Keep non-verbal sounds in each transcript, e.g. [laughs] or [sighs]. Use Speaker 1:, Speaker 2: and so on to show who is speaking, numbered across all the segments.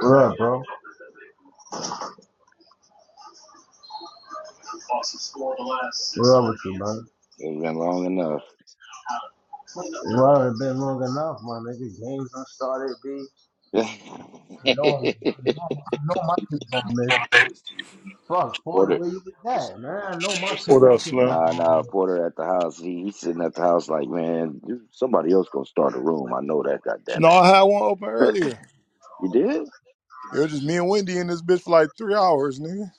Speaker 1: What up, bro? What up with you, man?
Speaker 2: It's been long
Speaker 1: It might have been long enough, my nigga. Games done started, B. I
Speaker 2: enough. [laughs]
Speaker 1: know, I know my kids gonna miss. Fuck, for the
Speaker 2: Porter,
Speaker 1: way you was at, man? I know my
Speaker 2: Porter
Speaker 1: took
Speaker 2: sitting
Speaker 3: What
Speaker 2: there.
Speaker 1: my
Speaker 3: else,
Speaker 1: kids
Speaker 3: Slim?
Speaker 2: Nah,
Speaker 1: gonna
Speaker 2: nah, Porter at the house. He, he's sitting at the house like, man, somebody else gonna start a room. I know that. God damn
Speaker 3: No, I had one open
Speaker 2: it.
Speaker 3: earlier.
Speaker 2: [laughs] you did?
Speaker 3: It was just me and Wendy in this bitch for like three hours, nigga.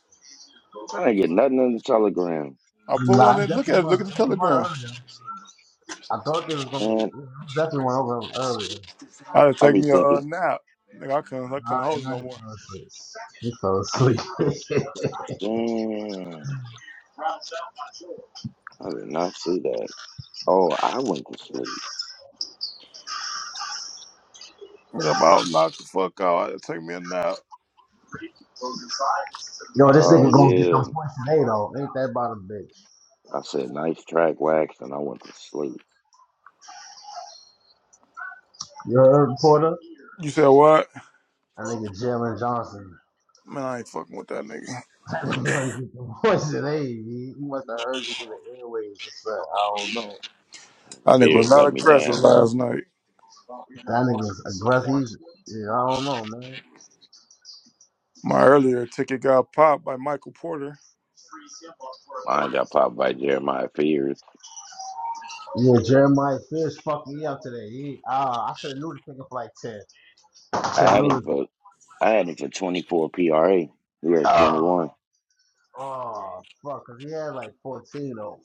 Speaker 2: I didn't get nothing on the telegram,
Speaker 3: I
Speaker 1: miss.
Speaker 3: put one
Speaker 1: Nah, I
Speaker 3: in, look at
Speaker 1: definitely
Speaker 3: it, look
Speaker 1: was.
Speaker 3: at the
Speaker 1: It was one
Speaker 3: telegram.
Speaker 1: earlier. I thought they was gonna.
Speaker 2: man.
Speaker 1: It was definitely one over earlier.
Speaker 3: I had to
Speaker 2: I
Speaker 3: take
Speaker 2: be
Speaker 3: me a uh,
Speaker 2: thinking,
Speaker 3: nap. Nigga, I couldn't, I
Speaker 1: Nah,
Speaker 3: couldn't hold it
Speaker 1: and I
Speaker 3: no more.
Speaker 1: just fell asleep. He fell asleep. [laughs]
Speaker 2: damn, I did not see that. Oh, I went to sleep.
Speaker 3: Nigga, about knocked the fuck out. I had to take me a nap.
Speaker 1: Yo, this
Speaker 2: Oh
Speaker 1: nigga gonna get some
Speaker 2: yeah,
Speaker 1: points today, though. Ain't that about a bitch?
Speaker 2: I said nice track wax, and I went to sleep.
Speaker 1: You heard, Porter?
Speaker 3: You said what?
Speaker 1: That nigga Jalen Johnson.
Speaker 3: Man, I ain't fucking with that nigga.
Speaker 1: That nigga ought to get the voice of age. He, he must have heard you through the airwaves or something. I don't know.
Speaker 3: That nigga
Speaker 2: Fears
Speaker 3: was not
Speaker 2: let me
Speaker 3: aggressive
Speaker 2: down.
Speaker 3: last night.
Speaker 1: That nigga's aggressive. He's, yeah, I don't know, man.
Speaker 3: My earlier ticket got popped by Michael Porter.
Speaker 2: Mine got popped by Jeremiah Fears.
Speaker 1: Yeah, Jeremiah Fish fucked me up today. He, uh, I should have knew this nigga for like 10. I should
Speaker 2: I
Speaker 1: have
Speaker 2: had
Speaker 1: knew
Speaker 2: him
Speaker 1: this.
Speaker 2: for I had him for 24 PRA. He had
Speaker 1: Oh,
Speaker 2: 21.
Speaker 1: oh, fuck, because he had like 14 though.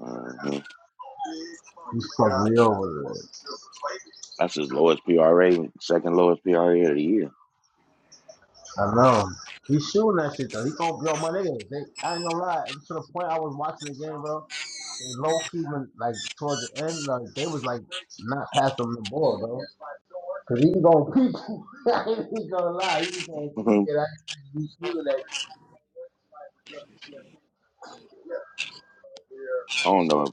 Speaker 2: hmm
Speaker 1: He fucked me over today.
Speaker 2: That's his lowest PRA, second lowest PRA of the year.
Speaker 1: I know. He's shooting that shit though. He gon' yo, my nigga. They, I ain't gonna lie. To the point, I was watching the game, bro. They low key when like towards the end, like they was like not passing the ball, bro. Cause he gonna keep. [laughs] I ain't gonna lie. He gonna keep it. I be shooting that.
Speaker 2: [laughs] I don't know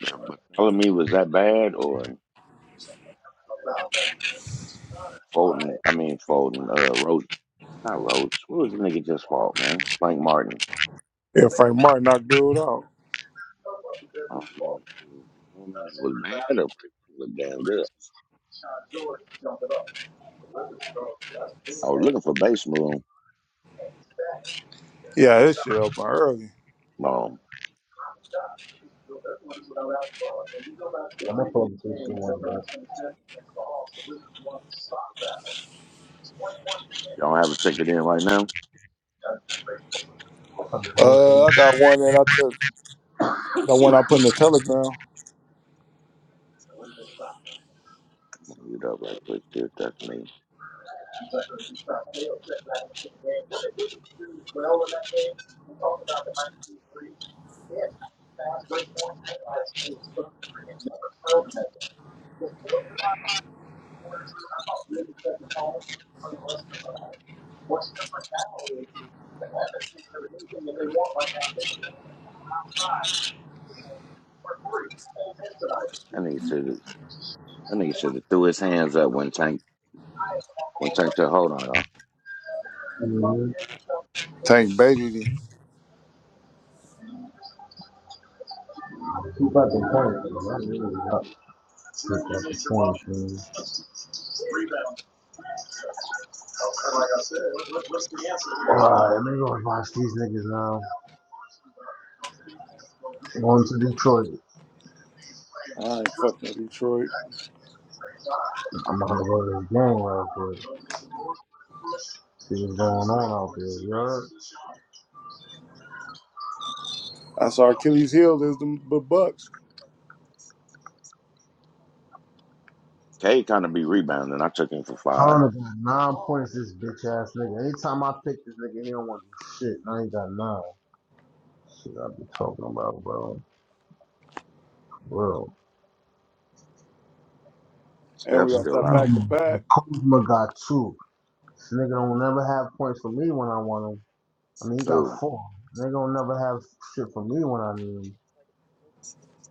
Speaker 2: if uh, McCollum was that bad or Fulton. I mean Fulton. Uh, Roach, not Roach. What was the nigga just fault, man? Frank Martin.
Speaker 3: Yeah, Frank Martin knocked dude out.
Speaker 2: Um, was bad or was damn good. I was looking for base room.
Speaker 3: Yeah, this shit open early.
Speaker 2: Um,
Speaker 1: I'm gonna pull up the two she one, bro.
Speaker 2: y'all have a ticket in right now.
Speaker 1: Some bullshit.
Speaker 3: Uh, I got one that I took, the one I put in the telegram.
Speaker 2: Mute up right quick. See if that's me. I need to. That nigga should have threw his hands up when Tank when Tank took hold on y'all.
Speaker 1: Mhm.
Speaker 3: Tank baited him.
Speaker 1: He about to point. though. really hot. Shit, that's the point, man. Like I said, what, what's the answer? Alright, we gonna watch these niggas now. Um, Going to Detroit.
Speaker 3: I ain't fucking with Detroit.
Speaker 1: I'm gonna go to the game real quick. See what's going on out there, you heard?
Speaker 3: That's our Achilles heel is the B- Bucks.
Speaker 2: K kind of be rebounding. I took him for five.
Speaker 1: Hunter got nine points, this bitch ass nigga. Anytime I pick this nigga, he don't want to do shit. Now he got nine. Shit, I be talking about, bro. Bro,
Speaker 3: And we
Speaker 2: Steph's
Speaker 3: got
Speaker 2: still
Speaker 3: that
Speaker 2: out.
Speaker 3: back to
Speaker 1: Kuzma
Speaker 3: back.
Speaker 1: got two. This nigga don't never have points for me when I want him. I mean, he got
Speaker 2: Who?
Speaker 1: four. They gonna never have shit for me when I need him.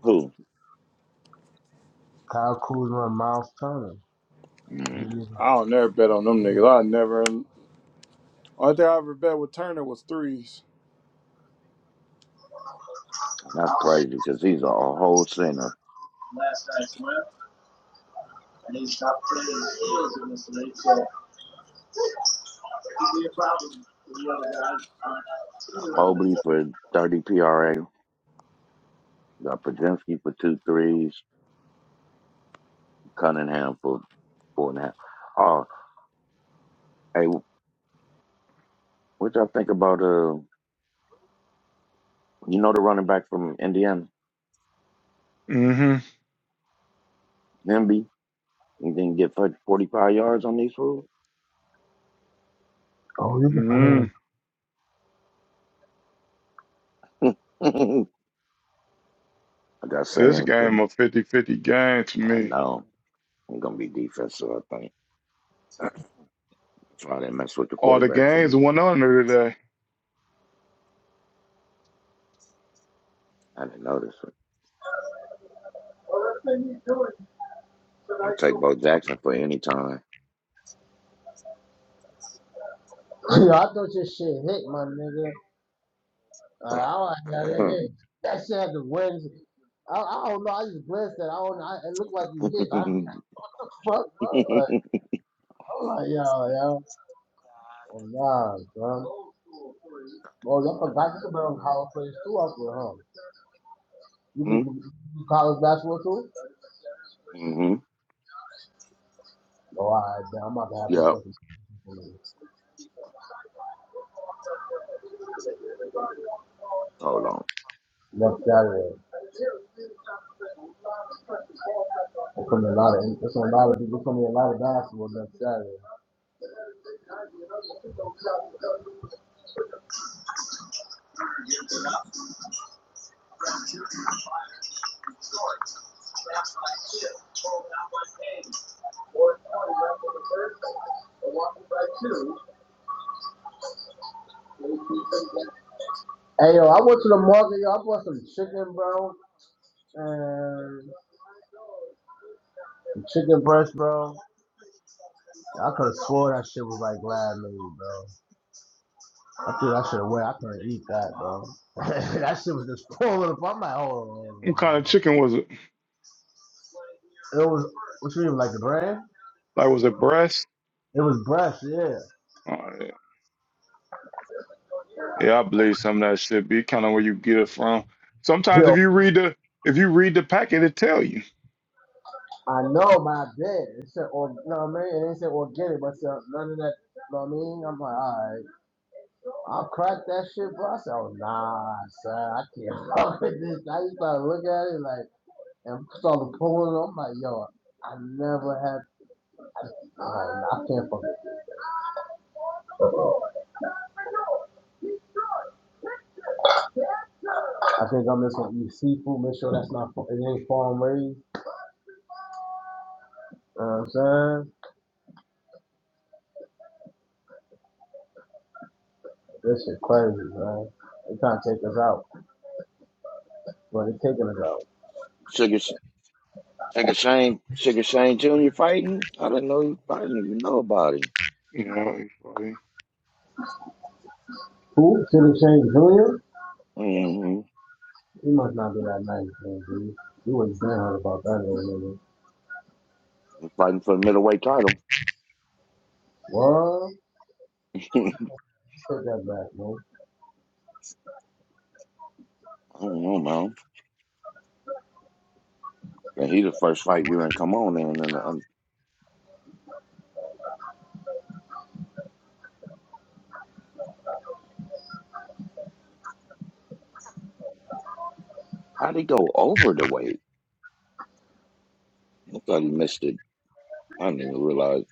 Speaker 2: Who?
Speaker 1: Kyle Kuzma and Miles Turner.
Speaker 2: Mm,
Speaker 1: You need-
Speaker 3: I don't never bet on them niggas. I never only thing I ever bet with Turner was threes.
Speaker 2: that's crazy because he's a whole center. Got Mobley for thirty PRA. Got Podzinski for two threes. Cunningham for four and a half. Oh, hey, what y'all think about uh? You know the running back from Indiana,
Speaker 3: Mm-hmm.
Speaker 2: Nimby. He didn't get forty five yards on these fools.
Speaker 1: Oh, you can put
Speaker 3: Mm-hmm.
Speaker 1: on.
Speaker 2: [laughs] I got
Speaker 3: This
Speaker 2: saying, but
Speaker 3: game a fifty-fifty game to
Speaker 2: I
Speaker 3: me.
Speaker 2: know. It's gonna be defensive, I think. That's why they mess with the
Speaker 3: All the
Speaker 2: quarterback for
Speaker 3: games
Speaker 2: me.
Speaker 3: went under today.
Speaker 2: I didn't notice it. I'll take Bo Jackson for any time.
Speaker 1: [clears throat] [laughs] Yo, I thought your shit hit, my nigga. Uh, I don't
Speaker 2: [laughs] mm-hmm.
Speaker 1: know that hit. That shit had the wings. I, I don't know. I just blessed that. I don't. know. I, it looked like you hit. I fuck, bro. Like, I'm like, yo, yo. Oh, nah, bro. Oh, y'all forgot you could be on college players too out there, huh? You could do do college basketball too? Oh, all right, damn. I'm about to have you
Speaker 2: Yeah.
Speaker 1: fucking
Speaker 2: Hold on.
Speaker 1: [laughs] next Saturday. There's gonna be a lot of there's gonna be a lot of there's gonna be a lot of basketball next Saturday. Hey yo, I went to the market, yo, I bought some chicken, bro, and some chicken breast, bro. I could have swore that shit was like lab made, bro. I think I should have went. I couldn't eat that, bro. [laughs] that shit was just pulling up. I'm like, hold
Speaker 3: What kind
Speaker 1: on.
Speaker 3: of chicken was it?
Speaker 1: It was what you mean, like the brand?
Speaker 3: Like, was it breast?
Speaker 1: It was breast, yeah.
Speaker 3: Oh, yeah. yeah, I believe some of that shit be kind of where you get it from. Sometimes
Speaker 1: Yo,
Speaker 3: if you read the if you read the packet, it tell you.
Speaker 1: I know my bad. It said, or, no, I mean, it ain't said organic, but it said none of that. You know what I mean? I'm like, all right. I cracked that shit, bro. I said, oh, nah, son, I can't [laughs] fuck with this. I just started looking at it like, and started pulling it. I'm like, yo, I never had, i I can't fuck it. I think I'm just gonna eat seafood, make sure that's not, it ain't farm raised. You know what I'm saying? This shit crazy, man. They trying to take us out, but they taking us out.
Speaker 2: Sugar, Sugar Shane, Sugar Shane Jr. fighting? I didn't know he I didn't even know about him.
Speaker 3: You know, if I-
Speaker 1: Who? City Shane Jr.?
Speaker 2: Mm-hmm.
Speaker 1: He must not be that nice, man, dude. You was down about that little nigga.
Speaker 2: Fighting for the middleweight title.
Speaker 1: What?
Speaker 2: [laughs] I
Speaker 1: Take that back, man.
Speaker 2: don't know, man. And he the first fight we didn't come on in. And um, how'd he go over the weight? I thought he missed it. I didn't even realize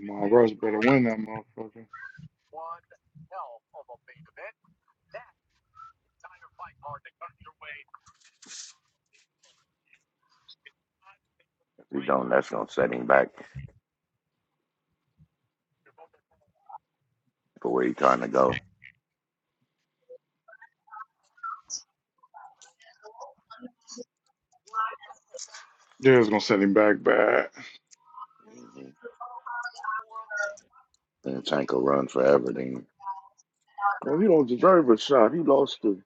Speaker 3: my roast better win that motherfucker.
Speaker 2: If we don't. That's gonna set him back for where he's trying to go.
Speaker 3: They was gonna send him back bad.
Speaker 2: And Tank will run forever. Then oh, he don't deserve a shot. He lost to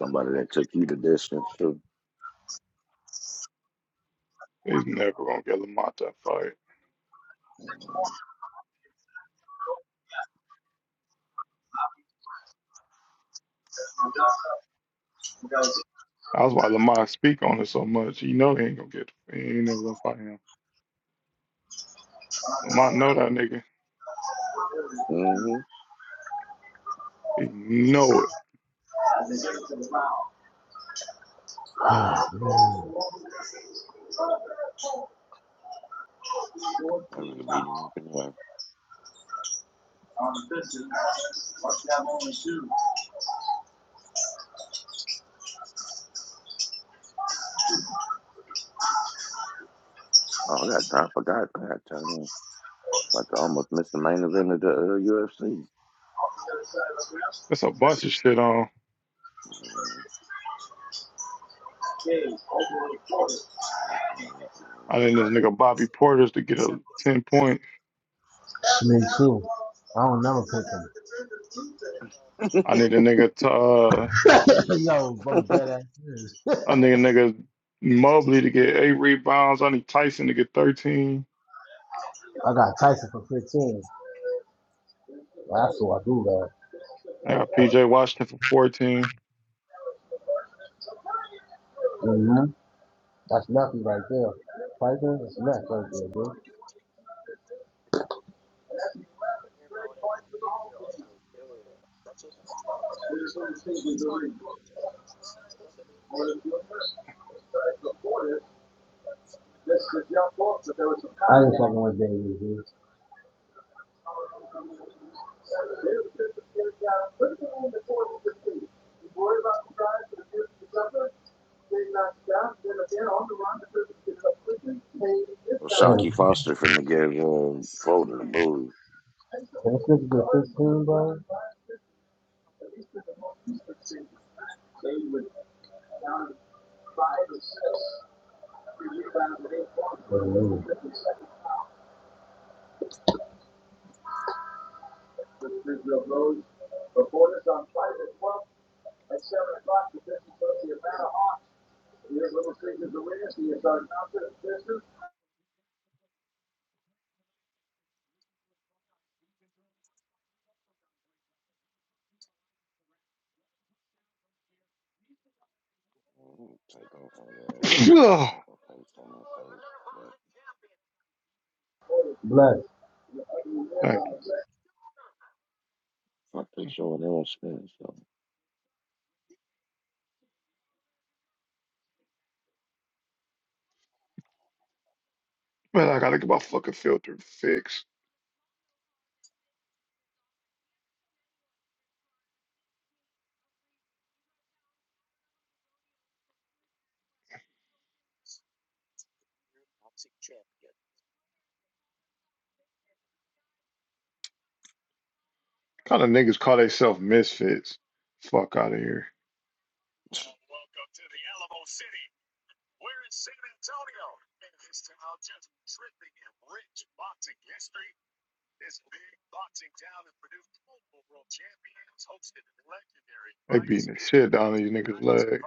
Speaker 2: somebody that took you the distance too.
Speaker 3: He's never gonna get Lamont that fight. That's why Lamont speak on it so much. He know he ain't gonna get. He ain't never gonna fight him. Lamont know that nigga.
Speaker 2: Mm-hmm.
Speaker 3: He know it.
Speaker 1: Oh, man.
Speaker 2: That was a beating up anyway. Oh, I got time for God. I got turn on. About to almost miss the main event of the uh, UFC.
Speaker 3: That's a bunch of shit on. I need this nigga Bobby Porter's to get a ten point.
Speaker 1: Me too. I don't never pick
Speaker 3: I need
Speaker 2: [laughs]
Speaker 3: a nigga to uh,
Speaker 1: him. [laughs] Yo, I'm dead
Speaker 2: well,
Speaker 1: ass serious.
Speaker 3: I need a nigga Mobley to get eight rebounds. I need Tyson to get thirteen.
Speaker 1: I got Tyson for 15. That's what I do,
Speaker 3: I got PJ Washington for fourteen.
Speaker 1: man. hmm That's nothing right there. Tyson, that's nothing right there, dude. I ain't fucking with Davies, dude. Mm.
Speaker 2: Shocky Foster finna give uh, Foden a bully.
Speaker 1: This nigga the 15, bro. Hallelujah.
Speaker 3: [sighs] [sniffs] Ugh,
Speaker 1: Black.
Speaker 3: Thank you.
Speaker 2: Fuck they showing their own spin. So
Speaker 3: Man, I gotta get my fucking filter fixed. Kind of niggas call themselves misfits. Fuck out of here. They beating the shit down on you niggas' legs.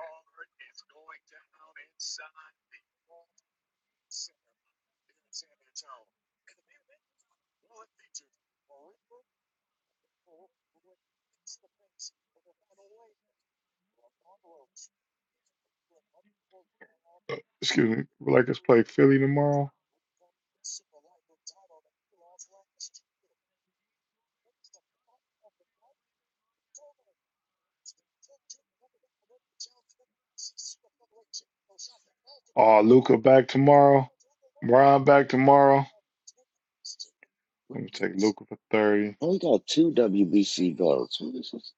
Speaker 3: Excuse me. Would Like us to play Philly tomorrow. Oh, Luca back tomorrow. Brian back tomorrow.
Speaker 2: I
Speaker 3: Let me take Luca for thirty.
Speaker 2: Only got two WBC belts. What is this?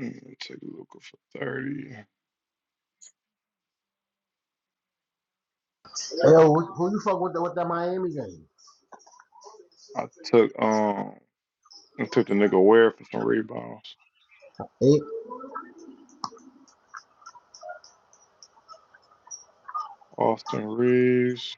Speaker 3: Mm, Let me take Luca for thirty.
Speaker 1: Hey, yo, who, who you fuck with the, with that Miami game?
Speaker 3: I took um I took the nigga Ware for some rebounds.
Speaker 1: Hey,
Speaker 3: Austin Reeves.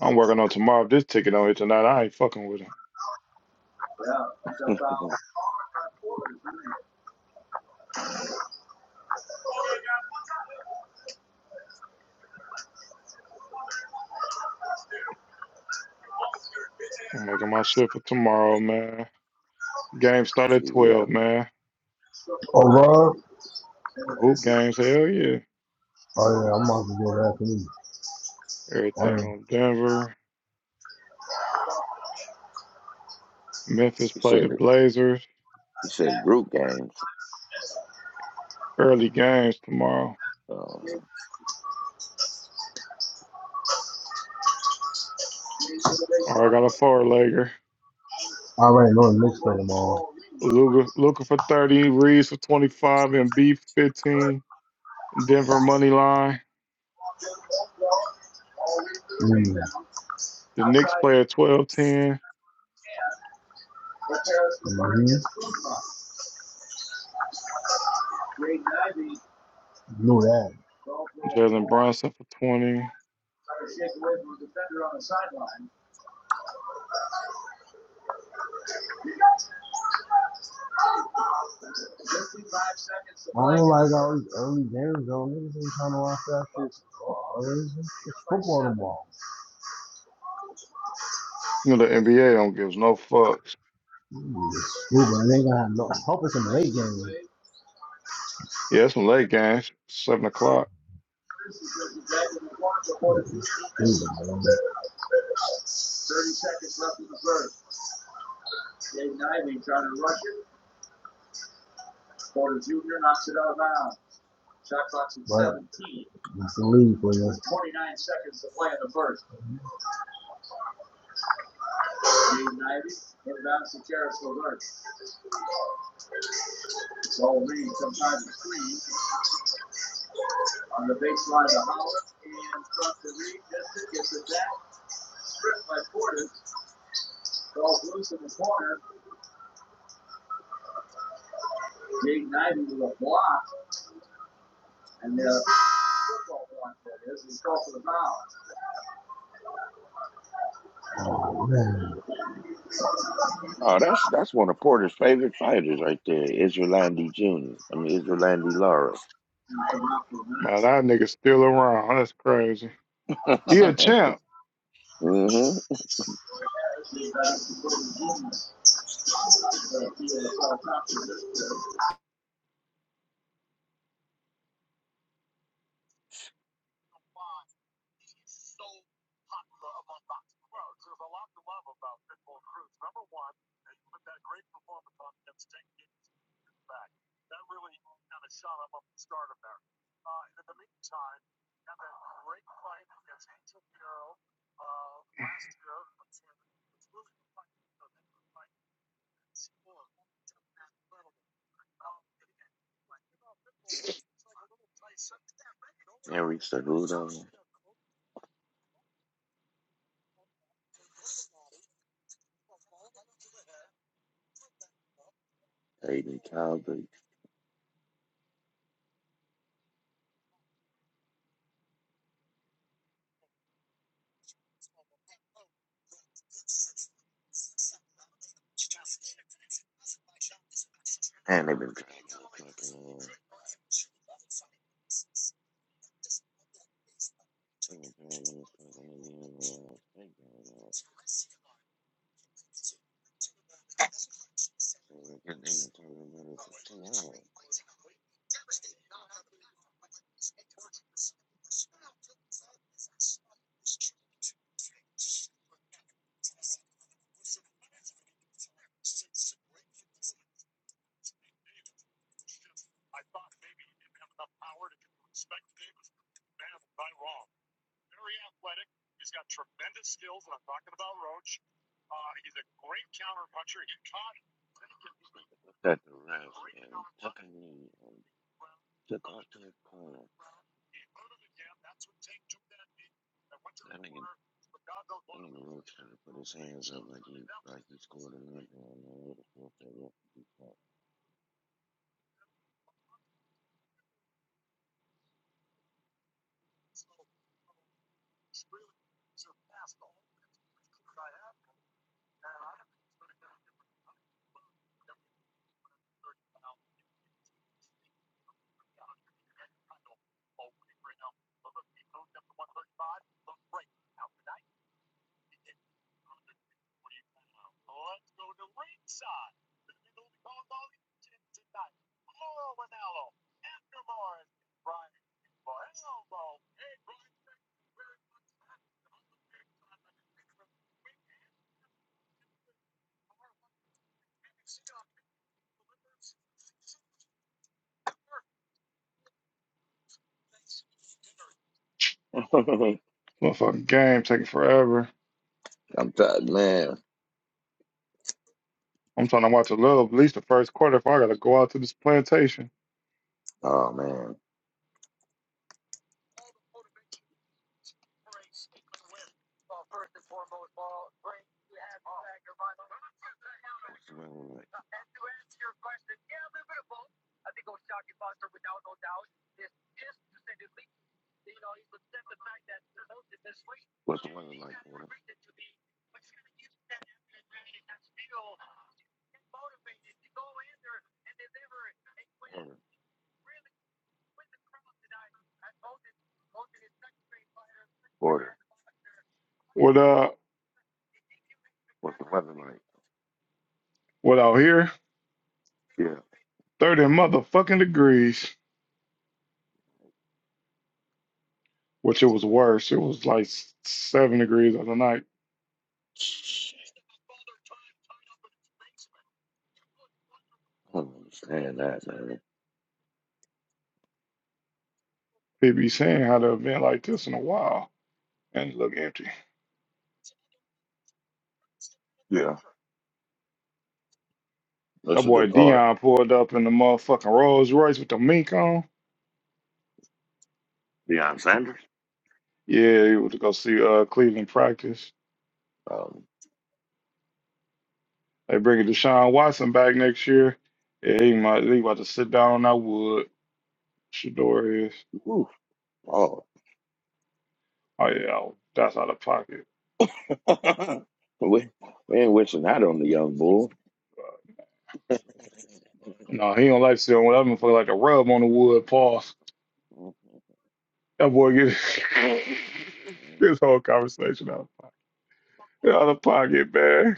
Speaker 3: I'm working on tomorrow. If this ticket don't hit tonight, I ain't fucking with him.
Speaker 2: [laughs]
Speaker 3: I'm making my shit for tomorrow, man. Game start at
Speaker 2: See, yeah,
Speaker 3: twelve, man.
Speaker 1: Oh, Rob.
Speaker 3: The hoop games, hell yeah.
Speaker 1: Oh, yeah, I'm about to go back to me.
Speaker 3: Everything
Speaker 1: Damn.
Speaker 3: on Denver. Memphis
Speaker 2: You
Speaker 3: play the
Speaker 2: said it.
Speaker 3: Blazers.
Speaker 2: You said group games.
Speaker 3: Early games tomorrow.
Speaker 2: Uh,
Speaker 3: All right, got a four legger.
Speaker 1: I already know the mix for them all.
Speaker 3: Luca, Luca for 30, Reeves for 25, and B 15. Denver money line.
Speaker 1: Mm.
Speaker 3: The Knicks play at 12 10.
Speaker 1: hmm Knew that.
Speaker 3: Jalen Brunson for 20.
Speaker 1: I ain't like all these early games though. Niggas ain't trying to watch that shit. Oh, it's, it's football tomorrow.
Speaker 3: You know, the NBA don't give no fucks.
Speaker 1: Mm, Stupid. I ain't gonna have no. I hope it's in the late game.
Speaker 3: Yeah, it's some late games, 7 o'clock.
Speaker 1: But it's the league for you. Man.
Speaker 2: oh, that's that's one of Porter's favorite fighters right there, Israel Andy Jr. I mean Israel Andy Lara.
Speaker 3: Man, that nigga's still around. That's crazy.
Speaker 2: [laughs]
Speaker 3: He a champ.
Speaker 2: mm-hmm. Henry Cejudo, Aiden Calgary, and they've been trying to fucking. Uh, Good nigga talking about it for two hours. What's that the ref and tucking me and took off to the corner. That nigga, that nigga really trying to put his hands up like he like he scored a nothing. Man, what the fuck that ref is doing?
Speaker 3: Motherfucking game taking forever.
Speaker 2: [laughs] I'm tired, man.
Speaker 3: I'm trying to watch a little, at least the first quarter. If I gotta go out to this plantation
Speaker 2: Oh man. What's the weather like? What's the weather like, Porter? Porter, Porter.
Speaker 3: with uh,
Speaker 2: What's the weather like?
Speaker 3: with out here, thirty motherfucking degrees, which it was worse. It was like s- seven degrees the other night.
Speaker 2: Yeah. I don't understand that, man.
Speaker 3: People be saying how the event like this in a while and it look empty.
Speaker 2: Yeah.
Speaker 3: That
Speaker 2: That's a
Speaker 3: boy
Speaker 2: good card.
Speaker 3: Dion pulled up in the motherfucking Rolls Royce with the mink on.
Speaker 2: Deion Sanders?
Speaker 3: Yeah, he was to go see uh Cleveland practice.
Speaker 2: Um,
Speaker 3: They bringing Deshaun Watson back next year. Yeah, he might he about to sit down on that wood. Shador is.
Speaker 2: whew, oh.
Speaker 3: Oh yeah, that's out of pocket.
Speaker 2: [laughs] we, we ain't wishing that on the young bull.
Speaker 3: No, he don't like sitting on that motherfucker like a rub on the wood pause. That boy get [laughs] this whole conversation out of pocket. Out of pocket, man.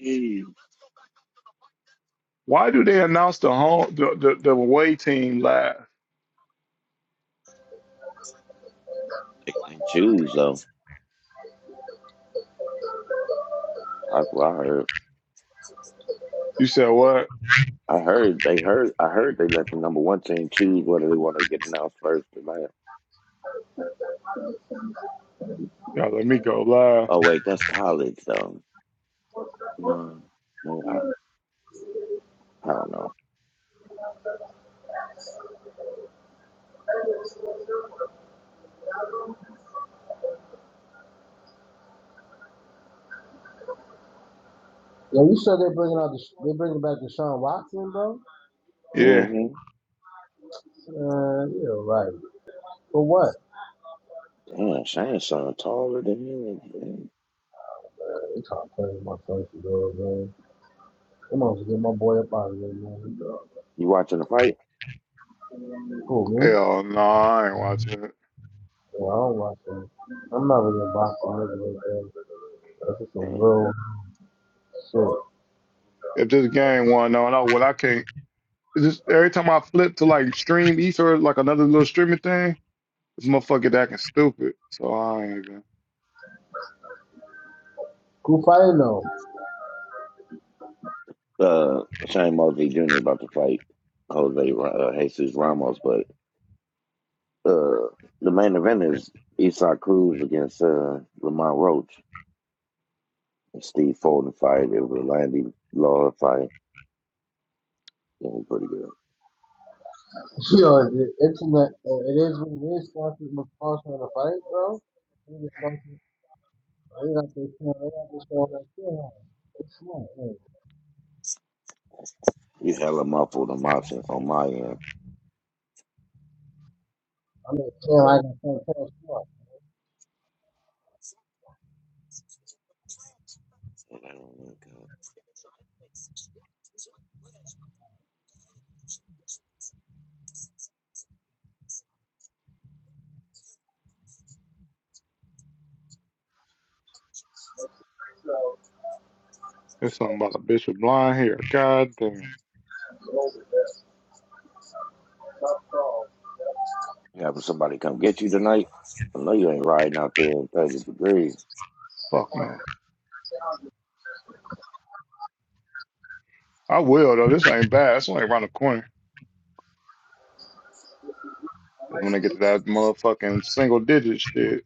Speaker 2: Jeez.
Speaker 3: Why do they announce the home the, the, the away team live?
Speaker 2: They can choose, though. That's what I heard.
Speaker 3: You said what?
Speaker 2: I heard they heard. I heard they let the number one team choose whether they want to get announced first or last.
Speaker 3: Y'all let me go live.
Speaker 2: Oh wait, that's college though. No, man, I, I don't know.
Speaker 1: Yo, you said they're bringing out the they're bringing back Deshaun Watson, bro.
Speaker 3: Yeah.
Speaker 2: Mm-hmm.
Speaker 1: Uh, yeah, right. For what?
Speaker 2: Damn, Shane's son taller than him.
Speaker 1: They trying to play with my face, bro, man. Come on, get my boy up out of here, man.
Speaker 2: You watching the fight?
Speaker 1: Cool, man.
Speaker 3: Hell no, I ain't watching it.
Speaker 1: Yeah, I don't watch that. I'm not really a boxing nigga like that. That's just some
Speaker 2: Damn.
Speaker 1: real shit.
Speaker 3: If this game won no, no, well I can't it's just every time I flip to like stream ether like another little streaming thing, this motherfucker acting stupid. So I ain't even
Speaker 1: Who fighting though?
Speaker 2: uh, Shane Mosley Jr. about to fight Jose Ra- uh, Jesus Ramos, but uh, the main event is Isak Cruz against uh, Lamont Roach. Steve Foden fight. It was a Landy Law fight. It was pretty good.
Speaker 1: [laughs] Yo, the internet, uh, it is what it is. Sponsors McFarlane trying to fight, bro. They just fucking- they got their channel, they got their show on that channel. It's smart, man.
Speaker 2: You hella muffled on my, on my end.
Speaker 1: I mean, channel, I got some channel smart.
Speaker 2: You
Speaker 3: it's something about a bitch with blonde hair. God damn.
Speaker 2: Having somebody come get you tonight? I know you ain't riding out there in 30 degrees.
Speaker 3: Fuck no. I will though. This ain't bad. It's only around the corner. That's when they get to that motherfucking single digit shit.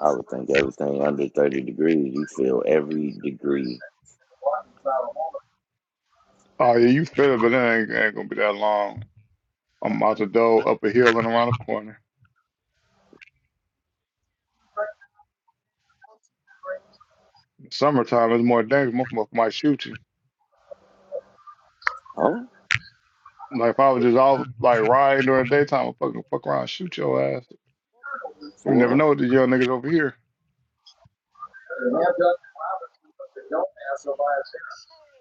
Speaker 2: I would think everything under 30 degrees, you feel every degree.
Speaker 3: Oh yeah, you feel it, but it ain't, ain't gonna be that long. I'm out the door, up a hill, and around the corner. Summertime is more dangerous. Motherfucker might shoot you.
Speaker 2: Huh?
Speaker 3: Like if I was just out like riding during the daytime, I'd fucking fuck around, and shoot your ass. You
Speaker 2: For what?
Speaker 3: never know what these young niggas over here.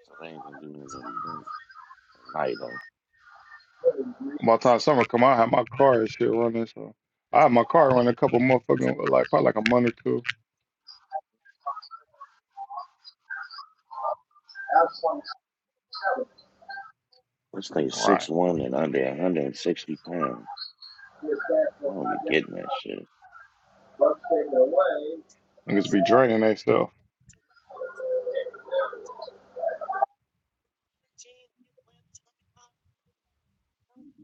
Speaker 2: So they ain't gonna do nothing during the dirt at night. Like,
Speaker 3: By the time summer come, I have my car and shit running. So I have my car running a couple motherfucking like probably like a month or two.
Speaker 2: this thing's six
Speaker 3: Right,
Speaker 2: one and under 160 pounds. We don't be getting that shit.
Speaker 3: niggas be draining themselves.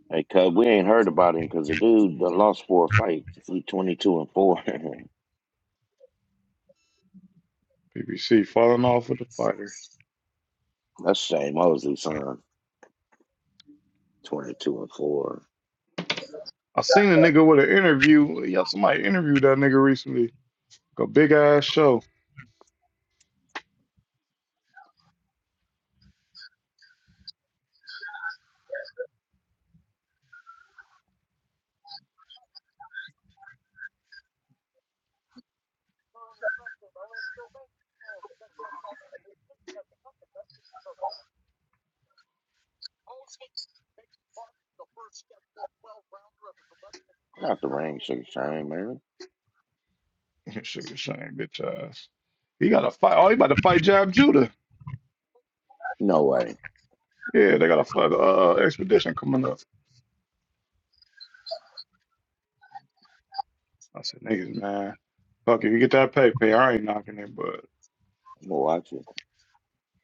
Speaker 2: Hey, Cub, we ain't heard about him because the dude done lost four fights. He 22 and four. [laughs]
Speaker 3: PBC falling off with the fighter.
Speaker 2: That's Shane Mosley, son. 22 and four.
Speaker 3: I seen a nigga with an interview. Yeah, somebody interviewed that nigga recently. Like a big ass show.
Speaker 2: Not the ring, Sugar Shane, man.
Speaker 3: [laughs] Sugar Shane, bitch ass. He got a fight. Oh, he about to fight Jab Judah.
Speaker 2: No way.
Speaker 3: Yeah, they got a fuck uh, expedition coming up. I said, niggas, man, fuck if you get that pay pay, I ain't knocking it, but
Speaker 2: I'm gonna watch it.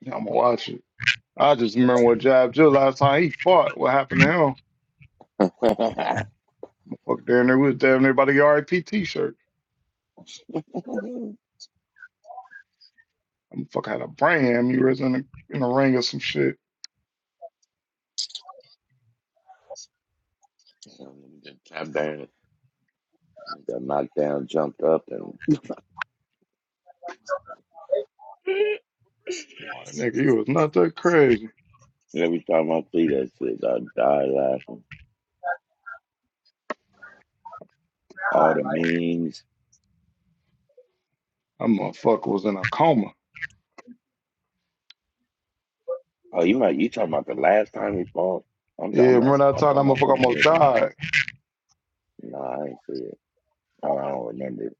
Speaker 3: yeah, I'm gonna watch it. I just remember what Jab Judah last time he fought. What happened to him? Fuck, damn near was damn near about to get RIP t-shirt.
Speaker 2: [laughs]
Speaker 3: I'm fuck had a brand him. He was in the in the ring or some shit.
Speaker 2: just Tap down. Got knocked down, jumped up, and
Speaker 3: My nigga, you was not that crazy.
Speaker 2: every time I see that shit, I die laughing. All the
Speaker 3: No,
Speaker 2: memes.
Speaker 3: that motherfucker was in a coma.
Speaker 2: Oh, you might you talking about the last time he fought? I'm
Speaker 3: Yeah,
Speaker 2: I'm not
Speaker 3: remember that
Speaker 2: I'm
Speaker 3: time that
Speaker 2: talking about
Speaker 3: motherfucker
Speaker 2: something
Speaker 3: almost
Speaker 2: different.
Speaker 3: died?
Speaker 2: No, I ain't see it. Oh, I don't remember. it.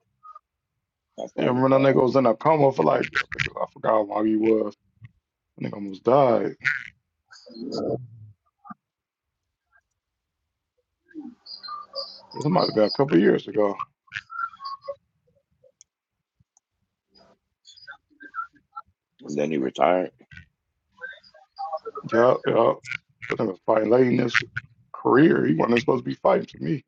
Speaker 2: That's
Speaker 3: Yeah,
Speaker 2: probably
Speaker 3: remember that
Speaker 2: thought.
Speaker 3: nigga was in a coma for like, I think- I forgot how long he was. That nigga almost died. This might have been a couple years ago.
Speaker 2: And then he retired.
Speaker 3: Yup, yup. But nigga was fighting late in his career. He wasn't supposed to be fighting to me.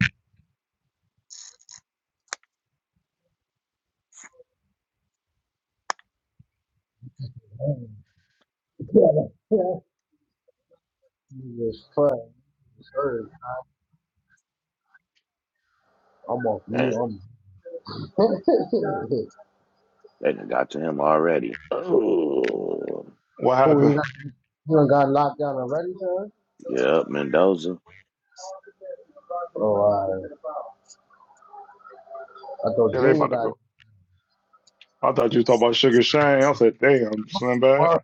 Speaker 1: [laughs] Yeah, yeah. You just fun. Just heard. I'm off
Speaker 2: Damn,
Speaker 1: mute. I'm. [laughs]
Speaker 2: they done got to him already. Oh,
Speaker 3: What
Speaker 1: Who, he
Speaker 3: happened?
Speaker 1: got, he done got locked down already, sir?
Speaker 2: yep, Mendoza.
Speaker 1: Oh, alright. I thought
Speaker 3: Yeah, they
Speaker 1: Junior
Speaker 3: about to go. I thought you was talking about Sugar Shane. I said, damn, Slim Bad.
Speaker 1: got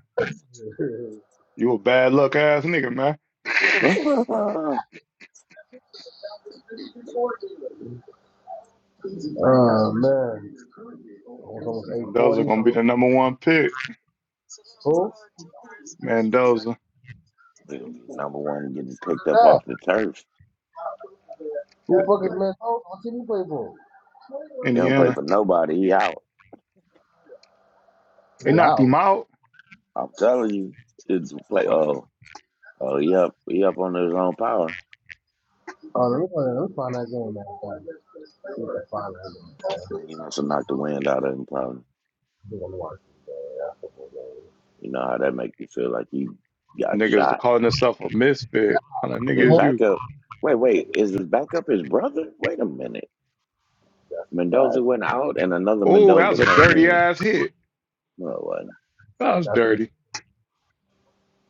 Speaker 1: [laughs] murdered.
Speaker 3: You a bad luck ass nigga, man.
Speaker 2: [laughs]
Speaker 1: Oh man, it was
Speaker 3: [laughs]
Speaker 1: almost eight
Speaker 3: Mendoza
Speaker 1: forty.
Speaker 3: gonna be
Speaker 1: So
Speaker 3: the number one pick.
Speaker 1: who? Who's
Speaker 3: Mendoza,
Speaker 2: He'll be number one getting picked up
Speaker 1: that?
Speaker 2: off the turf.
Speaker 1: Who the fuck is Minnesota? What team you play for?
Speaker 2: They don't
Speaker 3: Indiana.
Speaker 2: play for nobody. He out.
Speaker 1: He
Speaker 3: They knocked
Speaker 1: out.
Speaker 3: him out.
Speaker 2: I'm telling you, it's play.
Speaker 3: Oh,
Speaker 2: Oh, oh, he up. He up on his own power.
Speaker 1: Oh, let me find that. let me find that game. Man. Let me find that game. man. I think
Speaker 2: He must have knocked the wind out of him. Probably.
Speaker 1: I'm gonna watch that.
Speaker 2: You know how that make you feel like you got
Speaker 3: Niggas
Speaker 2: shot
Speaker 3: calling themselves a misfit. What Kind of
Speaker 2: His
Speaker 3: nigga is
Speaker 1: That's
Speaker 3: you?
Speaker 2: backup. Wait, wait. Is his backup his brother? Wait a minute.
Speaker 1: a
Speaker 2: Mendoza
Speaker 1: fact.
Speaker 2: went out and another
Speaker 3: Oh, that was
Speaker 2: Mendoza
Speaker 3: a
Speaker 2: came
Speaker 3: dirty
Speaker 2: in.
Speaker 3: ass hit.
Speaker 2: No, it wasn't.
Speaker 3: That was
Speaker 1: That's a
Speaker 3: dirty.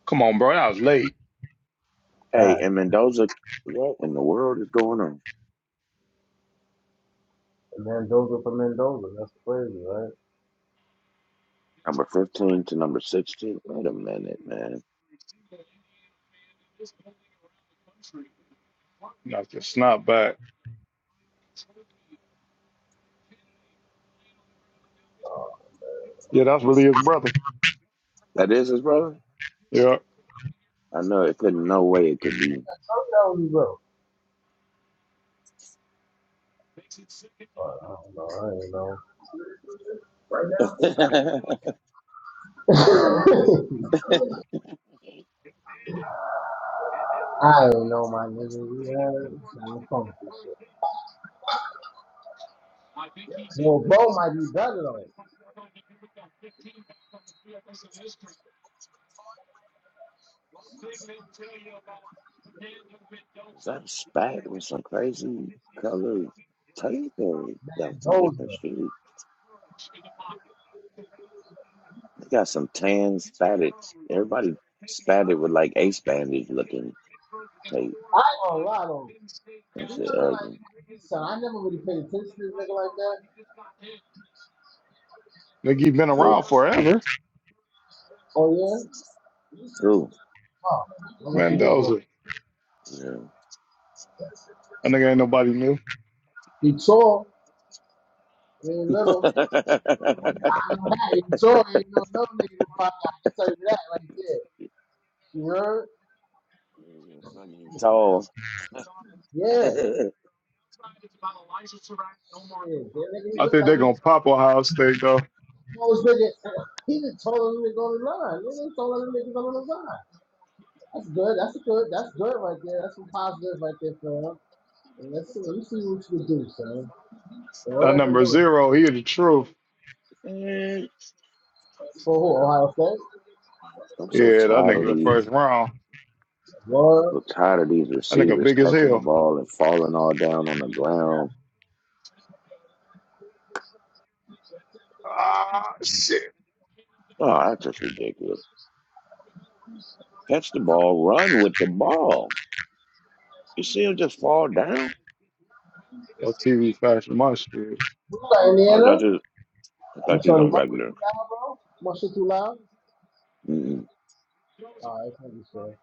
Speaker 3: Come on, bro. That was late.
Speaker 2: Hey,
Speaker 1: fact.
Speaker 2: and Mendoza, what in the world is going on?
Speaker 1: And Mendoza for Mendoza. That's crazy. Right?
Speaker 2: Number 15 to number 16. Wait a minute, man.
Speaker 3: Knocked your snot back. Yeah, that's really his brother.
Speaker 2: That is his brother?
Speaker 3: Yeah.
Speaker 2: I know it couldn't, no way it could be.
Speaker 1: How the hell you go? I don't know. I ain't know.
Speaker 2: [laughs] is that
Speaker 1: I ain't know my nigga. You heard? It's not funky. Well, bro might be better though.
Speaker 2: a spat with some crazy color tape or he got some different
Speaker 1: Mendoza.
Speaker 2: shoes? They got some tan spatted. Everybody spatted with like ace bandage looking tape.
Speaker 1: I ain't gonna lie though.
Speaker 2: That
Speaker 1: He looking
Speaker 2: shit
Speaker 1: like
Speaker 2: ugly.
Speaker 1: this son. I never really paid attention to this nigga like that.
Speaker 3: Nigga, he been
Speaker 2: Who?
Speaker 3: around forever.
Speaker 1: Oh yeah?
Speaker 2: Who?
Speaker 1: Oh, I wish he was little.
Speaker 3: Mendoza.
Speaker 2: Yeah.
Speaker 3: That nigga ain't nobody new.
Speaker 1: He tall, he ain't
Speaker 2: [laughs]
Speaker 1: little. [laughs] I know that. He tall, he ain't no no nigga to find out. I can tell you that right there. You heard?
Speaker 2: Fucking tall. [laughs]
Speaker 1: Yeah.
Speaker 2: I'm
Speaker 1: Yeah. That nigga he
Speaker 3: I
Speaker 1: looked
Speaker 3: think
Speaker 1: like
Speaker 3: they're
Speaker 1: he was the
Speaker 3: going to pop Ohio State, though.
Speaker 1: tallest nigga. [laughs] He the tallest nigga on the line. Nigga, he taller than niggas on the line. That's good. That's good. That's good right there. That's some positive right there, fam. And let's see. Let me see what you can do, son. So all
Speaker 3: That
Speaker 1: y'all been
Speaker 3: number
Speaker 1: doing
Speaker 3: zero, he the truth.
Speaker 1: for who? Ohio State?
Speaker 2: so
Speaker 3: Yeah, that
Speaker 2: tired of
Speaker 3: nigga first
Speaker 2: these.
Speaker 3: round.
Speaker 1: Lord.
Speaker 2: So tired of these
Speaker 3: That nigga
Speaker 2: receivers
Speaker 3: big as
Speaker 2: catching the
Speaker 3: hell.
Speaker 2: ball and falling all down on the ground.
Speaker 3: Ah, shit.
Speaker 2: Oh, that's just ridiculous. Catch the ball, run with the ball. You see him just fall down.
Speaker 3: Your TV fashion my shit.
Speaker 2: I thought
Speaker 1: Diana.
Speaker 2: you. I
Speaker 1: I'm
Speaker 2: thought you was
Speaker 1: sorry,
Speaker 2: on
Speaker 1: my shit
Speaker 2: regular.
Speaker 1: too loud, bro. My shit too loud.
Speaker 2: Mm-mm.
Speaker 1: Oh, that's not sure.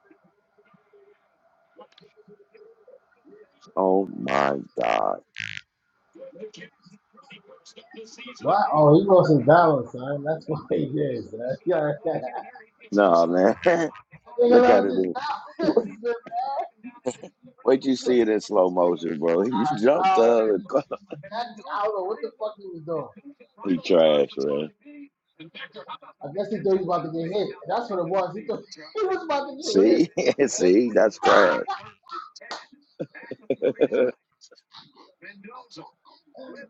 Speaker 2: Oh my god.
Speaker 1: Why? Oh, he wants some balance, son. That's what he did, son. [laughs] Yeah, yeah. I
Speaker 2: No man. [laughs]
Speaker 1: think I
Speaker 2: Look at
Speaker 1: lost his
Speaker 2: it. [laughs]
Speaker 1: balance, [laughs] man.
Speaker 2: Wait, you see it in slow motion, bro. [laughs] He
Speaker 1: I,
Speaker 2: jumped
Speaker 1: I,
Speaker 2: up. And caught- him.
Speaker 1: exactly. I don't know what the fuck he was doing.
Speaker 2: he trash, man.
Speaker 1: I guess he thought he was about to get hit. That's what it was. He thought [laughs] he was about to get hit.
Speaker 2: See, [laughs] see, that's trash. [laughs]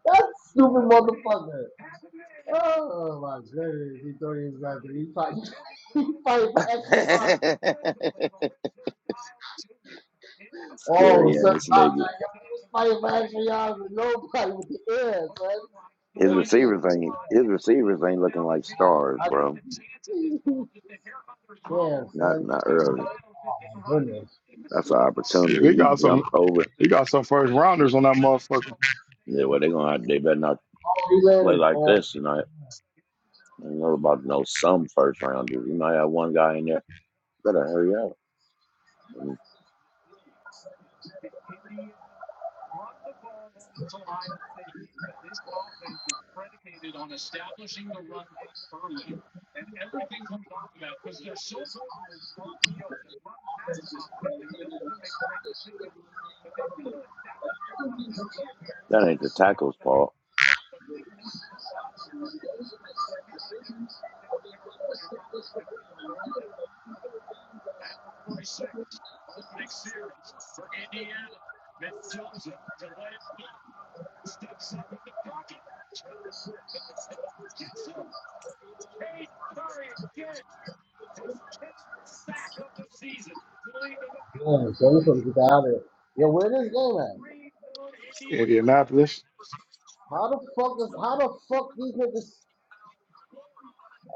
Speaker 1: That stupid motherfucker. Oh my goodness, he thought he was about to. He fight, [laughs] he fighting for extra yards. Oh,
Speaker 2: Scary
Speaker 1: son, about
Speaker 2: ass nigga.
Speaker 1: that. Yo, he was fighting last for y'all with nobody with the air, son.
Speaker 2: His
Speaker 1: Yo, you can't.
Speaker 2: receivers ain't his receivers ain't looking like stars,
Speaker 1: I,
Speaker 2: bro.
Speaker 1: [laughs] damn,
Speaker 2: Not
Speaker 1: son.
Speaker 2: not early.
Speaker 1: Oh, my goodness.
Speaker 2: That's an
Speaker 3: Shit, they
Speaker 2: opportunity. He
Speaker 3: got some.
Speaker 2: jumped over. it.
Speaker 3: They got some first rounders on that motherfucker.
Speaker 2: Yeah, well, they gonna have, they better not
Speaker 1: Oh, he
Speaker 2: play
Speaker 1: landed.
Speaker 2: like
Speaker 1: Oh,
Speaker 2: this tonight. I don't know about no some first rounders. You might have one guy in there. Better hurry up. That ain't the tackle's fault.
Speaker 1: damn, son. This one get out of it. Yo, where this game at?
Speaker 3: Indianapolis.
Speaker 1: How the fuck is. How the fuck these niggas.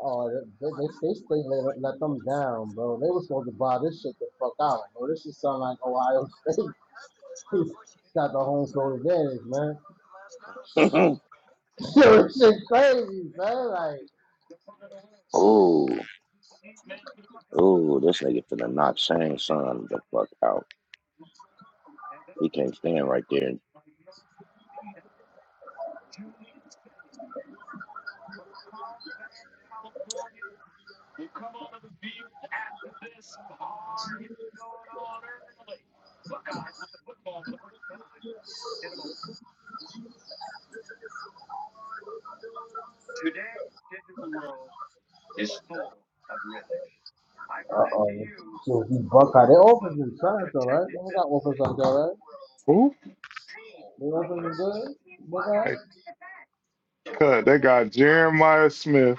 Speaker 1: Oh, they, they, they, they let, let them down, bro. They was supposed to buy this shit the fuck out, bro. This shit sound like Ohio State. [laughs] It's got the home field advantage, man.
Speaker 2: [laughs]
Speaker 1: [laughs] Yo, this shit crazy, son. Like.
Speaker 2: oh, oh, this nigga finna knock Shang Son the fuck out. He can't stand right there and
Speaker 1: Uh-oh. So he buck out. Their offense is trash, all right? They don't got offense out there, all right?
Speaker 3: Who?
Speaker 1: Their offense is good. Buck out.
Speaker 3: Hey, cut. They got Jeremiah Smith,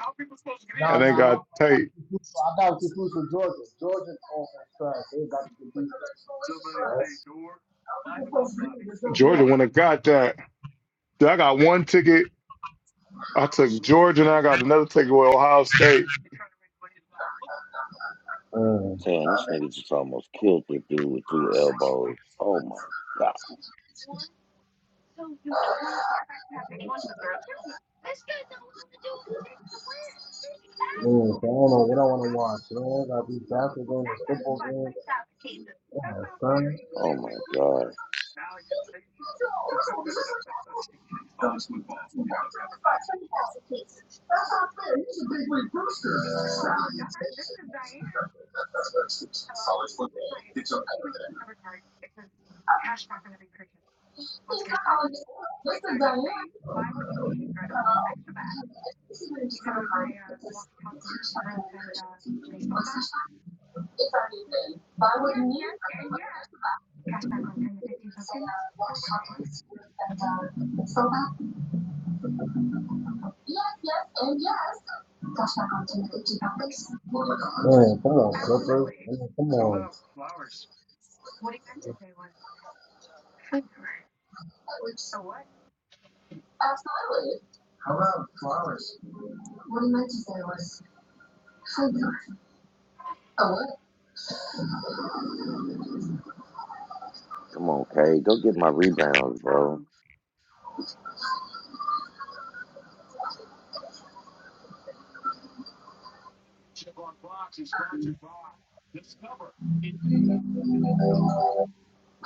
Speaker 1: Nah,
Speaker 3: and they
Speaker 1: nah, my,
Speaker 3: got Tate.
Speaker 1: I got to confused with Georgia. Georgia's offense trash. They got to compete. Right?
Speaker 3: Georgia wouldn't have got that. Dude, I got one ticket. I took Georgia, and I got another ticket with Ohio State.
Speaker 1: Uh,
Speaker 2: saying this nigga just almost killed the dude with two elbows. Oh my god.
Speaker 1: man, so I don't know what I want to watch. Man, I got these basketball games, this football games. Yeah, son.
Speaker 2: Oh my god.
Speaker 1: Man, come on, Clippers. I mean, come on.
Speaker 2: Come on, Kay. Go get my rebounds, bro.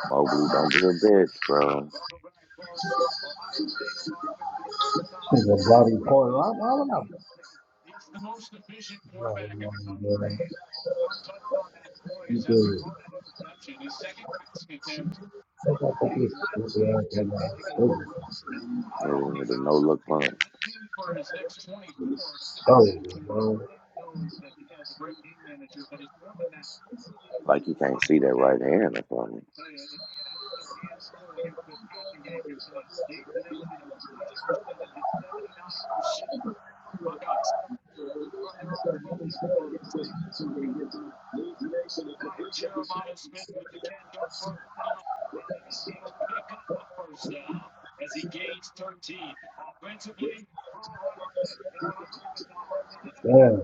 Speaker 2: Mobley, don't be a bitch, bro.
Speaker 1: It's a bloody point. Why, I bloody mind, bro? You do it. Take
Speaker 2: Hitting with a no look punch.
Speaker 1: Oh, bro.
Speaker 2: Like you can't see that right hand or something.
Speaker 1: Damn.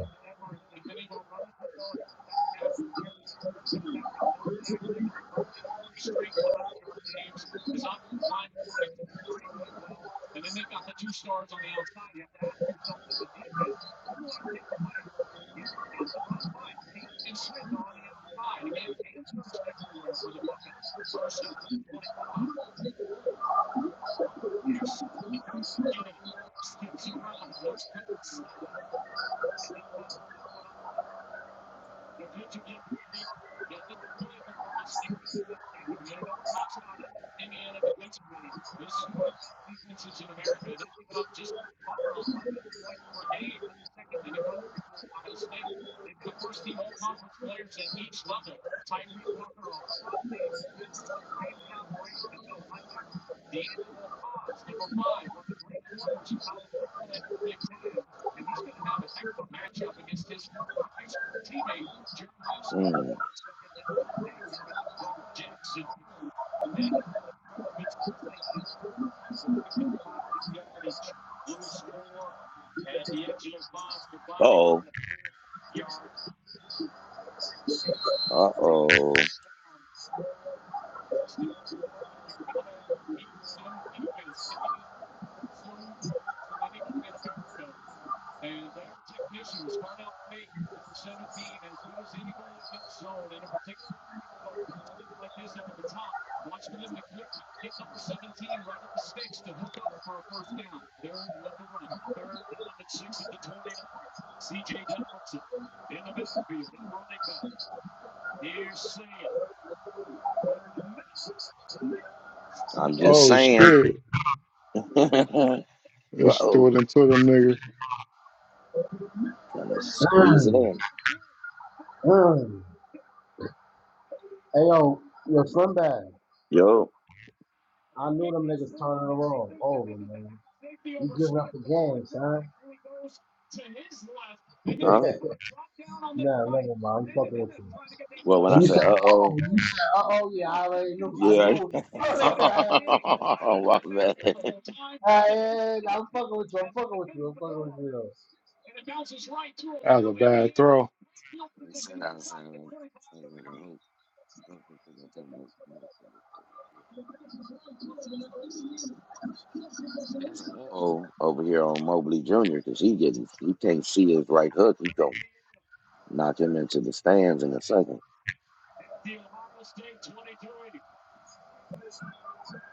Speaker 2: Mm. Uh oh. Uh oh. I'm just
Speaker 3: Oh
Speaker 2: saying.
Speaker 3: shit!
Speaker 2: [laughs] Uh-oh.
Speaker 3: He just threw it into them niggas.
Speaker 2: Trying to squeeze it
Speaker 1: Damn.
Speaker 2: in.
Speaker 1: Hey, yo, your son bad.
Speaker 2: Yo.
Speaker 1: I knew them niggas turning around. Over, man. You giving up the game, son. [laughs]
Speaker 2: Huh?
Speaker 1: nah, never mind. I'm fucking with you.
Speaker 2: Well, when I
Speaker 1: When you
Speaker 2: say
Speaker 1: said, uh-oh,
Speaker 2: uh-oh,
Speaker 1: you said, uh-oh, yeah, I already knew. I
Speaker 2: yeah.
Speaker 1: knew it. [laughs]
Speaker 2: [laughs]
Speaker 1: I-
Speaker 2: oh, my bad. [laughs]
Speaker 1: I- I'm fucking with you. I'm fucking with you. I'm
Speaker 3: That was a bad throw.
Speaker 2: You said I was saying, I was like, I hope- I hope they think I'm talking about- about- about- There's an uh-oh over here on Mobley Jr. because he getting he can't see his right hook. He gonna knock him into the stands in a second.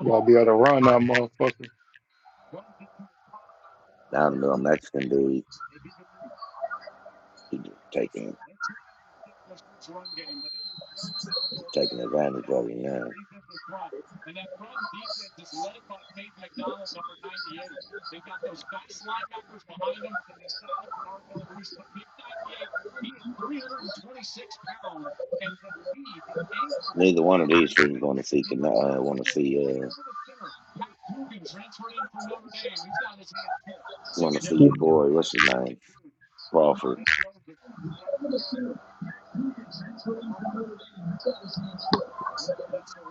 Speaker 3: Y'all be able to run that motherfucker.
Speaker 2: Now the little Mexican dude he just taking he's taking advantage of him now. Neither one of these fools going to see can uh, want to see. uh, want to see
Speaker 1: fucking with
Speaker 2: your boy. What's his name? Crawford.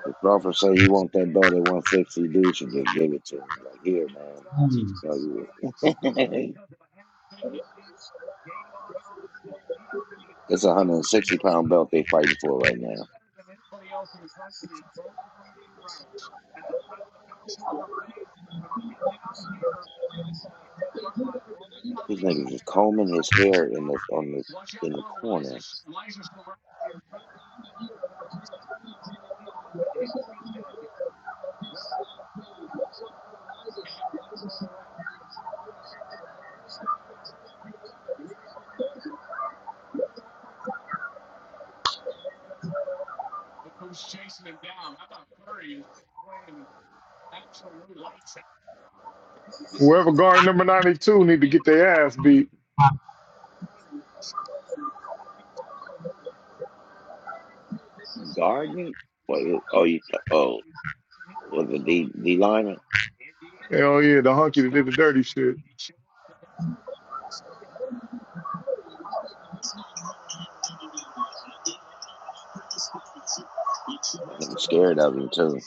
Speaker 2: If Crawford say he want that belt at 160, dude should just give it to him. Like here, man.
Speaker 1: you.
Speaker 2: Fuck you. [laughs] it's a 160 pound belt they fighting for right now. These niggas is combing his hair in the on the in the corner.
Speaker 3: Whoever guard number 92 need to get their ass beat.
Speaker 2: Guarding. What? you- Oh, you? Oh, was a D D liner?
Speaker 3: Hell yeah, the hunky that did the dirty shit.
Speaker 2: That nigga scared of him too.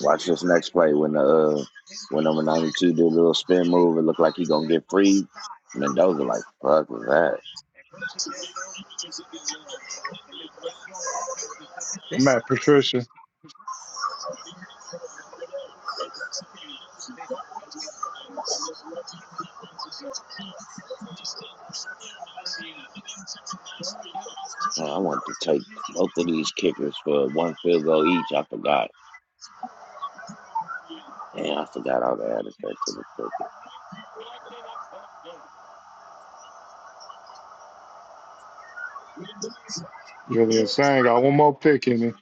Speaker 2: Watch this next play when the uh, when number 92 do a little spin move. It look like he gonna get free. Mendoza like fuck with that.
Speaker 3: Matt Patricia.
Speaker 2: Man, I wanted to take both of these kickers for one field goal each. I forgot. Damn, I forgot all the added that to what took it.
Speaker 3: Julian Sang got one more pick in me.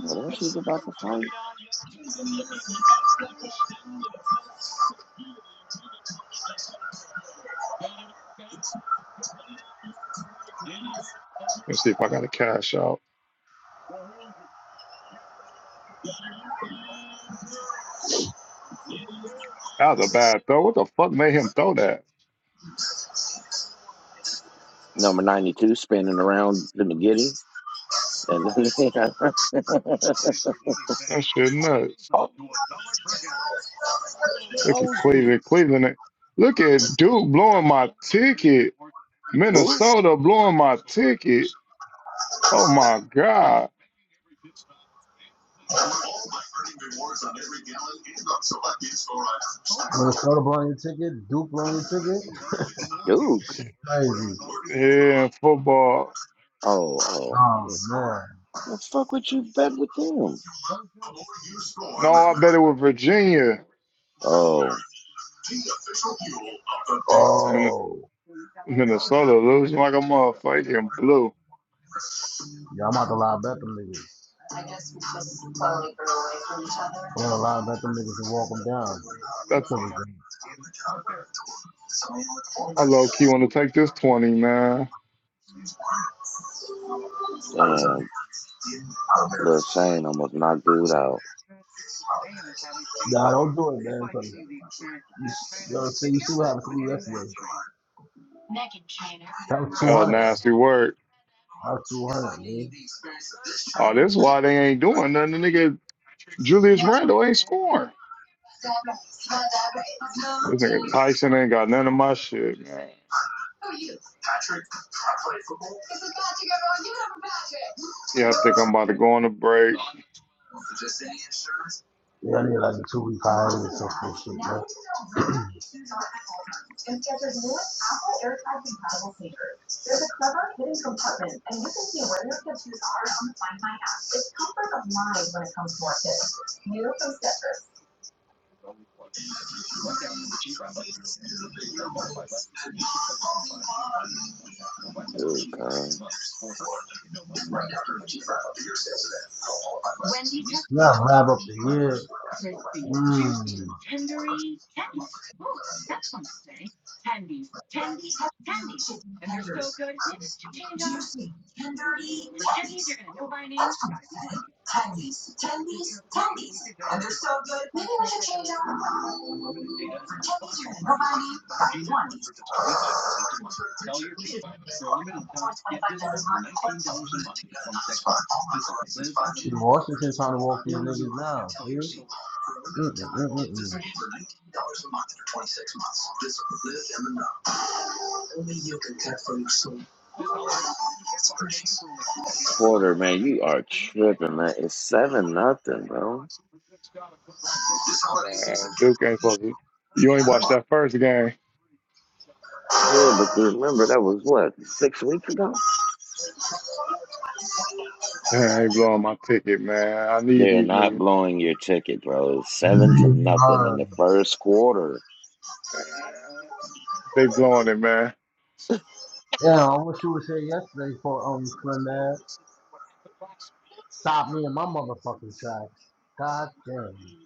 Speaker 2: What else was about to fight?
Speaker 3: Let's see if I got a cash out. That was a bad throw. What the fuck made him throw that?
Speaker 2: Number 92 spinning around the McGiddy. And [laughs]
Speaker 3: That shit nuts.
Speaker 2: oh, oh,
Speaker 3: Look at
Speaker 2: Mosley.
Speaker 3: Cleveland. Cleveland. Look at Duke blowing my ticket.
Speaker 2: Who?
Speaker 3: Minnesota blowing my ticket. Oh my God.
Speaker 1: Minnesota blowing your ticket, Duke blowing your ticket.
Speaker 2: Duke.
Speaker 1: Crazy.
Speaker 3: Yeah, football.
Speaker 2: Oh,
Speaker 1: Oh
Speaker 2: oh.
Speaker 1: man.
Speaker 2: The fuck would you bet with them?
Speaker 3: No, I bet it was Virginia.
Speaker 2: Oh,
Speaker 3: Min-
Speaker 1: Oh.
Speaker 3: Minnesota losing like a motherfucking blue.
Speaker 1: Yeah, I'm about to lie bet them niggas. I'm gonna lie bet them niggas and walk them down.
Speaker 3: That,
Speaker 1: Cause,
Speaker 3: I low key want to take this 20, man.
Speaker 2: damn. Lil Shane almost knocked dude out.
Speaker 1: Nah, don't do it, man. Cause you, you know, see, you see what happened to me yesterday. That was
Speaker 3: Oh,
Speaker 1: 200, like
Speaker 3: nasty work.
Speaker 1: that was 200, man.
Speaker 3: Oh, this is why they ain't doing nothing. The nigga Julius Randle ain't scoring. This nigga Tyson ain't got none of my shit, man. Yeah, I think I'm about to go on a break.
Speaker 1: Yeah, I need like a two week hiatus or some cool shit, man. [clears throat]
Speaker 2: Dude, huh?
Speaker 1: Now wrap up the year. Mmm. Washington trying to walk these niggas down, dude. Mm, mm, mm,
Speaker 2: Porter, man, you are tripping, man. It's 7 nothing, bro.
Speaker 3: Man, Duke ain't supposed to. You ain't watched that first game.
Speaker 2: Yeah, but you remember that was what six weeks ago.
Speaker 3: Man, I ain't blowing my ticket, man. I need
Speaker 2: They're
Speaker 3: these
Speaker 2: not
Speaker 3: niggas.
Speaker 2: blowing your ticket, bro. It was Seven to
Speaker 1: mm, mm.
Speaker 2: nothing in
Speaker 1: Uh,
Speaker 2: the first quarter.
Speaker 3: Man, They blowing it, man.
Speaker 1: yeah, I wish you would say yesterday for um Slim Man. Stop me in my motherfucking track. God damn.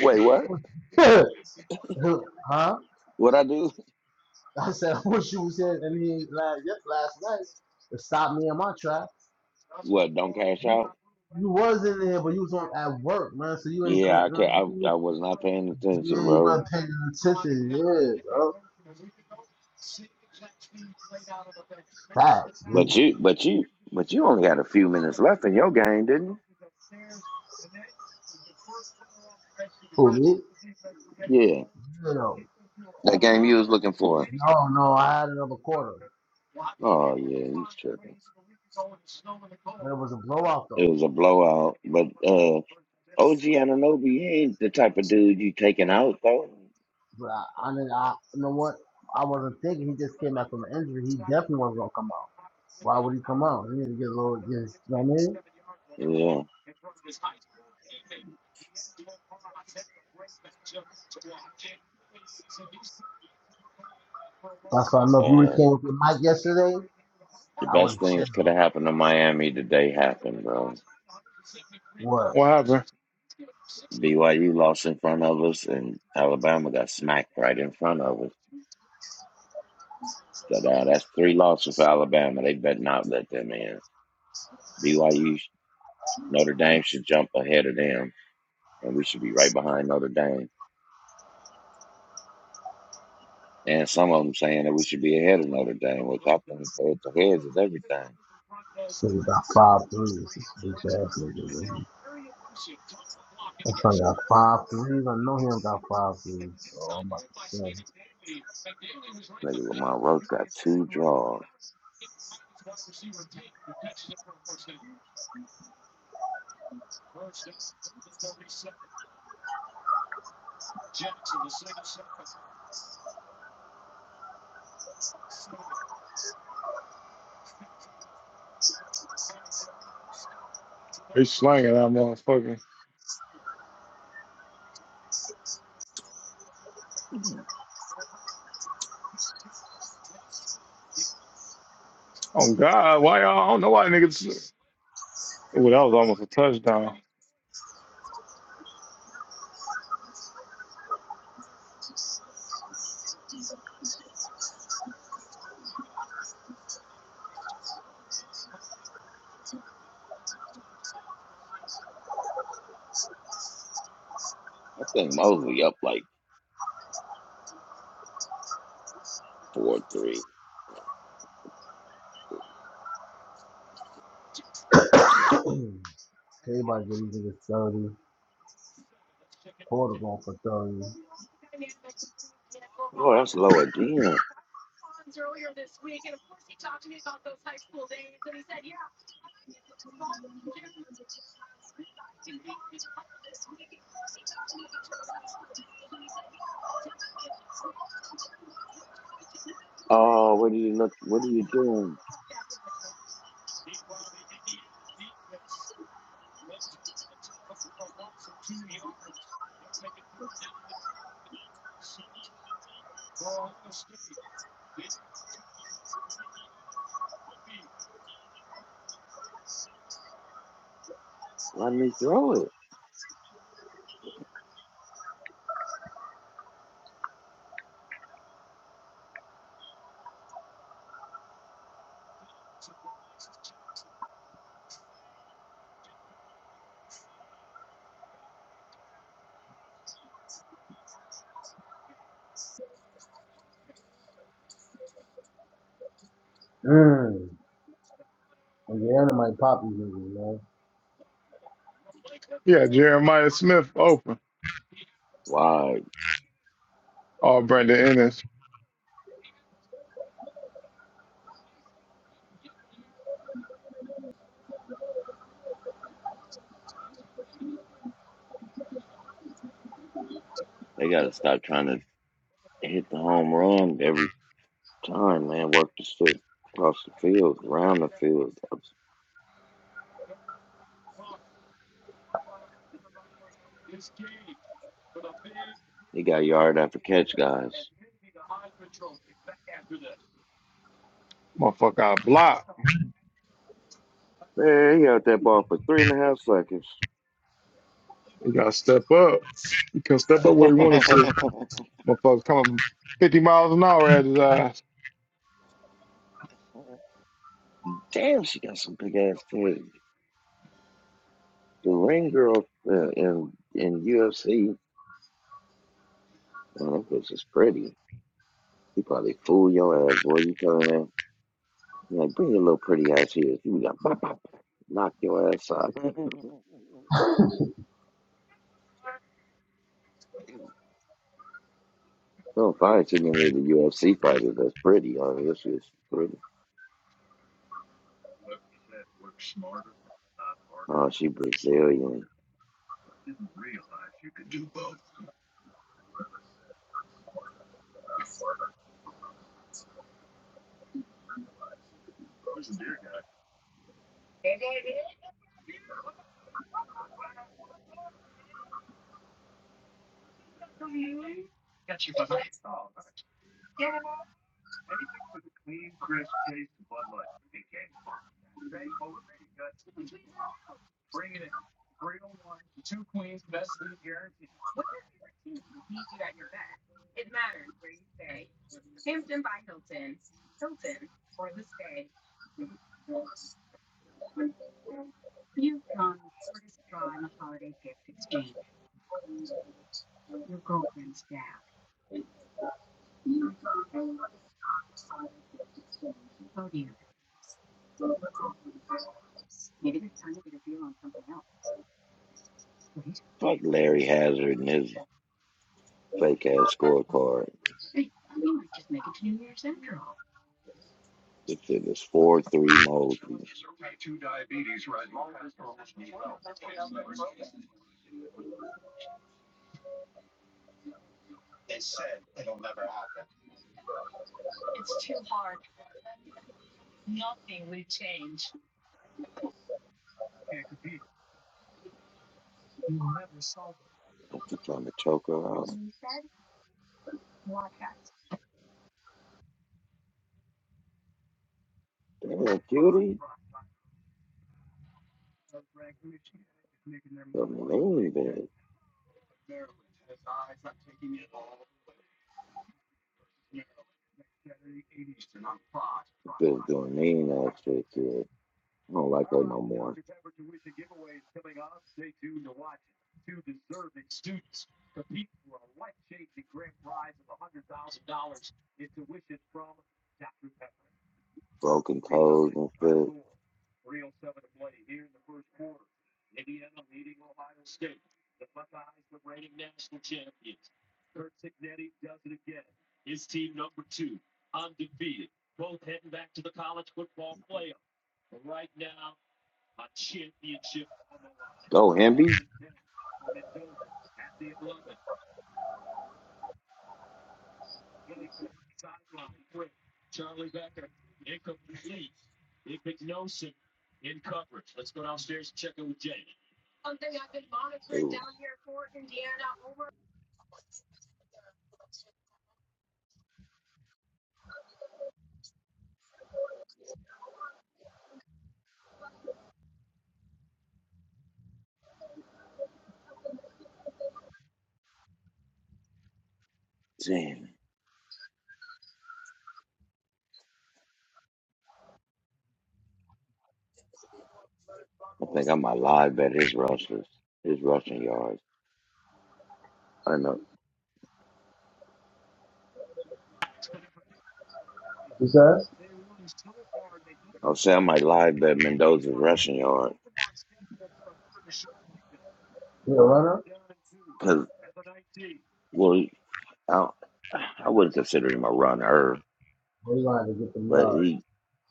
Speaker 2: Wait, what?
Speaker 1: [laughs] huh? I
Speaker 2: What I do?
Speaker 1: said, [laughs] I wish you was here and he ain't last, yes, last night to stop me in my track.
Speaker 2: What? Don't cash
Speaker 1: You,
Speaker 2: out?
Speaker 1: you was in there, but you was on at work, man. So you ain't come.
Speaker 2: Yeah, I
Speaker 1: You know
Speaker 2: ca-
Speaker 1: what I
Speaker 2: I,
Speaker 1: mean?
Speaker 2: I was not paying attention,
Speaker 1: Yeah, you
Speaker 2: bro.
Speaker 1: wasn't paying no attention. Yeah, bro. Facts, me.
Speaker 2: But you, but you, but you only had a few minutes left in your game, didn't
Speaker 1: Who me?
Speaker 2: you? Yeah,
Speaker 1: You know.
Speaker 2: that game you was looking for.
Speaker 1: No, no. I had another quarter,
Speaker 2: Oh yeah, he's tripping.
Speaker 1: but it was a blowout
Speaker 2: It
Speaker 1: though.
Speaker 2: was a blowout. But uh, OG Ananobi he ain't the type of dude you taking out though.
Speaker 1: But I, I mean, I you know what? I wasn't thinking. He just came back from an injury. He definitely wasn't gonna come out. Why would he come out? He need to get a little. Just, you know what I mean?
Speaker 2: Yeah.
Speaker 1: That's why I know if you would have came with your mic yesterday,
Speaker 2: The
Speaker 1: I would
Speaker 2: best
Speaker 1: have chilled.
Speaker 2: things could have happened to Miami today happened, bro.
Speaker 1: What?
Speaker 3: What happened?
Speaker 2: BYU lost in front of us, and Alabama got smacked right in front of us. So now that's three losses for Alabama. They better not let them in. BYU, Notre Dame should jump ahead of them, and we should be right behind Notre Dame. And some of them saying that we should be ahead of Notre Dame, which I think head to heads is everything.
Speaker 1: So he got five threes. This bitch ass nigga. man. That son got five threes. I know he don't got five threes. Oh, I'm about to say.
Speaker 2: Maybe Lamar Rose got two draws.
Speaker 3: They slanging that motherfucker.
Speaker 2: I
Speaker 3: Oh God, why y'all? I don't know why niggas. Ooh, that was almost a touchdown.
Speaker 2: think Mosley up like four three.
Speaker 1: [clears throat] Everybody getting niggas 30. Porter going for 30.
Speaker 2: Oh, that's low again. Oh, what are you look? What are you doing? Why didn't he throw it?
Speaker 1: Mmm. And Indiana might pop these niggas, man.
Speaker 3: Yeah, Jeremiah Smith open.
Speaker 2: Why
Speaker 3: Oh, Brandon Ennis,
Speaker 2: they got to stop trying to hit the home run every time, man. Work the shit across the field, around the field. He got yard after catch, guys.
Speaker 3: motherfucker, out block.
Speaker 2: Man, he out that ball for three and a half seconds.
Speaker 3: He gotta step up. He could step up where he wanted to. Motherfucker coming 50 miles an hour at his eyes.
Speaker 2: [laughs] Damn, she got some big ass tits. The ring girl uh, in in UFC, man, that bitch is pretty. He probably fool your ass, boy. You coming in? Like, bring your little pretty ass here. You got bop, bop, bop. knock your ass out. [laughs] Don't find too many of the UFC fighters that's pretty. I mean, this is pretty. Oh, she Brazilian. Fuck Larry Hazard and his fake ass scorecard. This shit is 4 3 mode. I'm trying to choke her out. Damn, cutie. The mean bitch. Bitch doing mean ass shit to her. I don't like her no more. Broken toes and shit. Go, Hemby. Ooh, damn. I think I might live bet his rushes, his rushing yards. I know.
Speaker 1: He says?
Speaker 2: I'll say I might live bet Mendoza's rushing yard
Speaker 1: He a runner?
Speaker 2: because well, I I wouldn't consider him a runner,
Speaker 1: They gonna have to get them
Speaker 2: but
Speaker 1: yards.
Speaker 2: he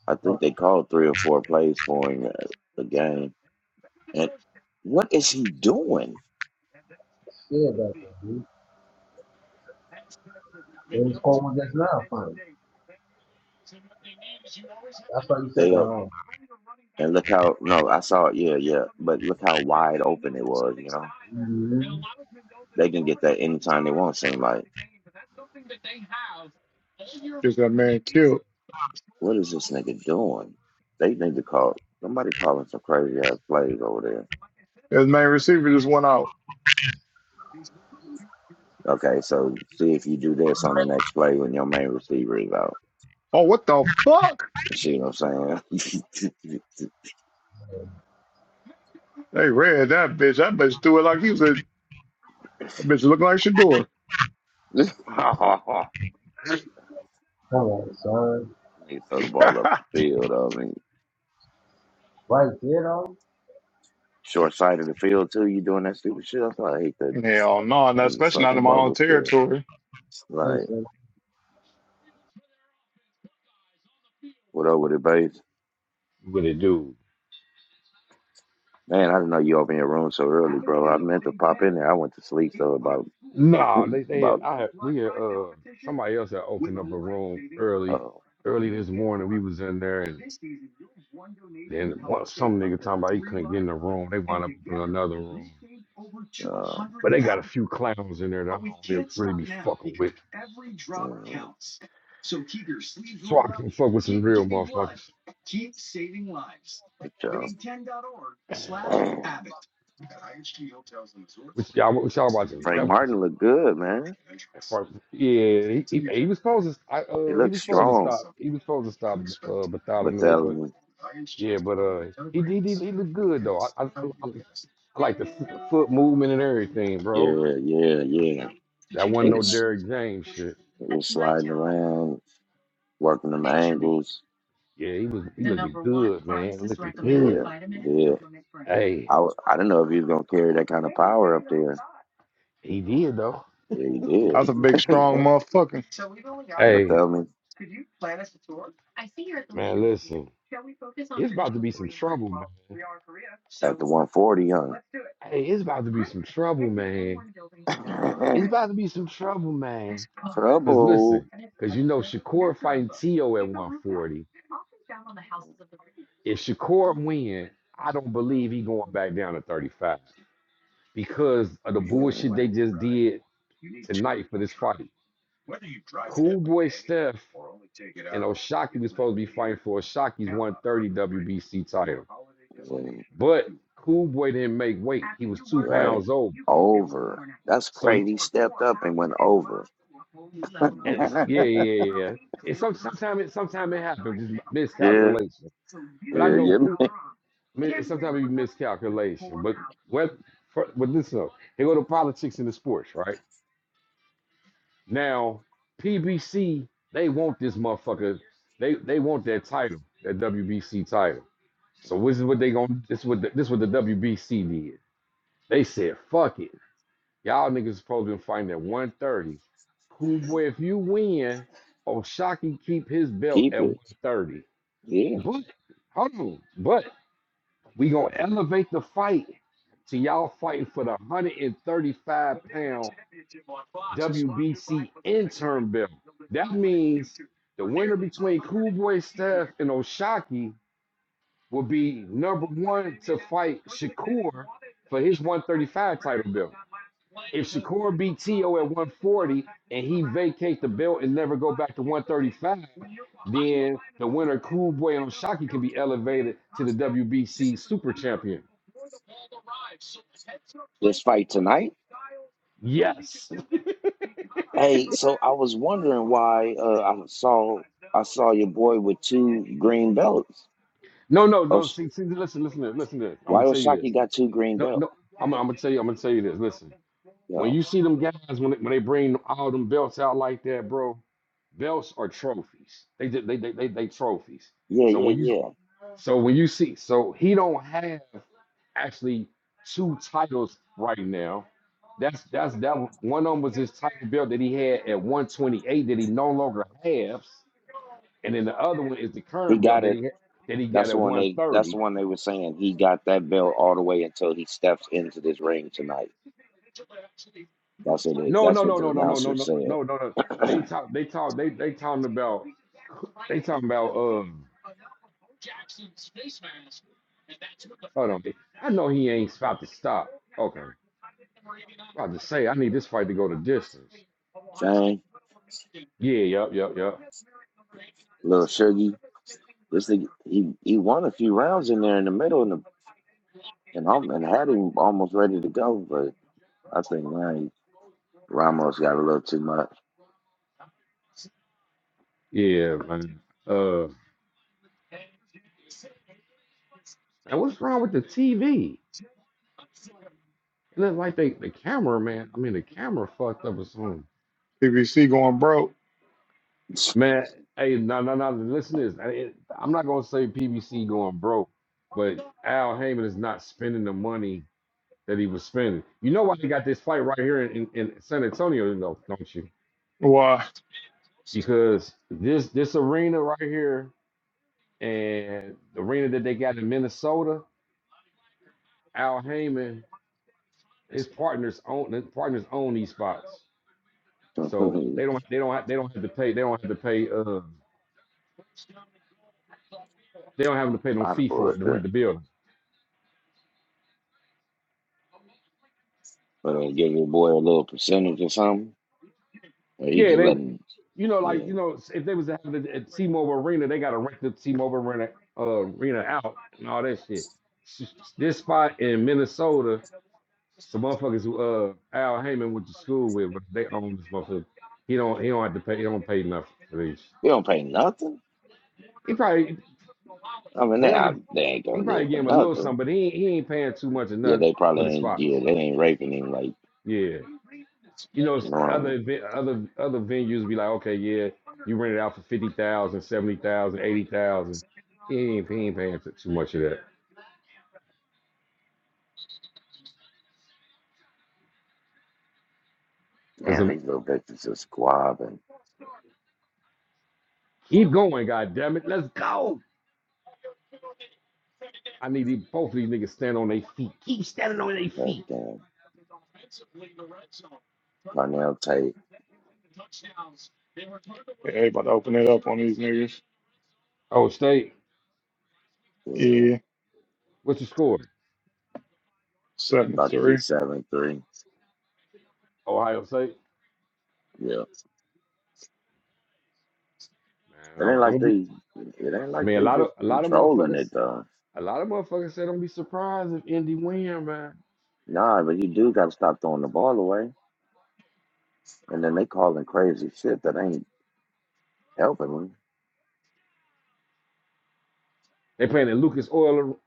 Speaker 2: I
Speaker 1: I'm fucking
Speaker 2: think they called three or four plays for him uh, the game. And what is he doing?
Speaker 1: scared back there, dude. They just called one just now, fine. That's why you said
Speaker 2: They
Speaker 1: that,
Speaker 2: are,
Speaker 1: huh?
Speaker 2: and look how no, I saw it. Yeah, yeah, but look how wide open it was. You know,
Speaker 1: Mm-hmm.
Speaker 2: they can get that anytime they want. Seem like.
Speaker 3: Just that man killed.
Speaker 2: What is this nigga doing? They need to call somebody calling some crazy ass plays over there.
Speaker 3: His main receiver just went out.
Speaker 2: Okay, so see if you do this on the next play when your main receiver is out.
Speaker 3: Oh, what the fuck?
Speaker 2: You see what I'm saying?
Speaker 3: They read that bitch. That bitch threw it like he was a, a bitch looking like Shador.
Speaker 2: [laughs]
Speaker 1: Come on, son.
Speaker 2: Nigga throw the
Speaker 3: [laughs]
Speaker 2: ball up the field. I mean,
Speaker 1: Right there, though.
Speaker 2: short side of the field too. You doing that stupid shit? I thought I hate that
Speaker 3: Hell no, not
Speaker 2: them
Speaker 3: especially not in
Speaker 2: sucking
Speaker 3: my own
Speaker 2: bubble shit.
Speaker 3: territory.
Speaker 1: Hey,
Speaker 2: Like,
Speaker 1: sir.
Speaker 2: what over the base?
Speaker 4: With it dude.
Speaker 2: Man, I didn't know you open your room so early, bro. I meant to pop in there. I went to sleep so about
Speaker 4: No, they
Speaker 2: [laughs]
Speaker 4: they had-
Speaker 2: about
Speaker 4: I had- we had, uh somebody else had opened up a room early
Speaker 2: uh,
Speaker 4: early this morning. We was in there and then one, some nigga talking about he couldn't get in the room. They wound up opening another room.
Speaker 2: uh,
Speaker 4: But they got a few clowns in there that I don't really really be fucking with.
Speaker 2: Mm,
Speaker 4: So I can fuck with some real motherfuckers.
Speaker 2: Good job. Damn.
Speaker 4: Which y'all which y'all
Speaker 2: [clears throat]
Speaker 4: watching?
Speaker 2: Frank
Speaker 4: Y'all watching?
Speaker 2: Martin looked good, man.
Speaker 4: At first- Yeah, he, he, he was supposed to I,
Speaker 2: He
Speaker 4: uh he
Speaker 2: looked
Speaker 4: was supposed to
Speaker 2: strong.
Speaker 4: stop he was supposed to stop uh
Speaker 2: But
Speaker 4: Bartholomew, but
Speaker 2: Bartholomew.
Speaker 4: yeah, but uh, he he he, he looked good though. I I, I I like the f- foot movement and everything, bro.
Speaker 2: Yeah, yeah, yeah.
Speaker 4: That wasn't
Speaker 2: He
Speaker 4: no
Speaker 2: was,
Speaker 4: Derrick James shit.
Speaker 2: he was sliding around, working them angles.
Speaker 4: Yeah, he was. He looked good, man. Looked good.
Speaker 2: Yeah, yeah.
Speaker 4: Hey,
Speaker 2: I, w- I didn't know if he was going to carry that kind of power up there.
Speaker 4: he did though.
Speaker 2: Yeah, he did.
Speaker 3: That's a big,
Speaker 2: [laughs]
Speaker 3: strong motherfucking
Speaker 2: But
Speaker 4: Hey,
Speaker 2: Bartholomew
Speaker 4: man, listen. It's about to be some trouble, man.
Speaker 2: at the 140, young.
Speaker 4: Hey, it's about to be some trouble, man. It's
Speaker 2: [laughs]
Speaker 4: about to be some trouble, man. Cause
Speaker 2: Trouble.
Speaker 4: listen, cause you know Shakur fighting Tio at 140. If Shakur win, I don't believe he going back down to 35 because of the bullshit they
Speaker 2: Mm,
Speaker 4: just did tonight for this fight. Cool Boy Steph and Oshaki was supposed to be fighting for Oshaki's 130 WBC title.
Speaker 2: mm,
Speaker 4: But Cool Boy didn't make weight. He was two
Speaker 2: Right.
Speaker 4: pounds over.
Speaker 2: Over. That's
Speaker 4: So
Speaker 2: crazy. He stepped up and went over.
Speaker 4: and it's- yeah,
Speaker 2: [laughs]
Speaker 4: yeah, yeah. yeah. And some sometimes sometimes it happens, just
Speaker 2: Yeah,
Speaker 4: miscalculation. But I
Speaker 2: yeah,
Speaker 4: know
Speaker 2: yeah. man.
Speaker 4: Cool sometimes it be miscalculation. But what for, but listen up. They go to politics and the sports, right? Now, PBC, they want this motherfucker. They they want that title, that WBC title. So this is what they gonna this is what the, this is what the WBC did. They said, "Fuck it, y'all niggas supposed to be fighting at 130. Homeboy, if you win, Oshaki keep his belt
Speaker 2: Keep
Speaker 4: at
Speaker 2: it.
Speaker 4: 130.
Speaker 2: Yeah.
Speaker 4: But hold on, but we gonna elevate the fight to y'all fighting for the 135 pound WBC interim belt. That means the winner between Cool Boy Staff and Oshaki will be number one to fight Shakur for his 135 title belt. If Shakur beat Tio at 140 and he vacate the belt and never go back to 135, then the winner Cool Boy and Oshaki can be elevated to the WBC Super Champion.
Speaker 2: This fight tonight.
Speaker 4: Yes. [laughs]
Speaker 2: Hey, so I was wondering why uh, I saw I saw your boy with two green belts.
Speaker 4: No, no,
Speaker 2: Oh,
Speaker 4: no. See, see, listen, listen, to this, listen. To this. I'm
Speaker 2: why
Speaker 4: gonna tell you this.
Speaker 2: Osaki got two green
Speaker 4: No,
Speaker 2: belts?
Speaker 4: no. I'm, I'm gonna tell you. I'm gonna tell you this. Listen.
Speaker 2: Yeah,
Speaker 4: When you see them guys when they, when they bring all them belts out like that, bro Belts are trophies. They ju- they they they, they trophies.
Speaker 2: yeah,
Speaker 4: So
Speaker 2: yeah,
Speaker 4: when you
Speaker 2: yeah.
Speaker 4: so when you see so he don't have actually two titles right now. That's that's that w- one of them was his title belt that he had at 128 that he no longer
Speaker 2: Okay.
Speaker 4: has, and then the other one is the
Speaker 2: He
Speaker 4: current belt
Speaker 2: got
Speaker 4: that
Speaker 2: it.
Speaker 4: he had, that he got
Speaker 2: That's the
Speaker 4: at
Speaker 2: one they. That's the
Speaker 4: 130.
Speaker 2: one they were saying. He got that belt all the way until he steps into this ring tonight. That's what it is.
Speaker 4: No
Speaker 2: That's
Speaker 4: no
Speaker 2: what
Speaker 4: no
Speaker 2: the
Speaker 4: no no no no
Speaker 2: announcer
Speaker 4: no
Speaker 2: said.
Speaker 4: no no. no. They
Speaker 2: [clears throat]
Speaker 4: talk they talk they they talking about they talking about um hold on I know he ain't about to stop. Okay About to say, I need this fight to go the distance.
Speaker 2: Shane,
Speaker 4: Yeah, yep, yep, yep.
Speaker 2: little Shuggy, this thing, he he won a few rounds in there in the middle, and the And i am and had him almost ready to go, but I think man, Ramos got a little too much.
Speaker 4: Yeah, man. Uh, and what's wrong with the TV? It looked like they, the camera, man. I mean, the camera fucked up or something.
Speaker 3: PVC going broke.
Speaker 4: Man, hey, no, no, no. Listen to this. I- it- I'm not gonna say PBC going broke, but Al Heyman is not spending the money that he was spending. You know why they got this fight right here in, in, in San Antonio, though, don't you?
Speaker 3: Why?
Speaker 4: Because this this arena right here and the arena that they got in Minnesota. Al Heyman, his partners own his partners own these spots,
Speaker 2: [laughs]
Speaker 4: so they
Speaker 2: Spot
Speaker 4: don't they don't have, they don't have to pay they don't have to pay uh they don't have to pay no
Speaker 2: of
Speaker 4: fee for it to
Speaker 2: bullshit.
Speaker 4: rent the building.
Speaker 2: But uh, give your boy a little percentage or something. Or he
Speaker 4: Yeah,
Speaker 2: just
Speaker 4: they
Speaker 2: let him
Speaker 4: you know like
Speaker 2: yeah.
Speaker 4: you know if they was having it at T-Mobile Arena, they got to rent the T-Mobile Arena uh, arena out and all that shit. S- This spot in Minnesota, some motherfuckers who uh Al Heyman went to school with, but they own this motherfucker. He don't he don't have to pay he don't pay nothing for these.
Speaker 2: We don't pay nothing.
Speaker 4: He probably
Speaker 2: I mean they
Speaker 4: whatever
Speaker 2: they ain't
Speaker 4: He
Speaker 2: gonna
Speaker 4: probably
Speaker 2: live for
Speaker 4: gave him a little something,
Speaker 2: nothing.
Speaker 4: but he ain't- he ain't paying too much or
Speaker 2: Yeah,
Speaker 4: nothing
Speaker 2: they probably
Speaker 4: for the
Speaker 2: ain't yeah,
Speaker 4: spots.
Speaker 2: they ain't raping him like
Speaker 4: Yeah, you know, other
Speaker 2: normal.
Speaker 4: event- other other venues be like, okay, yeah, you rent it out for fifty thousand, seventy thousand, eighty thousand. He ain't he ain't paying t- too much of that. Cause
Speaker 2: Man,
Speaker 4: I'm-
Speaker 2: these little bitches are squab and
Speaker 4: keep going, god damn it, let's go. I need these, both of these niggas stand on their feet. Keep standing on their
Speaker 2: that
Speaker 4: feet.
Speaker 2: uh, Carnell Tate,
Speaker 3: Yeah, they about to open it up on these niggas.
Speaker 4: Oh, State,
Speaker 2: yeah,
Speaker 3: Yeah,
Speaker 4: what's your score?
Speaker 2: about to
Speaker 3: 73.
Speaker 2: be seven three.
Speaker 4: Ohio State.
Speaker 2: yeah.
Speaker 4: Man,
Speaker 2: It ain't
Speaker 4: don't
Speaker 2: like
Speaker 4: don't be.
Speaker 2: they it ain't
Speaker 4: I
Speaker 2: like
Speaker 4: mean, a
Speaker 2: they
Speaker 4: lot of
Speaker 2: just
Speaker 4: a lot of
Speaker 2: controlling
Speaker 4: motherfuckers,
Speaker 2: it though.
Speaker 4: a lot of motherfuckers said don't be surprised if Indy win, man.
Speaker 2: Nah, but you do gotta stop throwing the ball away. And then they calling crazy shit that ain't helping them.
Speaker 4: They playing at Lucas Oil.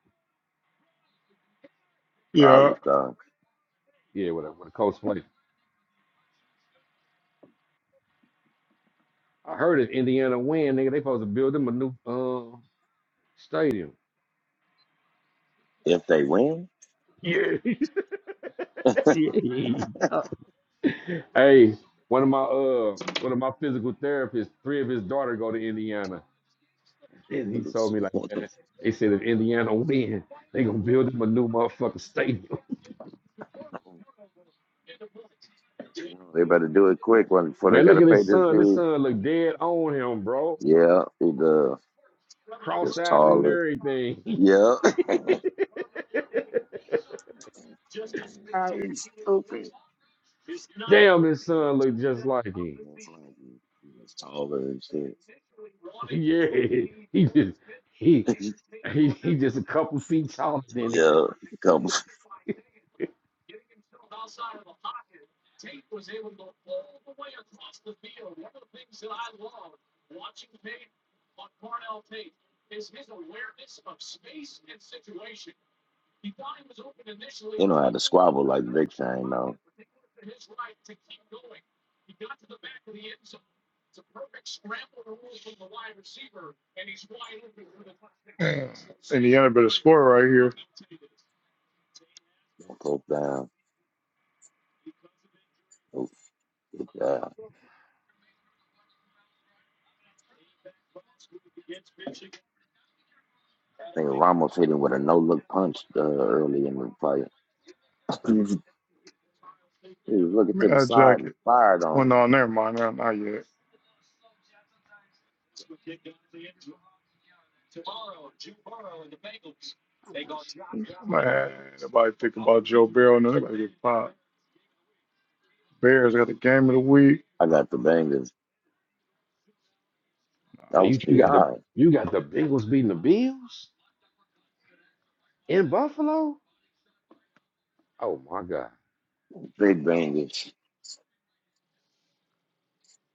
Speaker 2: So I
Speaker 3: Yeah. Yeah.
Speaker 2: was, uh,
Speaker 4: Yeah, whatever. Where the Colts play. I heard if Indiana win, nigga, they supposed to build them a new um stadium.
Speaker 2: if they win,
Speaker 4: Yeah. [laughs] Yeah. hey, one of my uh one of my physical therapists, three of his daughter go to Indiana.
Speaker 2: [laughs]
Speaker 4: And he
Speaker 2: you
Speaker 4: told me like, man, they said if Indiana win, they gonna build him a new motherfucking stadium.
Speaker 2: know, they better do it quick when
Speaker 4: [laughs]
Speaker 2: before they
Speaker 4: Man, look
Speaker 2: gotta
Speaker 4: at
Speaker 2: pay
Speaker 4: his
Speaker 2: this
Speaker 4: son. This
Speaker 2: dude.
Speaker 4: son look dead on him, bro.
Speaker 2: Yeah, he the is
Speaker 4: Cross-eyed and
Speaker 2: taller.
Speaker 4: everything.
Speaker 2: Yeah. [laughs]
Speaker 4: [laughs]
Speaker 2: Ah, He's stupid.
Speaker 4: Damn, his son looked just like him. [laughs]
Speaker 2: It's like He's taller and
Speaker 4: Yeah, he just he
Speaker 2: shit.
Speaker 4: he, he just a couple feet taller
Speaker 2: [laughs]
Speaker 4: than it.
Speaker 2: yeah. Couple, you know how to squabble like Big Shane though.
Speaker 3: Indiana better score right here. Give
Speaker 2: Don't poke down. Uh, I think Ramos hit him with a no look punch uh, early in the fight. [laughs] he was he was looking
Speaker 3: me
Speaker 2: to the
Speaker 3: that
Speaker 2: side and
Speaker 3: jacket.
Speaker 2: fired
Speaker 3: Well,
Speaker 2: on him.
Speaker 3: no, never mind. Not, not yet. Man, nobody think about Joe Barrow. No, nobody get popped. Bears got the game of the week.
Speaker 2: I got the bangers.
Speaker 3: Nah,
Speaker 2: That
Speaker 4: Man,
Speaker 3: I'll
Speaker 2: was
Speaker 4: you,
Speaker 3: check
Speaker 4: you
Speaker 2: the
Speaker 4: got the
Speaker 2: eye,
Speaker 4: you got the Bengals beating the Bills in Buffalo. Oh my God!
Speaker 2: Big bangers.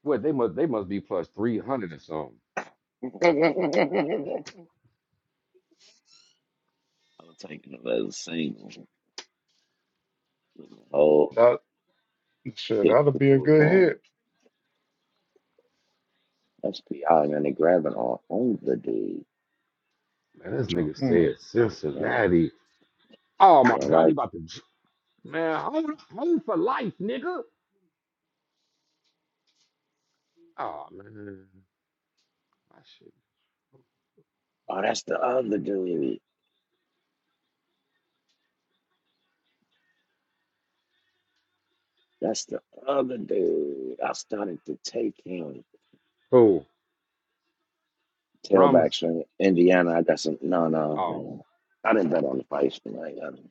Speaker 4: What they must they must be plus three hundred or something.
Speaker 2: [laughs] I'm taking it as a single. Oh,
Speaker 3: that shit,
Speaker 2: kick
Speaker 3: that'll
Speaker 2: the
Speaker 3: be a
Speaker 2: boot
Speaker 3: good
Speaker 2: on.
Speaker 3: hit.
Speaker 2: That's PI, man. They grabbing all on the dude.
Speaker 4: Man, this
Speaker 3: Watch
Speaker 4: nigga
Speaker 3: out.
Speaker 4: said
Speaker 2: Man,
Speaker 4: Cincinnati. Oh
Speaker 2: you
Speaker 4: my
Speaker 2: know,
Speaker 4: God, he
Speaker 2: like,
Speaker 4: about to j- man hold home for life, nigga. Oh man, I should.
Speaker 2: oh, that's the other dude. That's the other dude. I started to take him.
Speaker 4: Who Ramos?
Speaker 2: Tailbacks from Indiana. I got some. No,
Speaker 4: Oh
Speaker 2: no. I didn't bet on the price tonight. I didn't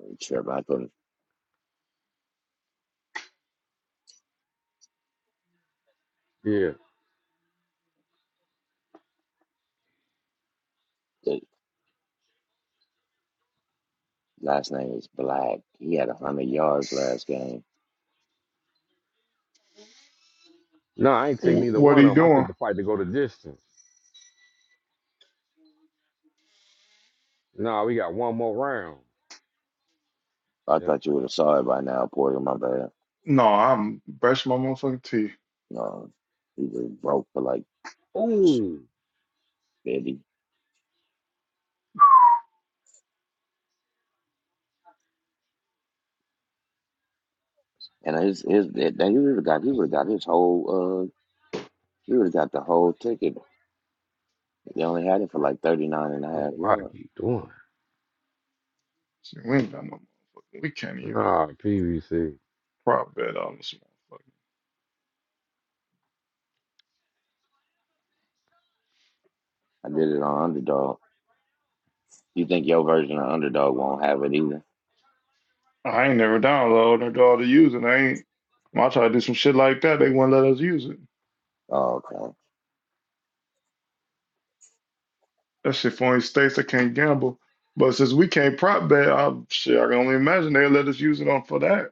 Speaker 2: really trip. I couldn't.
Speaker 4: yeah.
Speaker 2: The last name is Black. He had 100 yards last game.
Speaker 4: No, I ain't take
Speaker 3: Wh-
Speaker 4: neither
Speaker 3: What are
Speaker 4: one of
Speaker 3: you
Speaker 4: them. I took
Speaker 3: doing?
Speaker 4: the fight to go the distance. Nah, we got one more round.
Speaker 2: I thought
Speaker 4: Yeah.
Speaker 2: you would have saw it by now, Porter. My bad.
Speaker 3: No, I'm brushing my motherfucking teeth.
Speaker 2: No, he just broke for like
Speaker 4: Ooh.
Speaker 2: 50. And his, his, he would have got, he would have got his whole, uh, he would have got the whole ticket. They only had it for like 39 and a half
Speaker 4: I don't know Why I
Speaker 2: yards.
Speaker 4: keep doing?
Speaker 3: Shit, we ain't got no motherfucking. We can't
Speaker 4: it.
Speaker 3: even
Speaker 4: Nah, PVC.
Speaker 3: prop bet on this motherfucker.
Speaker 2: I did it on underdog. You think your version of underdog won't have it either?
Speaker 3: I ain't never downloaded it all to use it. I ain't. When I try to do some shit like that, they won't let us use it.
Speaker 2: Oh, okay.
Speaker 3: That shit for only states that can't gamble. But since we can't prop bet, I, shit, I can only imagine they let us use it on for that.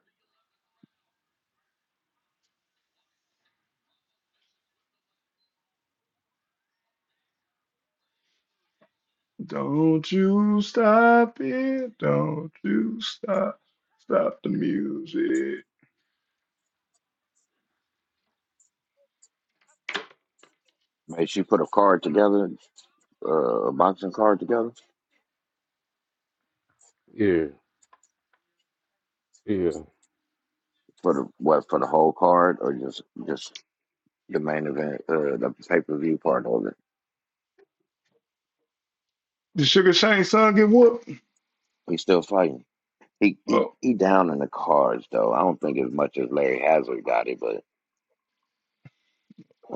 Speaker 3: Don't you stop it. Don't you stop. Stop the music.
Speaker 2: Man, she put a card together. uh, a boxing card together
Speaker 4: Yeah, yeah.
Speaker 2: for the what for the whole card or just just the main event, uh, the pay per view part of it.
Speaker 3: Did Sugar Shane son get whooped?
Speaker 2: He's still fighting. He he
Speaker 3: Oh,
Speaker 2: he down in the cards though. I don't think as much as Larry Hazard got it, but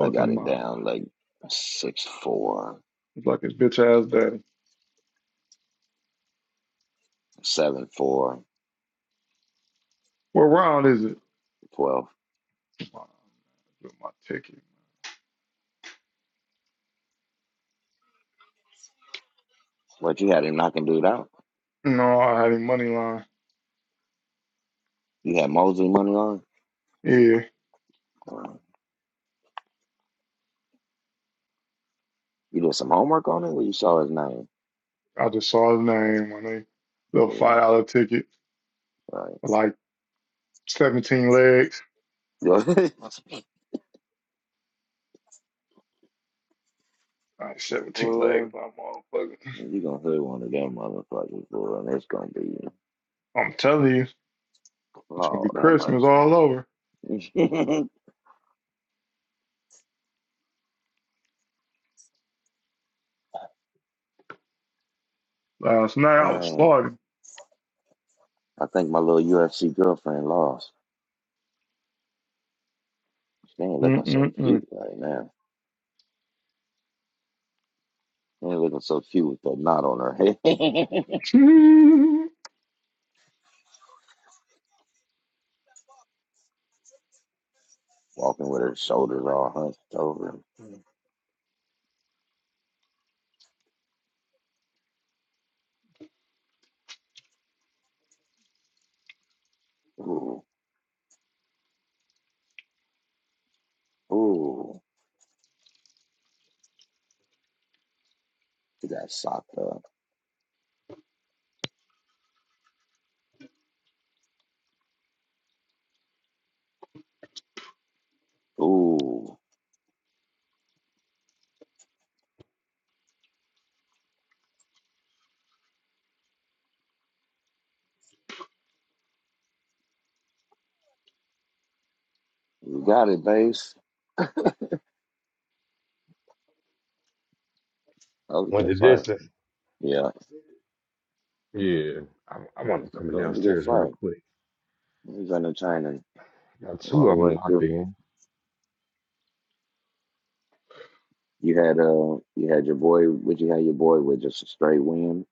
Speaker 2: I got him
Speaker 3: mind.
Speaker 2: down like six four,
Speaker 3: It's like his bitch ass daddy.
Speaker 2: seven four,
Speaker 3: What round is it?
Speaker 2: twelve.
Speaker 3: With my ticket.
Speaker 2: But you had him knocking dude out.
Speaker 3: No, I had a money line.
Speaker 2: You had Mosley money on.
Speaker 3: Yeah,
Speaker 2: Uh, You did some homework on it. Well, you saw his name.
Speaker 3: I just saw his name on a little
Speaker 2: Yeah,
Speaker 3: five dollar ticket for like seventeen legs.
Speaker 2: right.
Speaker 3: Like seventeen
Speaker 2: [laughs] uh,
Speaker 3: legs, my motherfucker.
Speaker 2: And you gonna hit one of them motherfuckers, boy, and it's gonna be
Speaker 3: I'm telling you, it's gonna be
Speaker 2: Lord have mercy.
Speaker 3: Christmas all over.
Speaker 2: [laughs]
Speaker 3: Last night I was
Speaker 2: uh,
Speaker 3: farting.
Speaker 2: I think my little UFC girlfriend lost. She ain't looking so
Speaker 3: Mm-mm-mm.
Speaker 2: cute right now. She ain't looking so cute with that knot on her head. [laughs]
Speaker 3: [laughs]
Speaker 2: Walking with her shoulders all hunched over. Ooh, ooh, she got socked up. Ooh, you got it, base. That was a
Speaker 4: Went
Speaker 2: good
Speaker 4: the
Speaker 2: fight.
Speaker 4: distance.
Speaker 2: Yeah,
Speaker 4: Yeah. I, I want them coming
Speaker 2: that was a good
Speaker 4: downstairs real
Speaker 2: fight.
Speaker 4: quick.
Speaker 2: He was under China
Speaker 4: Got
Speaker 2: all
Speaker 4: two
Speaker 2: the
Speaker 4: of them
Speaker 2: way through.
Speaker 4: locked in.
Speaker 2: You had uh, you had your boy. Would you have your boy with just a straight win,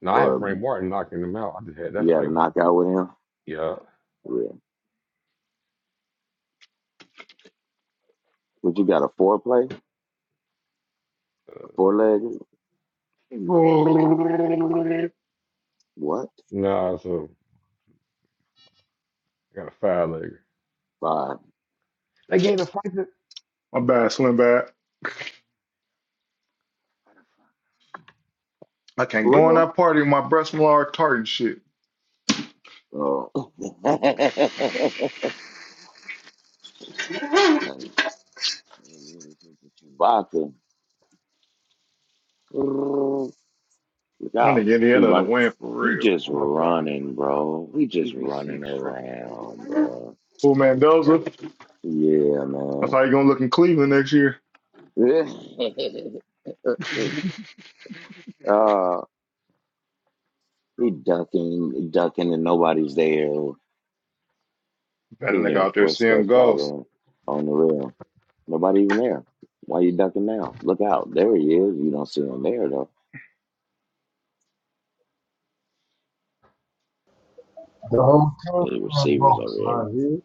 Speaker 4: Now I
Speaker 2: or
Speaker 4: had Frank
Speaker 2: um,
Speaker 4: Martin knocking them out. I just had that
Speaker 2: you had a
Speaker 4: fight.
Speaker 2: knockout with him?
Speaker 4: Yeah.
Speaker 2: Yeah. Would you got a foreplay, a four leg?
Speaker 3: my
Speaker 2: What?
Speaker 4: Nah, so I got a five legger.
Speaker 2: Five?
Speaker 4: They gave the fight to.
Speaker 3: bad, Slim Bad. I can't
Speaker 2: For
Speaker 3: go on
Speaker 2: real?
Speaker 3: that party with my breast enlarged tartan shit.
Speaker 2: Oh. [laughs] And he Chewbacca. Look
Speaker 3: I think not
Speaker 2: out!
Speaker 3: get the
Speaker 2: He
Speaker 3: the
Speaker 2: running.
Speaker 3: win for
Speaker 2: He
Speaker 3: real.
Speaker 2: just
Speaker 4: I'm up there. I,
Speaker 2: running, bro. He just running around, bro.
Speaker 3: Cool Mendoza.
Speaker 2: Yeah,
Speaker 3: That's
Speaker 2: man.
Speaker 3: how you gonna look in Cleveland next year.
Speaker 2: [laughs]
Speaker 3: [laughs]
Speaker 2: uh, He ducking, ducking, and nobody's there. You
Speaker 3: That nigga
Speaker 2: hear
Speaker 3: out there seeing
Speaker 2: footsteps
Speaker 3: ghosts.
Speaker 2: all on, on the rail. Nobody even there. Why you ducking now? Look out. There he is. You don't see him there, though.
Speaker 1: The whole team
Speaker 2: Any
Speaker 1: playing
Speaker 2: receivers over
Speaker 1: boss,
Speaker 2: here.
Speaker 1: huh? You?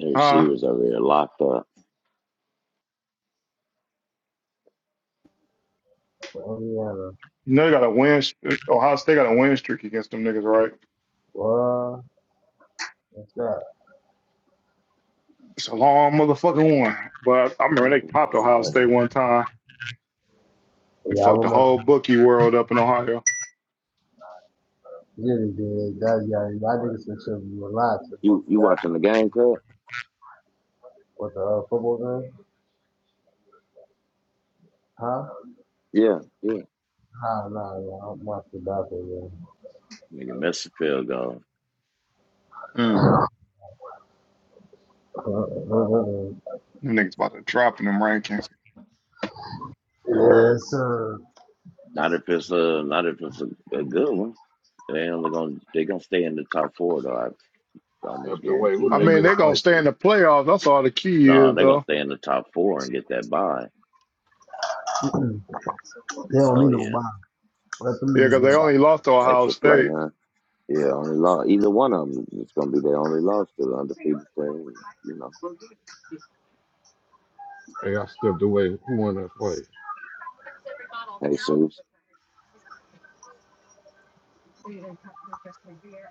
Speaker 2: Any
Speaker 3: Huh?
Speaker 2: receivers over here locked up.
Speaker 1: For Indiana.
Speaker 3: You know they got a win. Ohio State got a win streak against them niggas, right?
Speaker 1: What? What's that?
Speaker 3: It's a long motherfucking one. But I remember they popped
Speaker 2: You
Speaker 3: Ohio
Speaker 2: know
Speaker 3: State
Speaker 2: that.
Speaker 3: one time. It
Speaker 1: Yeah, I
Speaker 3: fucked the
Speaker 1: remember
Speaker 3: whole bookie world up in Ohio.
Speaker 1: Jitty did that. Yeah, y'all niggas some shit you were lying to both
Speaker 2: You,
Speaker 1: of
Speaker 2: you
Speaker 1: that.
Speaker 2: watching the game, Cub?
Speaker 1: What the uh, football game? Huh?
Speaker 2: Yeah, yeah.
Speaker 1: Nah, nah, nah. I'm watching basketball game.
Speaker 2: Nigga missed the field goal.
Speaker 3: Mm.
Speaker 1: Uh, uh, uh, uh.
Speaker 3: Them niggas about to drop in them rankings.
Speaker 1: Yeah, sir.
Speaker 2: Not if it's a, not if it's a, a good one. They only gonna they gonna stay in the top
Speaker 4: I
Speaker 2: four
Speaker 4: st-
Speaker 2: though.
Speaker 4: I
Speaker 2: I almost
Speaker 4: stepped away. Who
Speaker 2: guarantee
Speaker 3: I
Speaker 4: did they
Speaker 2: that.
Speaker 3: mean,
Speaker 4: get
Speaker 3: they
Speaker 4: a
Speaker 3: are gonna
Speaker 4: fight
Speaker 3: stay in
Speaker 4: to?
Speaker 3: the playoffs. That's all the key
Speaker 2: No,
Speaker 3: is,
Speaker 2: they're gonna
Speaker 3: though.
Speaker 2: stay in the top four and get that bye.
Speaker 1: Mm-mm. [clears throat] They don't
Speaker 2: Oh
Speaker 1: need no
Speaker 2: yeah,
Speaker 1: box. Let them
Speaker 3: Yeah, because
Speaker 1: niggas get
Speaker 3: they
Speaker 1: a box.
Speaker 3: only lost to Ohio
Speaker 2: extra play,
Speaker 3: State.
Speaker 2: huh? Yeah, only loss. Either one of them is going to be their only loss to the undefeated team. You know,
Speaker 4: Hey, I stepped away. Who won that fight?
Speaker 2: hey, Seuss,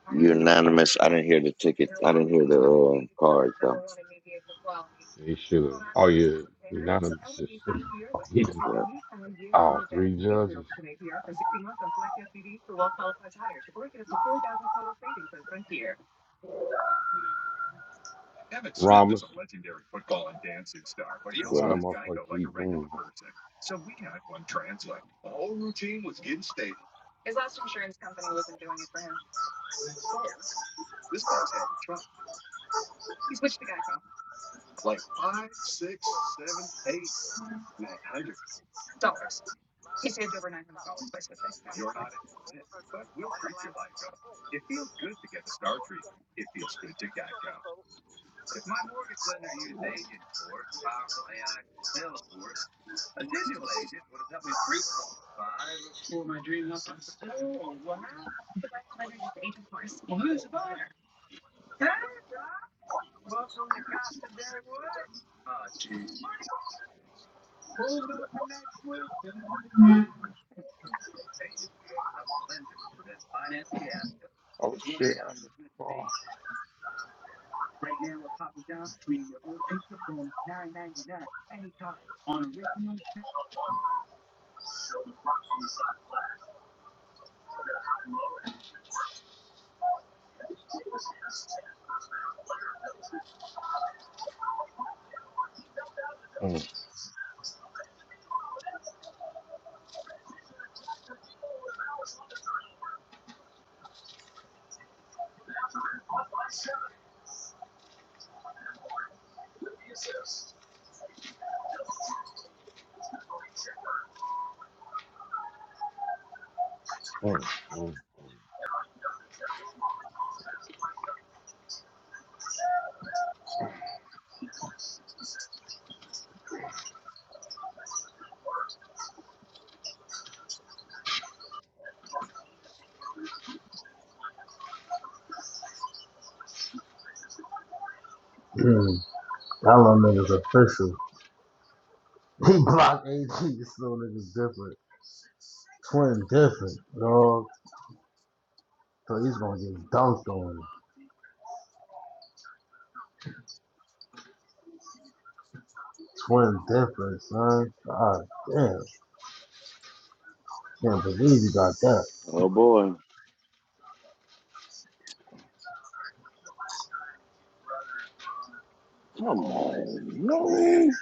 Speaker 2: unanimous. I didn't hear the tickets. I didn't hear the uh, cards though.
Speaker 4: He should have. Oh yeah, unanimous. [laughs]
Speaker 2: Yeah.
Speaker 4: Oh, three judges. Ramos. Why the
Speaker 2: Well,
Speaker 4: motherfucker keep doing that?
Speaker 3: Oh shit!
Speaker 4: Mm, mm, mm.
Speaker 1: Mm. I love niggas official. He blocked AD. This little nigga's different. Twin different, dog. So he's gonna get dunked on. Twin different, son. God damn. Can't believe you got that.
Speaker 2: oh boy, Come on, no.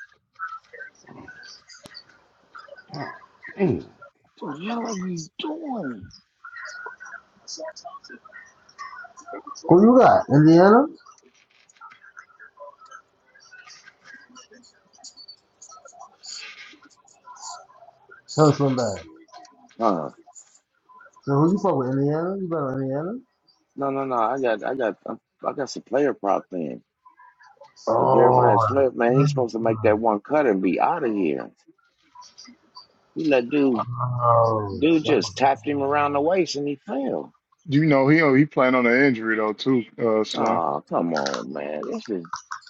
Speaker 4: God damn. [laughs]
Speaker 2: What the hell are you doing?
Speaker 1: Who you got? Indiana? Tell us one bad.
Speaker 2: huh?
Speaker 1: So who you fuck with? Indiana? You better Indiana?
Speaker 2: No, no, no. I got, I got, I got some player prop thing. But
Speaker 1: Oh,
Speaker 2: Jeremiah Smith, man, he's supposed to make that one cut and be out of here. He let dude,
Speaker 1: oh,
Speaker 2: dude
Speaker 1: shut
Speaker 2: just tapped him around the waist and he fell.
Speaker 3: You know he he playing on an injury though too, uh, Slim.
Speaker 2: Oh, come on, man. This is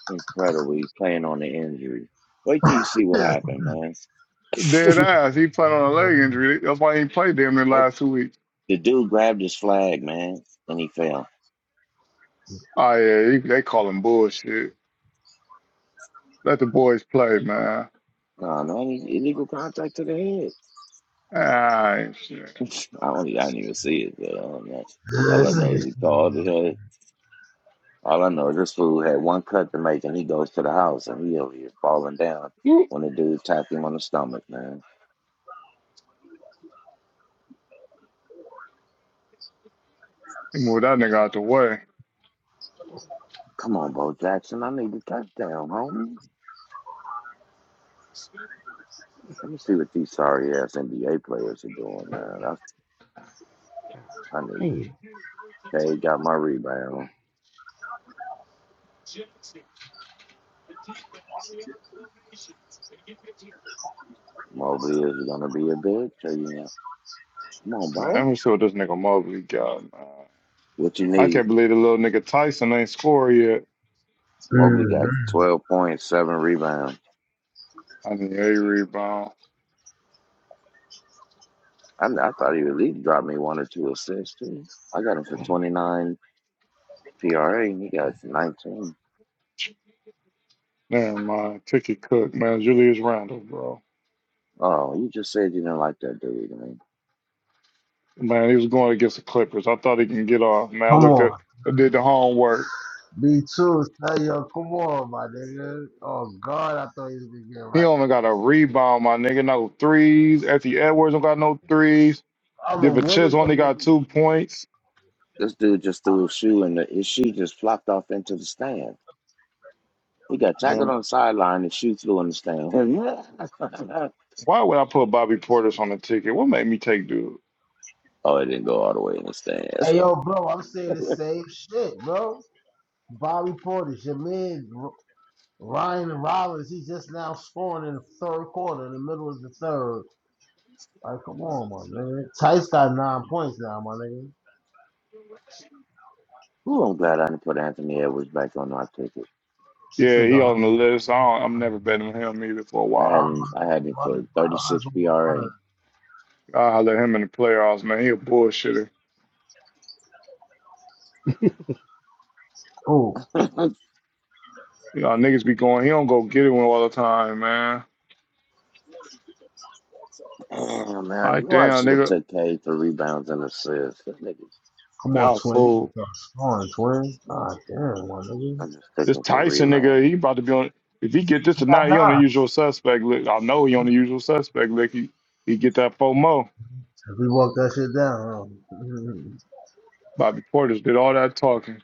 Speaker 2: incredible. He's playing on the injury. Wait till you see what
Speaker 1: up. [laughs]
Speaker 2: happened, man.
Speaker 3: Dead eyes. He played on a leg injury. That's why he ain't played damn near the
Speaker 2: What
Speaker 3: last two weeks.
Speaker 2: the dude grabbed his flag, man, and he fell.
Speaker 3: Oh yeah, he, they call him bullshit. Let the boys play, man.
Speaker 2: No, no any illegal contact to the head.
Speaker 3: Ah, ain't shit.
Speaker 2: I don't, I didn't even see it. But I don't know. All I know is he called the head. All I know is this fool had one cut to make, and he goes to the house, and he over here falling down when the dude tapped him on the stomach, man.
Speaker 3: He moved that nigga out the way.
Speaker 2: Come on, Bo Jackson. I need a touchdown, homie. Let me see what these sorry ass NBA players are doing, man. I
Speaker 4: damn.
Speaker 2: need
Speaker 4: You
Speaker 2: K got my rebound. Mobley is gonna be a bitch. or you not? Come on,
Speaker 3: Man, let
Speaker 2: bro.
Speaker 3: me see what this nigga Mobley got, man.
Speaker 2: What you
Speaker 3: I
Speaker 2: need?
Speaker 3: can't believe the little nigga Tyson ain't scored yet.
Speaker 2: Mobley got
Speaker 1: Mhm.
Speaker 2: twelve points, seven rebounds.
Speaker 3: I need a rebound.
Speaker 2: I, I thought he would at least drop me one or two assists too. I got him for twenty nine PRA and he got it for nineteen.
Speaker 3: Never mind. Ticky Cook, man. Julius Randle, bro.
Speaker 2: Oh, you just said you didn't like that dude. I mean,
Speaker 3: Man, he was going against the Clippers. I thought he can get off. Man, I
Speaker 1: Come
Speaker 3: looked
Speaker 1: on.
Speaker 3: at, I did the homework.
Speaker 1: Be true, tell you, come on, my nigga. Oh God, I thought you was gonna get it
Speaker 3: He
Speaker 1: right.
Speaker 3: only got a rebound, my nigga. No threes. Effie Edwards don't got no threes.
Speaker 1: I'm a what is
Speaker 3: DiVincenzo only
Speaker 1: them
Speaker 3: got two
Speaker 1: niggas?
Speaker 3: points.
Speaker 2: this dude just threw a shoe and the, his shoe just flopped off into the stand. He got tackled
Speaker 3: Um,
Speaker 2: on the sideline. The shoe flew in the stand.
Speaker 3: why would I put Bobby Portis on the ticket? What made me take dude?
Speaker 2: [laughs] oh, it didn't go all the way in the stands.
Speaker 1: Hey yo, bro, I'm saying
Speaker 2: [laughs]
Speaker 1: the same shit, bro. Bobby Portis, your man. Ryan Rollins, he's just now scoring in the third quarter, in the middle of the third. Like, come on, my man. Tice got nine points now, my nigga.
Speaker 2: Ooh, I'm glad I didn't put Anthony Edwards back on our ticket.
Speaker 1: This
Speaker 3: Yeah,
Speaker 1: nigga,
Speaker 3: he
Speaker 1: 100.
Speaker 3: on the list. I don't, I'm never betting on him either for a
Speaker 2: I had
Speaker 3: while.
Speaker 2: him. I had him for 36 PRA.
Speaker 3: I let him in the playoffs, man. He a bullshitter.
Speaker 1: Oh,
Speaker 2: [laughs]
Speaker 3: You know, niggas be going. He don't go get it one all the time, man.
Speaker 2: Damn, man,
Speaker 3: Like
Speaker 2: you I
Speaker 3: damn,
Speaker 2: should have
Speaker 3: nigga.
Speaker 2: took K for rebounds and assists. That nigga,
Speaker 1: come
Speaker 3: That
Speaker 1: on,
Speaker 3: was
Speaker 1: twin. You
Speaker 3: fool.
Speaker 1: got Start scoring, twin. God damn, my nigga.
Speaker 2: I just took
Speaker 3: This
Speaker 2: him for
Speaker 3: Tyson nigga,
Speaker 2: rebounds.
Speaker 3: he about to be on. If he get this
Speaker 1: He got
Speaker 3: tonight, he on the
Speaker 1: nine.
Speaker 3: usual suspect list. I know he on the usual suspect list. He, he get that FOMO.
Speaker 1: If we walk that shit down, huh? [laughs]
Speaker 3: Bobby Portis did all that talking.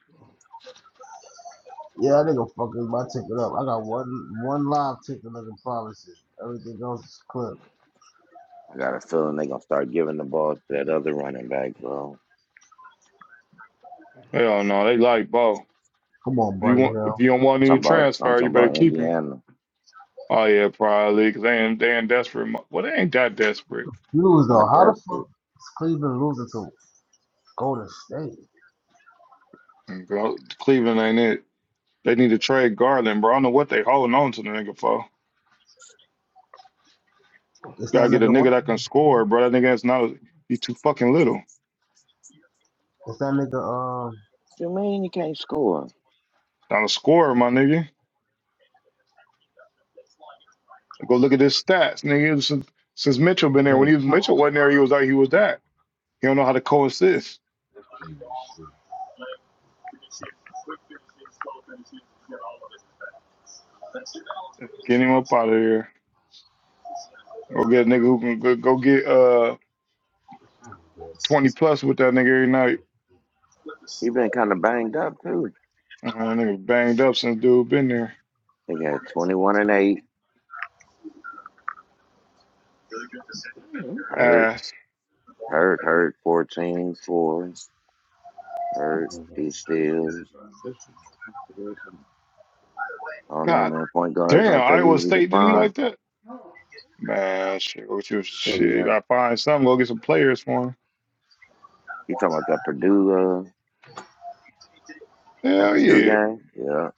Speaker 1: yeah, that nigga fucking my ticket up. I got one one live ticket I can promise you. Everything else is clipped.
Speaker 2: I got a feeling they gonna start giving the ball to that other running back, bro.
Speaker 3: Hell no, they like Bo.
Speaker 1: Come on,
Speaker 3: If you
Speaker 1: buddy
Speaker 3: want,
Speaker 1: Hell.
Speaker 3: if you don't
Speaker 2: I'm
Speaker 3: want
Speaker 2: talking
Speaker 3: any
Speaker 2: about. I'm
Speaker 3: transfer,
Speaker 2: talking
Speaker 3: you better
Speaker 2: about
Speaker 3: keep him.
Speaker 2: Indiana.
Speaker 3: Oh yeah, probably because they ain't they ain't desperate. mo- Well, they ain't that desperate.
Speaker 1: You lose though.
Speaker 2: Not
Speaker 1: How the fuck
Speaker 2: desperate.
Speaker 1: is Cleveland losing to Golden State?
Speaker 3: And Go, Cleveland ain't it. They need to trade Garland, bro. I don't know what they holding on to the nigga for.
Speaker 1: It's
Speaker 3: Gotta
Speaker 1: that
Speaker 3: get a
Speaker 1: nigga what?
Speaker 3: nigga that can score, bro. That nigga is not. He's too fucking little. He's
Speaker 1: It's that nigga um
Speaker 2: You mean he can't score?
Speaker 3: not a scorer, my nigga. Go look at his stats, nigga. Since, since Mitchell been there, when he,
Speaker 4: can't tell. I
Speaker 3: Mitchell
Speaker 4: don't know
Speaker 3: wasn't
Speaker 4: why
Speaker 3: there, he
Speaker 4: that
Speaker 3: was like he was
Speaker 4: motherfucker doing
Speaker 3: that.
Speaker 4: that.
Speaker 3: He don't know how to co-assist.
Speaker 4: That's PVC.
Speaker 3: Get him up out of here. Go get a nigga who can go, go get uh
Speaker 4: The time bell.
Speaker 3: twenty plus with that nigga every night.
Speaker 2: He been kind of banged up too.
Speaker 3: Uh, That nigga banged up since dude been there.
Speaker 2: They got 21 and eight.
Speaker 4: Damn, what the hell?
Speaker 2: Hurt,
Speaker 3: Ass.
Speaker 2: hurt, hurt. 14, four. Hurt.
Speaker 4: Mm,
Speaker 2: He
Speaker 4: I swear to
Speaker 2: steals.
Speaker 4: God. This is this is-
Speaker 2: I don't know,
Speaker 3: God
Speaker 2: man. Point guard's
Speaker 3: damn,
Speaker 2: not that
Speaker 3: Iowa
Speaker 2: easy to
Speaker 3: State didn't he
Speaker 2: find.
Speaker 3: like that? Man, shit, what you shit? You
Speaker 4: Indiana.
Speaker 3: gotta find something. Go get some players for him.
Speaker 2: You talking about that Purdue, uh, that
Speaker 3: Hell
Speaker 2: Purdue
Speaker 3: yeah.
Speaker 2: game? Yeah.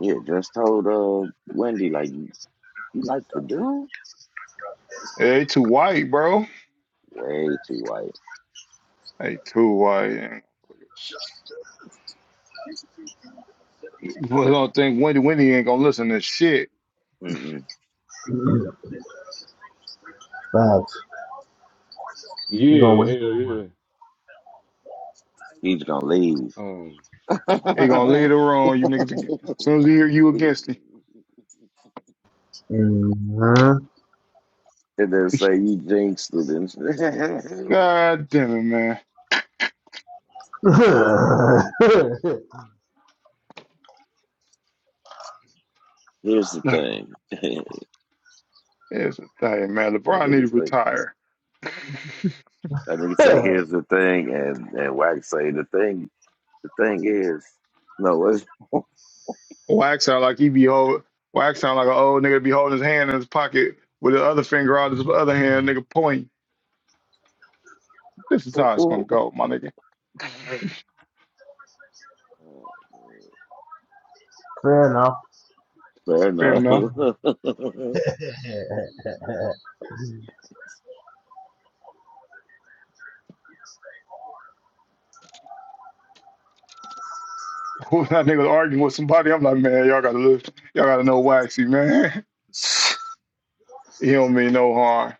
Speaker 2: Yeah, just told uh Wendy like you, you like Purdue?
Speaker 3: Hey, they too white, bro.
Speaker 2: Way too white.
Speaker 3: They too white. Ain't gonna fucking- [laughs] We don't think Wendy Wendy ain't gonna listen to shit.
Speaker 2: Mm-mm.
Speaker 1: Babs. You gonna
Speaker 4: Yeah,
Speaker 1: win?
Speaker 4: hell yeah.
Speaker 2: He's gonna leave.
Speaker 4: Um,
Speaker 2: [laughs]
Speaker 3: They gonna
Speaker 2: and
Speaker 3: later on you niggas again. As soon as they hear you against it,
Speaker 1: Mm-hmm.
Speaker 2: then say you jinxed it. And [laughs]
Speaker 3: God damn it, man. [sighs]
Speaker 1: [laughs]
Speaker 2: here's the
Speaker 3: Nah,
Speaker 2: thing. [laughs]
Speaker 3: It's a thing, man.
Speaker 2: One of
Speaker 3: LeBron
Speaker 2: the
Speaker 3: need to
Speaker 2: biggest like
Speaker 3: retire.
Speaker 2: I think it say here's the thing, and and Wax say the thing. The thing is, no, it's
Speaker 3: Wax out like he be hold, wax out like an old nigga be holding his hand in his pocket with the other finger out of his other hand, nigga pointing. This is how it's gonna
Speaker 2: [laughs]
Speaker 3: go, my nigga.
Speaker 2: Oh,
Speaker 1: Fair enough.
Speaker 2: Fair
Speaker 3: Fair
Speaker 2: enough.
Speaker 3: enough.
Speaker 2: [laughs]
Speaker 1: Yeah.
Speaker 3: [laughs] that nigga was arguing with somebody. I'm like, man, y'all gotta look, y'all gotta know Waxy, man. [laughs] he don't mean no harm.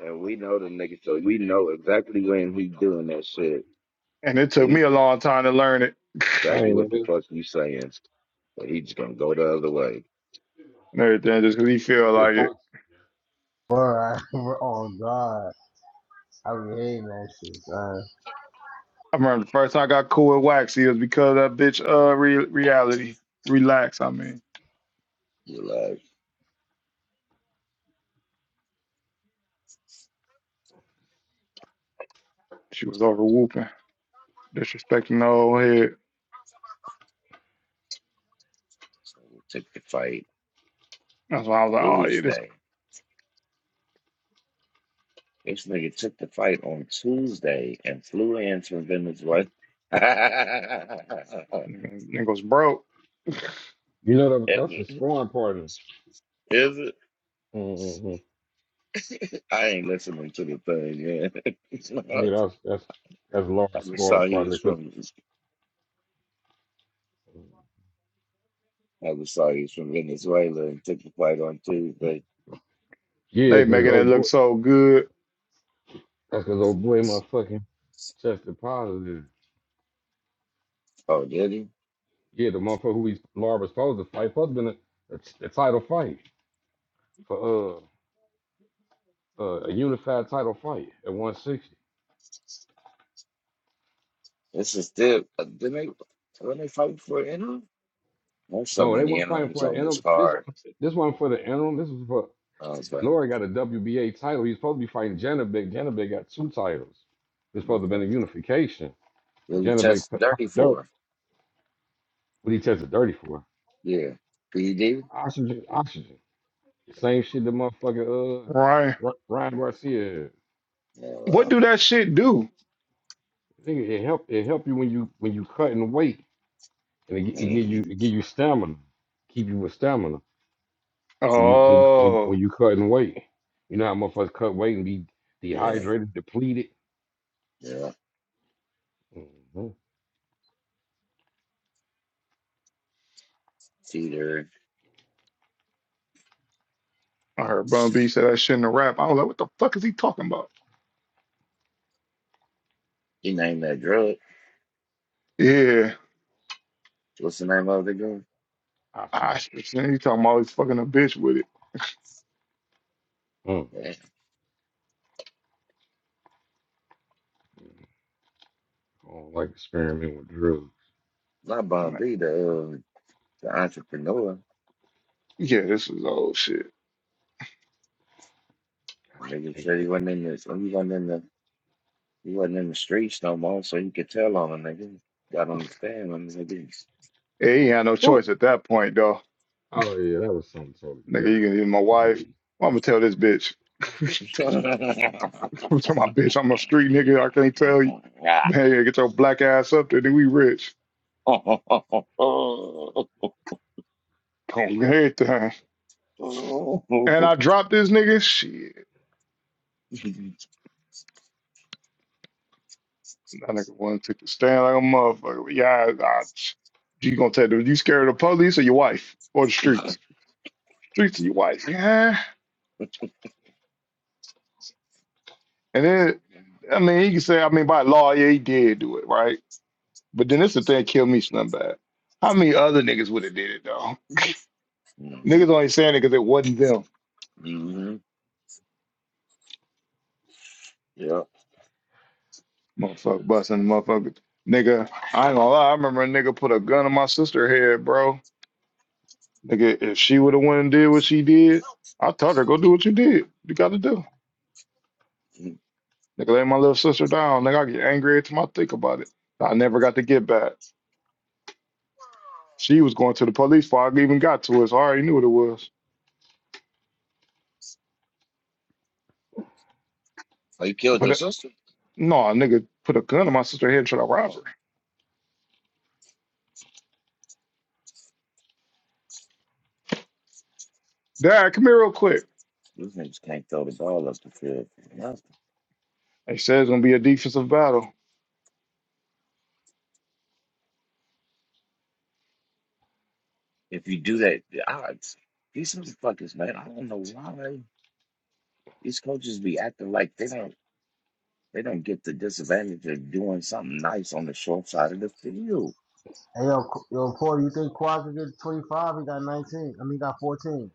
Speaker 2: And we know the nigga, so we know exactly when he doing that shit.
Speaker 3: And it took
Speaker 2: We
Speaker 3: me
Speaker 2: know
Speaker 3: a long time to learn it
Speaker 4: that
Speaker 2: exactly what
Speaker 4: ain't it.
Speaker 2: the
Speaker 4: is.
Speaker 2: fuck you saying. But he just gonna go the other way.
Speaker 3: and everything, just 'cause he feel
Speaker 4: You said
Speaker 3: like it.
Speaker 4: Fox.
Speaker 1: Bruh, [laughs] oh god. I be hating that shit, son.
Speaker 3: I remember the first time I got cool with Waxy it was because of that bitch uh re- reality. Relax, I mean.
Speaker 2: You like
Speaker 3: She was over whooping, disrespecting the old head.
Speaker 2: took the fight
Speaker 3: That's why I was like, oh yeah, this
Speaker 2: Tuesday. This nigga took the fight on Tuesday and flew in from Venezuela. [laughs] is
Speaker 3: nigga- nigga's broke.
Speaker 4: You know that, that's his
Speaker 2: it?
Speaker 4: sparring partner.
Speaker 2: Is it?
Speaker 4: Mm-hmm.
Speaker 2: I ain't listening to the thing, man.
Speaker 4: Yeah,
Speaker 2: [laughs]
Speaker 4: that's that's that's
Speaker 2: I
Speaker 4: Lawrence
Speaker 2: just
Speaker 4: sparring
Speaker 2: saw he was
Speaker 4: partner. Cause
Speaker 2: from. I was sorry he's from Venezuela and took the fight on Tuesday.
Speaker 4: yeah,
Speaker 3: They
Speaker 4: cause
Speaker 3: making it
Speaker 4: old
Speaker 3: look
Speaker 4: boy.
Speaker 3: so good.
Speaker 4: That's because old boy motherfucking tested positive.
Speaker 2: Oh, did he?
Speaker 4: Yeah, the motherfucker who we Laura was supposed to fight, supposed to been a, a, a title fight for uh, uh a unified title fight at 160.
Speaker 2: This is still uh, didn't they when they fight for interim? There's so
Speaker 4: No, they
Speaker 2: many
Speaker 4: weren't fighting
Speaker 2: interims
Speaker 4: for the
Speaker 2: on this
Speaker 4: interim. This
Speaker 2: card.
Speaker 4: one, this one for the interim. This was for
Speaker 2: Oh, Okay.
Speaker 4: Laura got a WBA title. He's supposed to be fighting Janabek. Janabek got two titles. It's supposed to have been
Speaker 2: Okay.
Speaker 4: a unification, but
Speaker 2: He'll
Speaker 4: Janabek
Speaker 2: test thirty
Speaker 4: popped dirt.
Speaker 2: four.
Speaker 4: What he tested dirty for?
Speaker 2: Yeah. PD?
Speaker 4: Oxygen, oxygen. The same shit the motherfucker uh
Speaker 3: Right.
Speaker 4: Ry- Ryan Garcia. had.
Speaker 2: Yeah,
Speaker 3: What
Speaker 2: well.
Speaker 3: do that shit do?
Speaker 4: I think it help it help you when you when you cutting weight and it, gi- it give you
Speaker 2: Mm,
Speaker 4: it give you stamina, keep you with stamina when you when you when,
Speaker 3: Oh,
Speaker 4: when you cutting weight. You know how motherfuckers cut weight and be
Speaker 2: yeah,
Speaker 4: dehydrated, depleted,
Speaker 2: yeah.
Speaker 4: hmm
Speaker 2: Peter.
Speaker 3: I heard Bun B say that shit in the rap. I was like, what the fuck is he talking about?
Speaker 2: He named that drug.
Speaker 3: Yeah.
Speaker 2: What's the name of the girl?
Speaker 3: I
Speaker 4: oxygen.
Speaker 3: shit, he talking about he's fucking a bitch with it.
Speaker 4: Mm.
Speaker 2: Yeah.
Speaker 4: I don't like experimenting with drugs.
Speaker 2: Not
Speaker 3: I'm
Speaker 2: Bomb
Speaker 3: like,
Speaker 2: B, the uh, the entrepreneur.
Speaker 3: Yeah, this is old shit.
Speaker 2: Nigga
Speaker 4: Damn.
Speaker 2: said he went in this when he went in the He wasn't in the streets no more, so he could tell on a nigga. Got on the stand on niggas.
Speaker 3: Yeah, he ain't had no
Speaker 4: Woo.
Speaker 3: choice at that point though.
Speaker 4: Oh yeah, that was something totally
Speaker 3: Nigga,
Speaker 4: different.
Speaker 3: you can even my
Speaker 4: I
Speaker 3: wife.
Speaker 4: believe.
Speaker 3: I'm gonna tell this bitch. [laughs] I'm telling my bitch, I'm a street nigga. I can't tell you. Man, get your black ass up there. Then we rich. Boom, [laughs] everything. And I dropped this nigga. Shit, that nigga wanna take the stand like a motherfucker. Yeah, I, I, you gonna take the? You scared of the police or your wife or the streets? Streets or your wife? Yeah. And then, I mean, he can say, I mean, by law, yeah, he did do it, right? But then this the thing, kill me, something bad. How many other niggas would have did it though? Niggas only saying it because it wasn't them.
Speaker 2: hmm [laughs] Yeah.
Speaker 3: Motherfucker busting motherfucker. Nigga, I ain't gonna lie, I remember a nigga put a gun in my sister head, bro. Nigga, if she would have went and did what she did, I told her, go do what you did. You gotta do. Nigga, lay my little sister down. Nigga, I get angry every time I think about it. I never got to get back. She was going to the police before I even got to it, so I already knew what it was.
Speaker 2: Oh, you killed
Speaker 3: But
Speaker 2: your
Speaker 3: that-
Speaker 2: sister?
Speaker 3: no, a nigga put a gun in my sister's head and tried to rob
Speaker 2: Oh,
Speaker 3: her. Dad, come here real quick.
Speaker 2: these niggas can't throw the ball up the field. for nothing.
Speaker 3: They said it's gonna be a defensive battle.
Speaker 2: If you do that, the odds. These motherfuckers, man, I don't know why these coaches be acting like they don't. They don't get the disadvantage of doing something nice on the short side of the field.
Speaker 1: Hey yo, yo, Paul, do you think Quad could get 25? He got 19. I mean, he got 14.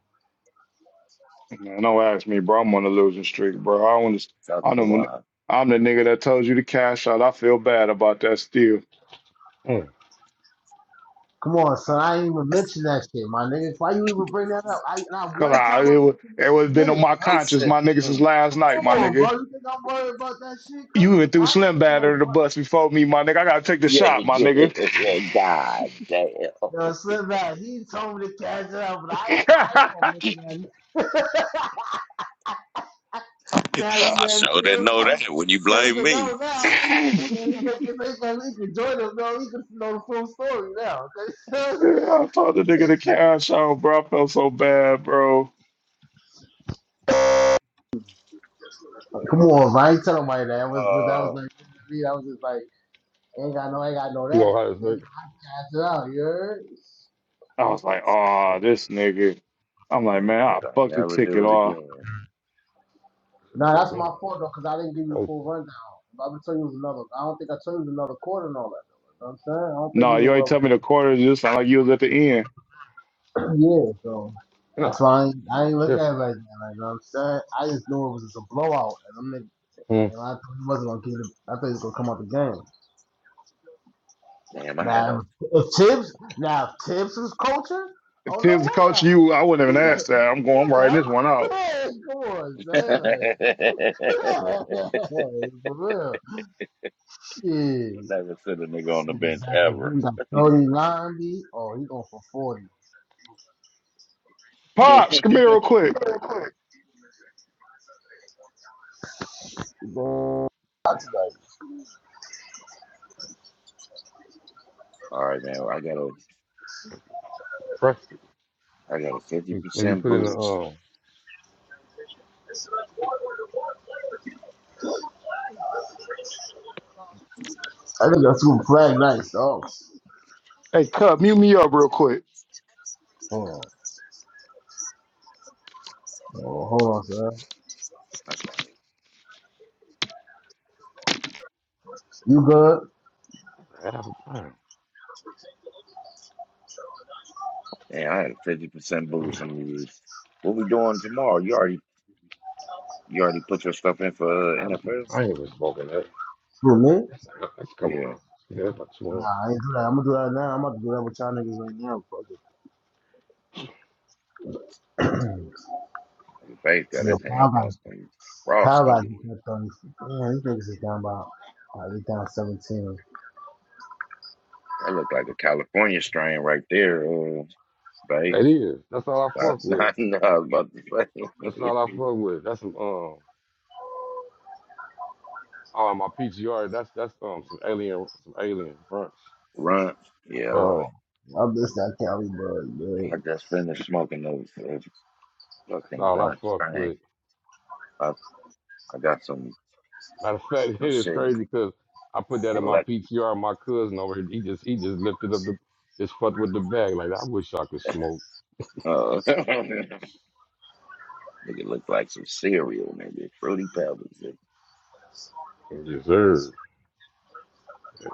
Speaker 3: Man, don't ask me, bro. I'm on a losing streak, bro. I want to.
Speaker 2: Fuck
Speaker 3: I'm the,
Speaker 2: Kawhi.
Speaker 3: I'm the nigga that told you to cash out. I feel bad about that still,
Speaker 4: Mm.
Speaker 1: Come on, son. I ain't even mention that shit, my nigga. Why you even bring that up? I not
Speaker 3: cause
Speaker 1: one
Speaker 3: I
Speaker 1: time
Speaker 3: it
Speaker 1: I
Speaker 3: was
Speaker 1: mentioned that
Speaker 3: it
Speaker 1: you
Speaker 3: was been
Speaker 1: did
Speaker 3: on
Speaker 1: it,
Speaker 3: my
Speaker 1: bro.
Speaker 2: They
Speaker 3: conscience,
Speaker 2: said,
Speaker 3: my nigga, since
Speaker 2: mm,
Speaker 3: last night, my
Speaker 1: on, bro.
Speaker 3: nigga.
Speaker 1: You think I'm worried about that shit,
Speaker 3: You even
Speaker 1: cuz?
Speaker 3: threw
Speaker 1: I ain't
Speaker 3: Slim
Speaker 1: mention
Speaker 3: Bad
Speaker 1: that
Speaker 3: under the
Speaker 1: one.
Speaker 3: bus before me, my nigga. I gotta take the
Speaker 2: yeah,
Speaker 3: shot,
Speaker 2: he
Speaker 3: my nigga.
Speaker 2: did. [laughs] Man, God damn.
Speaker 1: No, slip back. He told me to catch it up, but I ain't, I ain't gonna mention that. [laughs] Now you
Speaker 2: I
Speaker 1: got
Speaker 2: sure didn't
Speaker 1: to
Speaker 2: know that
Speaker 1: fucking
Speaker 2: when you
Speaker 1: make
Speaker 2: blame
Speaker 1: it
Speaker 2: me.
Speaker 1: know now. Man, you
Speaker 3: [laughs]
Speaker 1: can he can join us now. He can know the full story now. [laughs]
Speaker 3: I told the nigga to cash out, bro. I felt so bad, bro.
Speaker 1: You know what I'm saying? Come on, man. I ain't telling nobody that. That was, that was
Speaker 2: Oh,
Speaker 1: like, me. That was just like, ain't got no, ain't got no
Speaker 4: Too
Speaker 1: that.
Speaker 4: Ohio
Speaker 1: And
Speaker 4: State.
Speaker 1: I catch it out, you heard?
Speaker 3: I was like, oh,
Speaker 4: Mm.
Speaker 3: this nigga. I'm
Speaker 2: and
Speaker 3: like,
Speaker 2: they
Speaker 3: man, I
Speaker 2: said, I'll
Speaker 3: fucked the
Speaker 2: never do
Speaker 3: ticket
Speaker 2: it
Speaker 3: off.
Speaker 2: again.
Speaker 1: Nah,
Speaker 4: Yeah,
Speaker 1: that's
Speaker 4: man.
Speaker 1: my fault though, because I didn't give you the
Speaker 4: Oh,
Speaker 1: full rundown. If I would tell you it was another, I don't think I told you it was another quarter and all that. you know what I'm saying? I don't think
Speaker 3: No,
Speaker 1: you know
Speaker 3: you ain't
Speaker 1: well.
Speaker 3: tell me the quarter. You sound like you was at the end.
Speaker 1: [clears throat] yeah, so that's
Speaker 4: nah,
Speaker 1: why I ain't, I ain't look at
Speaker 4: different.
Speaker 1: it like that. Like, you know what I'm saying? I just knew it was just a blowout, and I'm like,
Speaker 4: Mm.
Speaker 1: and I thought he wasn't gonna give it. I thought he was gonna come out the game.
Speaker 2: Damn, I had
Speaker 1: Now,
Speaker 2: a.
Speaker 1: if Tibbs, now if Tibbs was coaching,
Speaker 3: If
Speaker 1: oh no
Speaker 3: Tibbs the coach,
Speaker 1: way!
Speaker 3: you, I wouldn't even
Speaker 1: [laughs]
Speaker 3: ask that. I'm going. I'm writing
Speaker 1: yeah, I'm, like,
Speaker 3: this one
Speaker 1: [laughs]
Speaker 3: out.
Speaker 1: yeah, come on, son. Like, [laughs] for
Speaker 2: [laughs]
Speaker 1: real. Yeah,
Speaker 2: you never sit a nigga on the
Speaker 1: Nigga
Speaker 2: bench
Speaker 1: Zach
Speaker 2: ever.
Speaker 1: Levine got 39 B. Oh, he going for 40.
Speaker 2: [laughs]
Speaker 3: Pops, come here real quick.
Speaker 2: All right, man. Well, I got a,
Speaker 4: Pressed it.
Speaker 2: I got a fifty
Speaker 4: When when you
Speaker 2: percent
Speaker 4: put in the
Speaker 2: boost.
Speaker 4: um,
Speaker 1: I think that's two flag nights. Oh,
Speaker 3: Hey, Cub, mute me up real quick.
Speaker 1: hold on. Oh, hold on, sir. You good?
Speaker 4: half a pound.
Speaker 2: Man, I had fifty percent boost on these. What we doing tomorrow? You already you already put your stuff in for uh,
Speaker 4: I,
Speaker 2: NFS?
Speaker 4: I ain't even smoking that.
Speaker 1: For me?
Speaker 4: That's a couple
Speaker 2: Yeah.
Speaker 4: ounces. Yeah, that's about two
Speaker 1: Nah,
Speaker 4: ounces.
Speaker 1: I ain't do that. I'm gonna do that now. I'm about to do that with y'all niggas right now. Fuck it.
Speaker 2: The base got
Speaker 1: Yo,
Speaker 2: his hands
Speaker 1: Power
Speaker 2: on
Speaker 1: got
Speaker 2: some
Speaker 1: Power
Speaker 2: frosty.
Speaker 1: got just that 30. Man, these niggas is down about, uh, they down 17.
Speaker 2: That looked like a California strain right there, uh, base.
Speaker 4: That is. That's all I
Speaker 2: I,
Speaker 4: fuck
Speaker 2: [laughs]
Speaker 4: with.
Speaker 2: I know I was about
Speaker 4: That's
Speaker 2: to
Speaker 4: all I
Speaker 2: say
Speaker 4: fuck with. That's some um oh my PGR, that's that's um some alien some alien brunch.
Speaker 2: [laughs] runt. Yeah,
Speaker 4: Yeah,
Speaker 1: Bro, I miss that Cali bud,
Speaker 2: I
Speaker 1: man.
Speaker 2: just finished smoking those uh,
Speaker 4: that's
Speaker 2: fucking
Speaker 4: all I
Speaker 2: runt
Speaker 4: fuck
Speaker 2: strain.
Speaker 4: with.
Speaker 2: I I got some
Speaker 4: Matter of fact, [laughs]
Speaker 2: some
Speaker 4: it is
Speaker 2: shit
Speaker 4: crazy because I put that in my
Speaker 2: galactic.
Speaker 4: PTR, my cousin over here, he just he just lifted up the just fucked with the bag. Like I wish I could smoke.
Speaker 2: Uh, [laughs] nigga look like some cereal, maybe fruity pebbles. yeah.
Speaker 4: Yes, sir.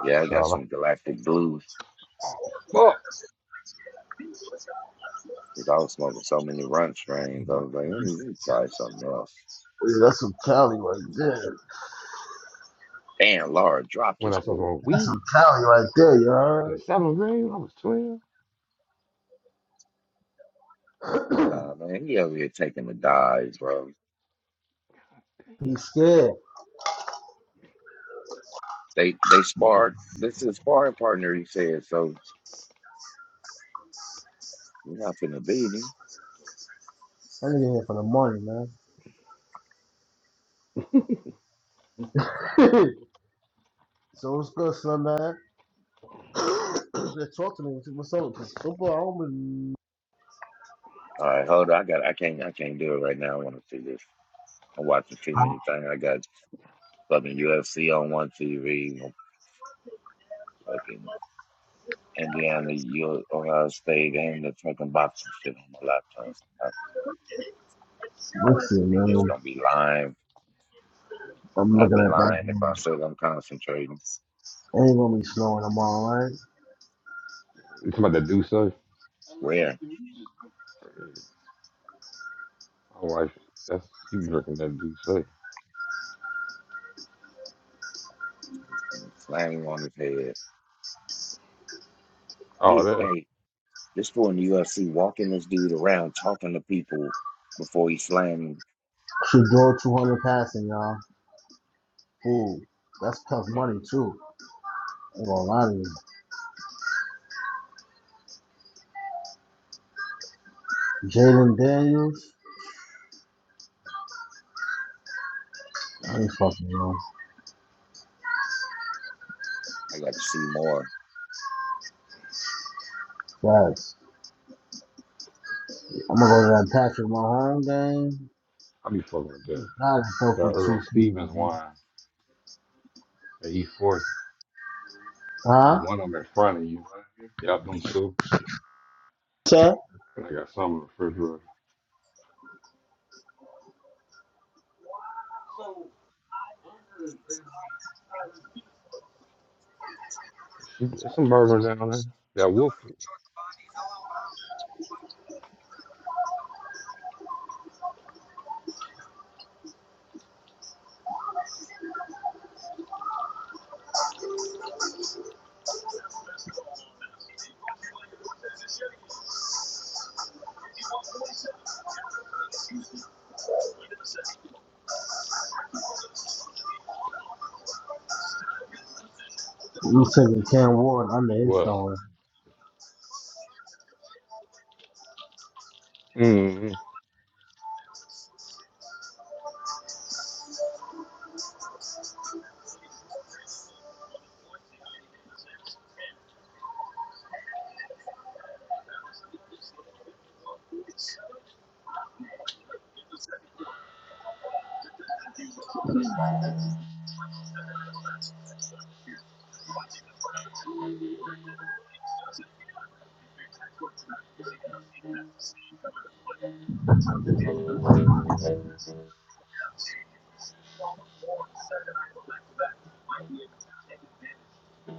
Speaker 2: Yeah, I
Speaker 4: That's
Speaker 2: got
Speaker 4: all
Speaker 2: some galactic blues.
Speaker 4: I oh, fuck.
Speaker 2: Cause I was smoking so many run strains. I was like, let me let me try something else.
Speaker 1: Yeah, that's some Cali right there.
Speaker 2: Damn, Laura, drop
Speaker 4: When
Speaker 2: this
Speaker 4: I smoked
Speaker 2: fool.
Speaker 4: on weed
Speaker 1: Cali right there, you
Speaker 4: in the
Speaker 1: heard?
Speaker 4: seventh grade, when I was twelve.
Speaker 2: Nah, man, he over here taking the dives, bro.
Speaker 4: Damn.
Speaker 1: He's scared.
Speaker 2: They they sparred. This is sparring partner, he said. So we're not gonna beat him.
Speaker 1: That nigga here for the money, man. [laughs] So what's good, Sunday? Just [clears throat] talk to me. What's up? Cause football, I don't been...
Speaker 2: All right, hold on. I got. I can't. I can't do it right now. I want to see this. I'm watching too many things. I got fucking UFC on one TV. Fucking Indiana, U- Ohio State, and the fucking boxing shit on my laptop. I
Speaker 1: Listen,
Speaker 2: think it's
Speaker 1: man.
Speaker 2: gonna be live
Speaker 1: I'm
Speaker 2: I'd
Speaker 1: looking
Speaker 2: be
Speaker 1: at that
Speaker 2: lying if I
Speaker 1: game.
Speaker 2: said I'm concentrating.
Speaker 1: Ain't gonna be snowing tomorrow, right?
Speaker 4: You talking about that dude, son?
Speaker 2: Swear.
Speaker 4: My wife, that's she be drinking that Duce.
Speaker 2: Slam on his head.
Speaker 4: Oh,
Speaker 2: He,
Speaker 4: that
Speaker 2: hey, this boy in the UFC walking this dude around, talking to people before he slammed.
Speaker 1: Should go 200 passing, y'all. Ooh, that's tough money too. I Ain't gonna lie to you. Jaden Daniels,
Speaker 2: Nah,
Speaker 1: they fucking wrong.
Speaker 2: I got to see more.
Speaker 1: Facts. I'm gonna go to that Patrick Mahomes game.
Speaker 4: I be fucking with that.
Speaker 1: Not go
Speaker 4: That
Speaker 1: for two.
Speaker 4: Earl Stevens
Speaker 1: fifty.
Speaker 4: wine, that E forty. There's
Speaker 1: Huh?
Speaker 4: one of them in front of you. Yeah, them two.
Speaker 1: Sir?
Speaker 4: And I got some in the refrigerator. She, there's some bourbon down there. That Wolford.
Speaker 1: You taking Cam Ward under his
Speaker 4: What?
Speaker 1: throwing.
Speaker 4: mm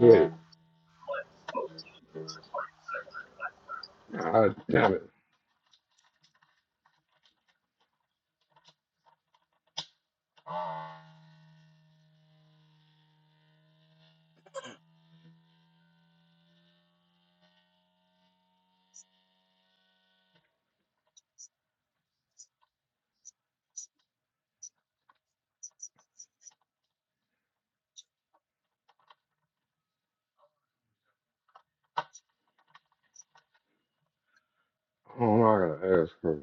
Speaker 4: Yeah. God damn it. I don't know. I gotta ask her.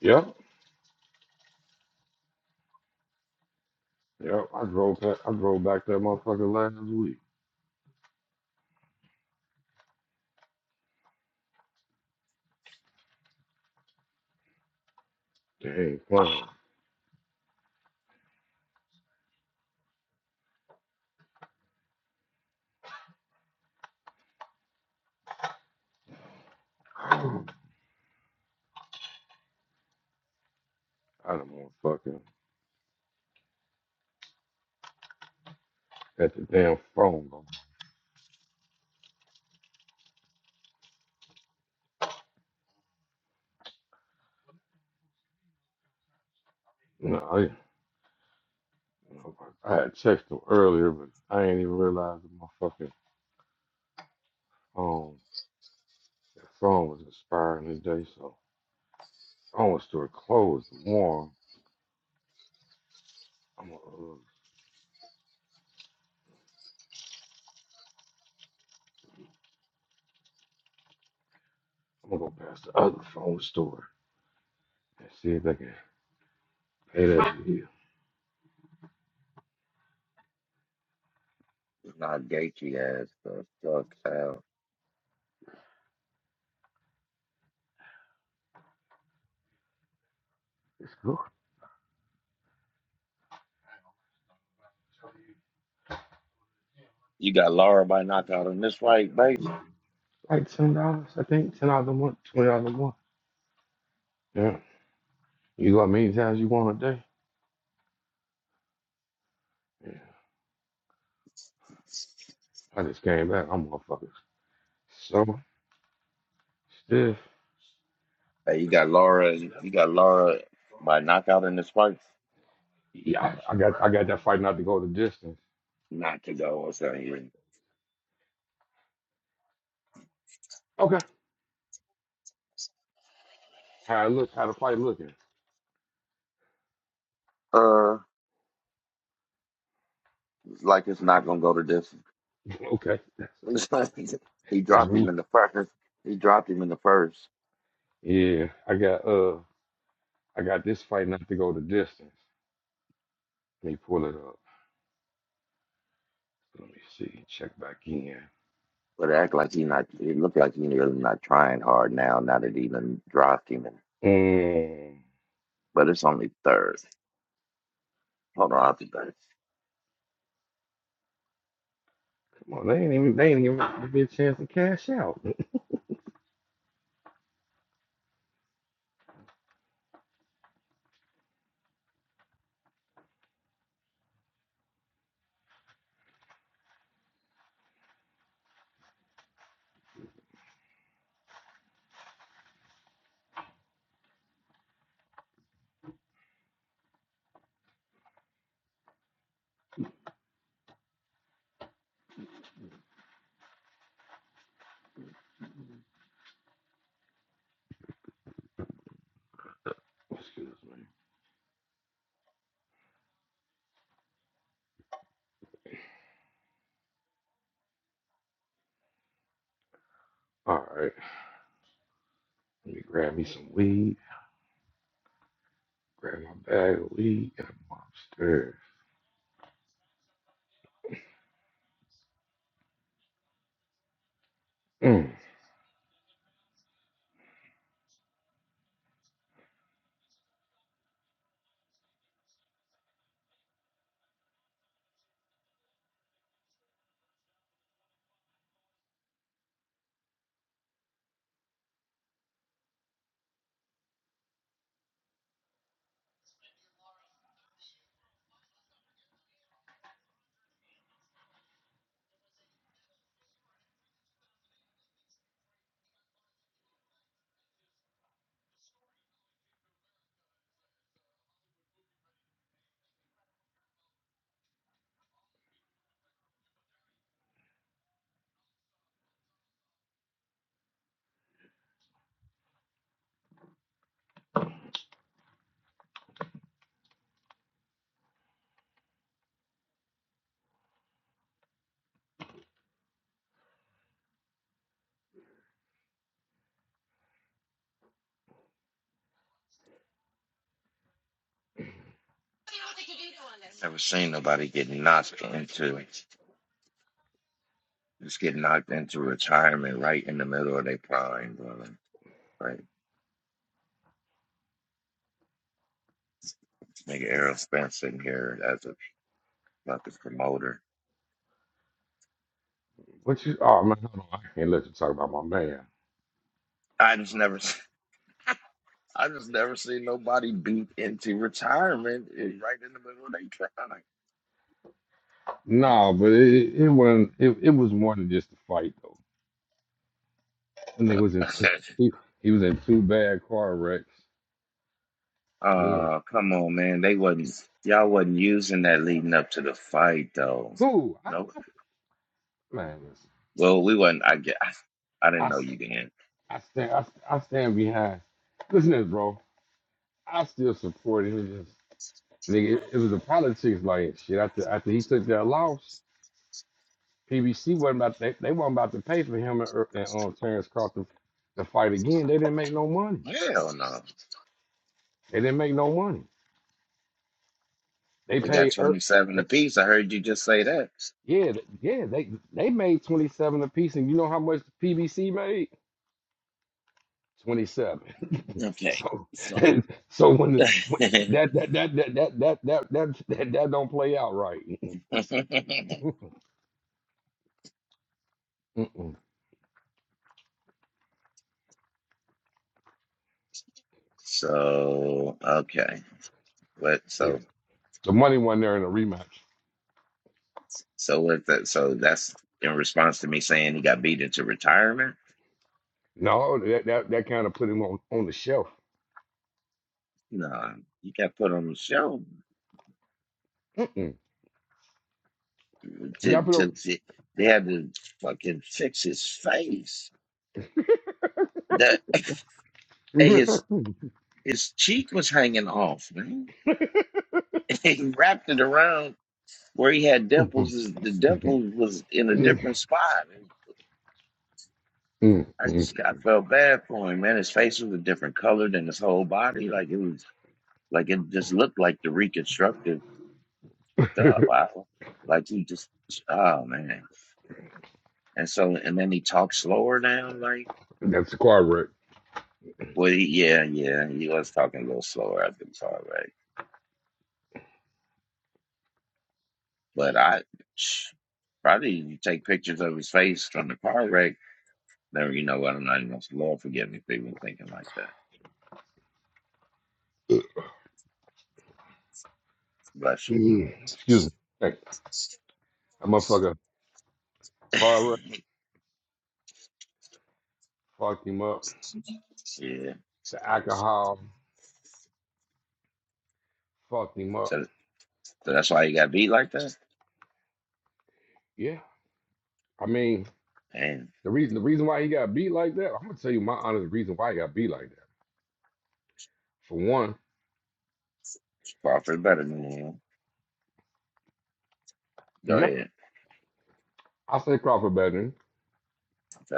Speaker 4: Yep. Yep. I drove back. I drove back that motherfucker last week. Dang, fine. [clears throat] I don't want fucking at the damn phone. No, And I was like, I had texted him earlier, but I ain't even realized that my fucking um that phone was expiring today. So the phone store closed tomorrow. I'm gonna uh, I'm gonna go past the other phone store and see if they can pay that bill.
Speaker 2: It's not Gaethje ass, but fuck hell.
Speaker 4: It's good.
Speaker 2: You got Laura by knockout in this fight, base.
Speaker 4: Like ten dollars, I think. Ten dollars a month, twenty dollars a month. Yeah. You go how many times you want a day? Yeah. I just came back. I'm motherfucking so stiff.
Speaker 2: Hey, you got Laura. You got Laura by knockout in this fight.
Speaker 4: Yeah, I, I got I got that fight not to go the distance.
Speaker 2: Not to go or something.
Speaker 4: Okay. How it looks? How the fight looking?
Speaker 2: Uh, it's like it's not gonna go to this.
Speaker 4: Okay, that's
Speaker 2: [laughs] he
Speaker 4: that's
Speaker 2: dropped him
Speaker 4: me.
Speaker 2: in the first. He dropped him in the first,
Speaker 4: Yeah, I got uh, I got this fight not to go the distance. Let me pull it up. Let me see. Check back in.
Speaker 2: but it act like he not. It looked like he really not trying hard now. Now that he done dropped him, in,
Speaker 4: Um,
Speaker 2: but it's only third. Hold on, I'll be back.
Speaker 4: come on, they ain't even they ain't even give me a chance to cash out. Oh, Excuse me. All right, let me grab me some weed. Grab my bag of weed and I'm upstairs. Mm.
Speaker 2: Never seen nobody get knocked into just get knocked into retirement right in the middle of their prime, brother. Right, nigga, Errol Spence sitting here as a fucking promoter.
Speaker 4: What you? Oh man, hold on. I can't let you talk about my man.
Speaker 2: I just never, s- I just never seen nobody beat into retirement eh, right in the middle of their prime.
Speaker 4: No, but it it it wasn't. It, it was more than just a fight though. That nigga was in two.
Speaker 2: [laughs]
Speaker 4: He, he was in two bad car wrecks, and then
Speaker 2: Oh, come on, man. They wasn't y'all wasn't using that leading up to the fight though.
Speaker 4: who? I,
Speaker 2: Nope.
Speaker 4: man, listen,
Speaker 2: Well, we wasn't I get I
Speaker 4: I
Speaker 2: didn't know
Speaker 4: s-
Speaker 2: you didn't.
Speaker 4: I stand I, st- I stand behind. Listen to this, bro. I still support him. It was Just, nigga, it, it was the politics like shit. After after he took that loss, PBC wasn't about they, they weren't about to pay for him and, Er- and um, Terrence Crawford to to fight again. They didn't make no money.
Speaker 2: Hell no.
Speaker 4: They didn't make no money. They
Speaker 2: They got
Speaker 4: paid Er,
Speaker 2: twenty seven
Speaker 4: they
Speaker 2: apiece. I heard you just say that.
Speaker 4: yeah th- yeah they they made twenty seven apiece, and you know how much PBC made? 27. [laughs]
Speaker 2: Okay.
Speaker 4: so
Speaker 2: So
Speaker 4: and so when, the- when that, that that that that that that that that that don't play out right. [laughs]
Speaker 2: [laughs]
Speaker 4: Mm-mm.
Speaker 2: So okay. What
Speaker 4: Yeah.
Speaker 2: so
Speaker 4: The money wasn't there in the rematch.
Speaker 2: so what that so that's in response to me saying he got beat into retirement?
Speaker 4: No, that that, that kind of put him on, on the shelf.
Speaker 2: No, he got put on the show.
Speaker 4: Mm-mm. You
Speaker 2: to,
Speaker 4: got put
Speaker 2: to, to they had to fucking fix his face. The [coughs] and
Speaker 4: him.
Speaker 2: his his cheek was hanging off, man. [laughs] He wrapped it around where he had dimples.
Speaker 4: [laughs]
Speaker 2: His- The dimple was in a different spot. And I
Speaker 4: Mm-mm.
Speaker 2: just I felt bad for him, man. His face was a different color than his whole body. Like it was like it just looked like the reconstructive stuff.
Speaker 4: [laughs]
Speaker 2: I, like he just oh man. And so and then he talked slower now, like.
Speaker 4: That's the car wreck.
Speaker 2: Well, he, yeah, yeah, he was talking a little slower. I the car wreck, but I probably you take pictures of his face from the car wreck. Then you know what? I'm not even gonna Lord forgive me for even thinking like that. Bless him.
Speaker 4: Mm. Excuse me. Hey, that motherfucker car wreck
Speaker 2: [laughs]
Speaker 4: fucked him up.
Speaker 2: yeah.
Speaker 4: The alcohol fucked him up.
Speaker 2: So, so that's why he got beat like that.
Speaker 4: Yeah, I mean.
Speaker 2: And
Speaker 4: The reason the reason why he got beat like that, I'm gonna tell you my honest reason why he got beat like that. For one,
Speaker 2: Crawford better than him. Go
Speaker 4: yeah,
Speaker 2: ahead.
Speaker 4: I say Crawford better than him,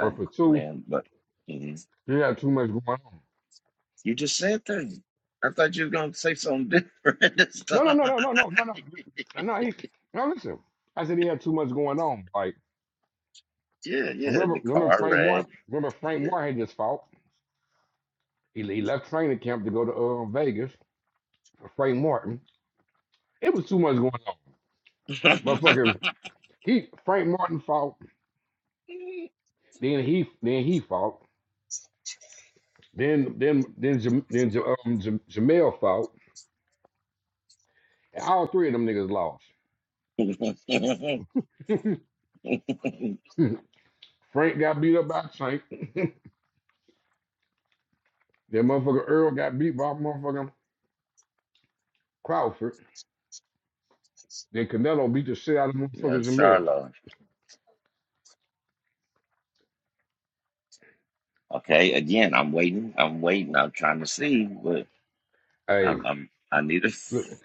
Speaker 4: but for two,
Speaker 2: Lynn. But mhm.
Speaker 4: he had too much going on.
Speaker 2: you just said that. I thought you were gonna say something different [laughs] this
Speaker 4: No, no,
Speaker 2: time.
Speaker 4: no,
Speaker 2: [laughs]
Speaker 4: no, no, no, no, no, no. no, He now listen. I said he had too much going on. Like
Speaker 2: yeah, yeah.
Speaker 4: remember,
Speaker 2: The
Speaker 4: remember
Speaker 2: car
Speaker 4: Frank Moore.
Speaker 2: wreck.
Speaker 4: Remember Frank Moore had this fault. He, he left training camp to go to uh, Vegas for Frank Martin. It was too much going on.
Speaker 2: [laughs]
Speaker 4: Motherfucking he Frank Martin fought. Then he then he fought. Then then then Jam, then Jam, um, Jam, Jamel fought. And All three of them niggas lost. [laughs] Frank got beat up by Tank. That motherfucker Earl got beat by motherfucking Crawford. Then Canelo beat the shit out of motherfuckers
Speaker 2: That's
Speaker 4: in Bell.
Speaker 2: Charlotte. Okay, again, I'm waiting. I'm waiting. I'm trying to see, but
Speaker 4: Hey,
Speaker 2: I'm, I'm I need a
Speaker 4: look,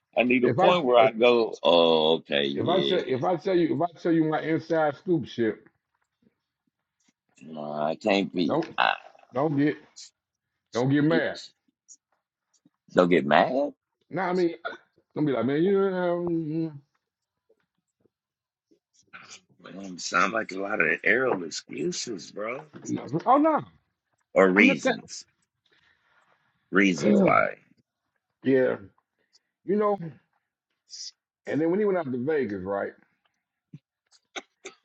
Speaker 2: [laughs] I need a
Speaker 4: if I
Speaker 2: point where I go. Oh, okay,
Speaker 4: if I tell
Speaker 2: yeah.
Speaker 4: if I tell you if I tell you my inside scoop shit,
Speaker 2: No, I can't be.
Speaker 4: don't
Speaker 2: I
Speaker 4: don't get don't get
Speaker 2: it,
Speaker 4: mad.
Speaker 2: don't get mad.
Speaker 4: Nah, I mean, don't be like, man, you know,
Speaker 2: Man, sound like a lot of arrow excuses, bro,
Speaker 4: no. oh no,
Speaker 2: or
Speaker 4: I'm just
Speaker 2: reasons. Reasons
Speaker 4: saying,
Speaker 2: why.
Speaker 4: [clears throat] yeah, you know. And then when he went out to Vegas, right?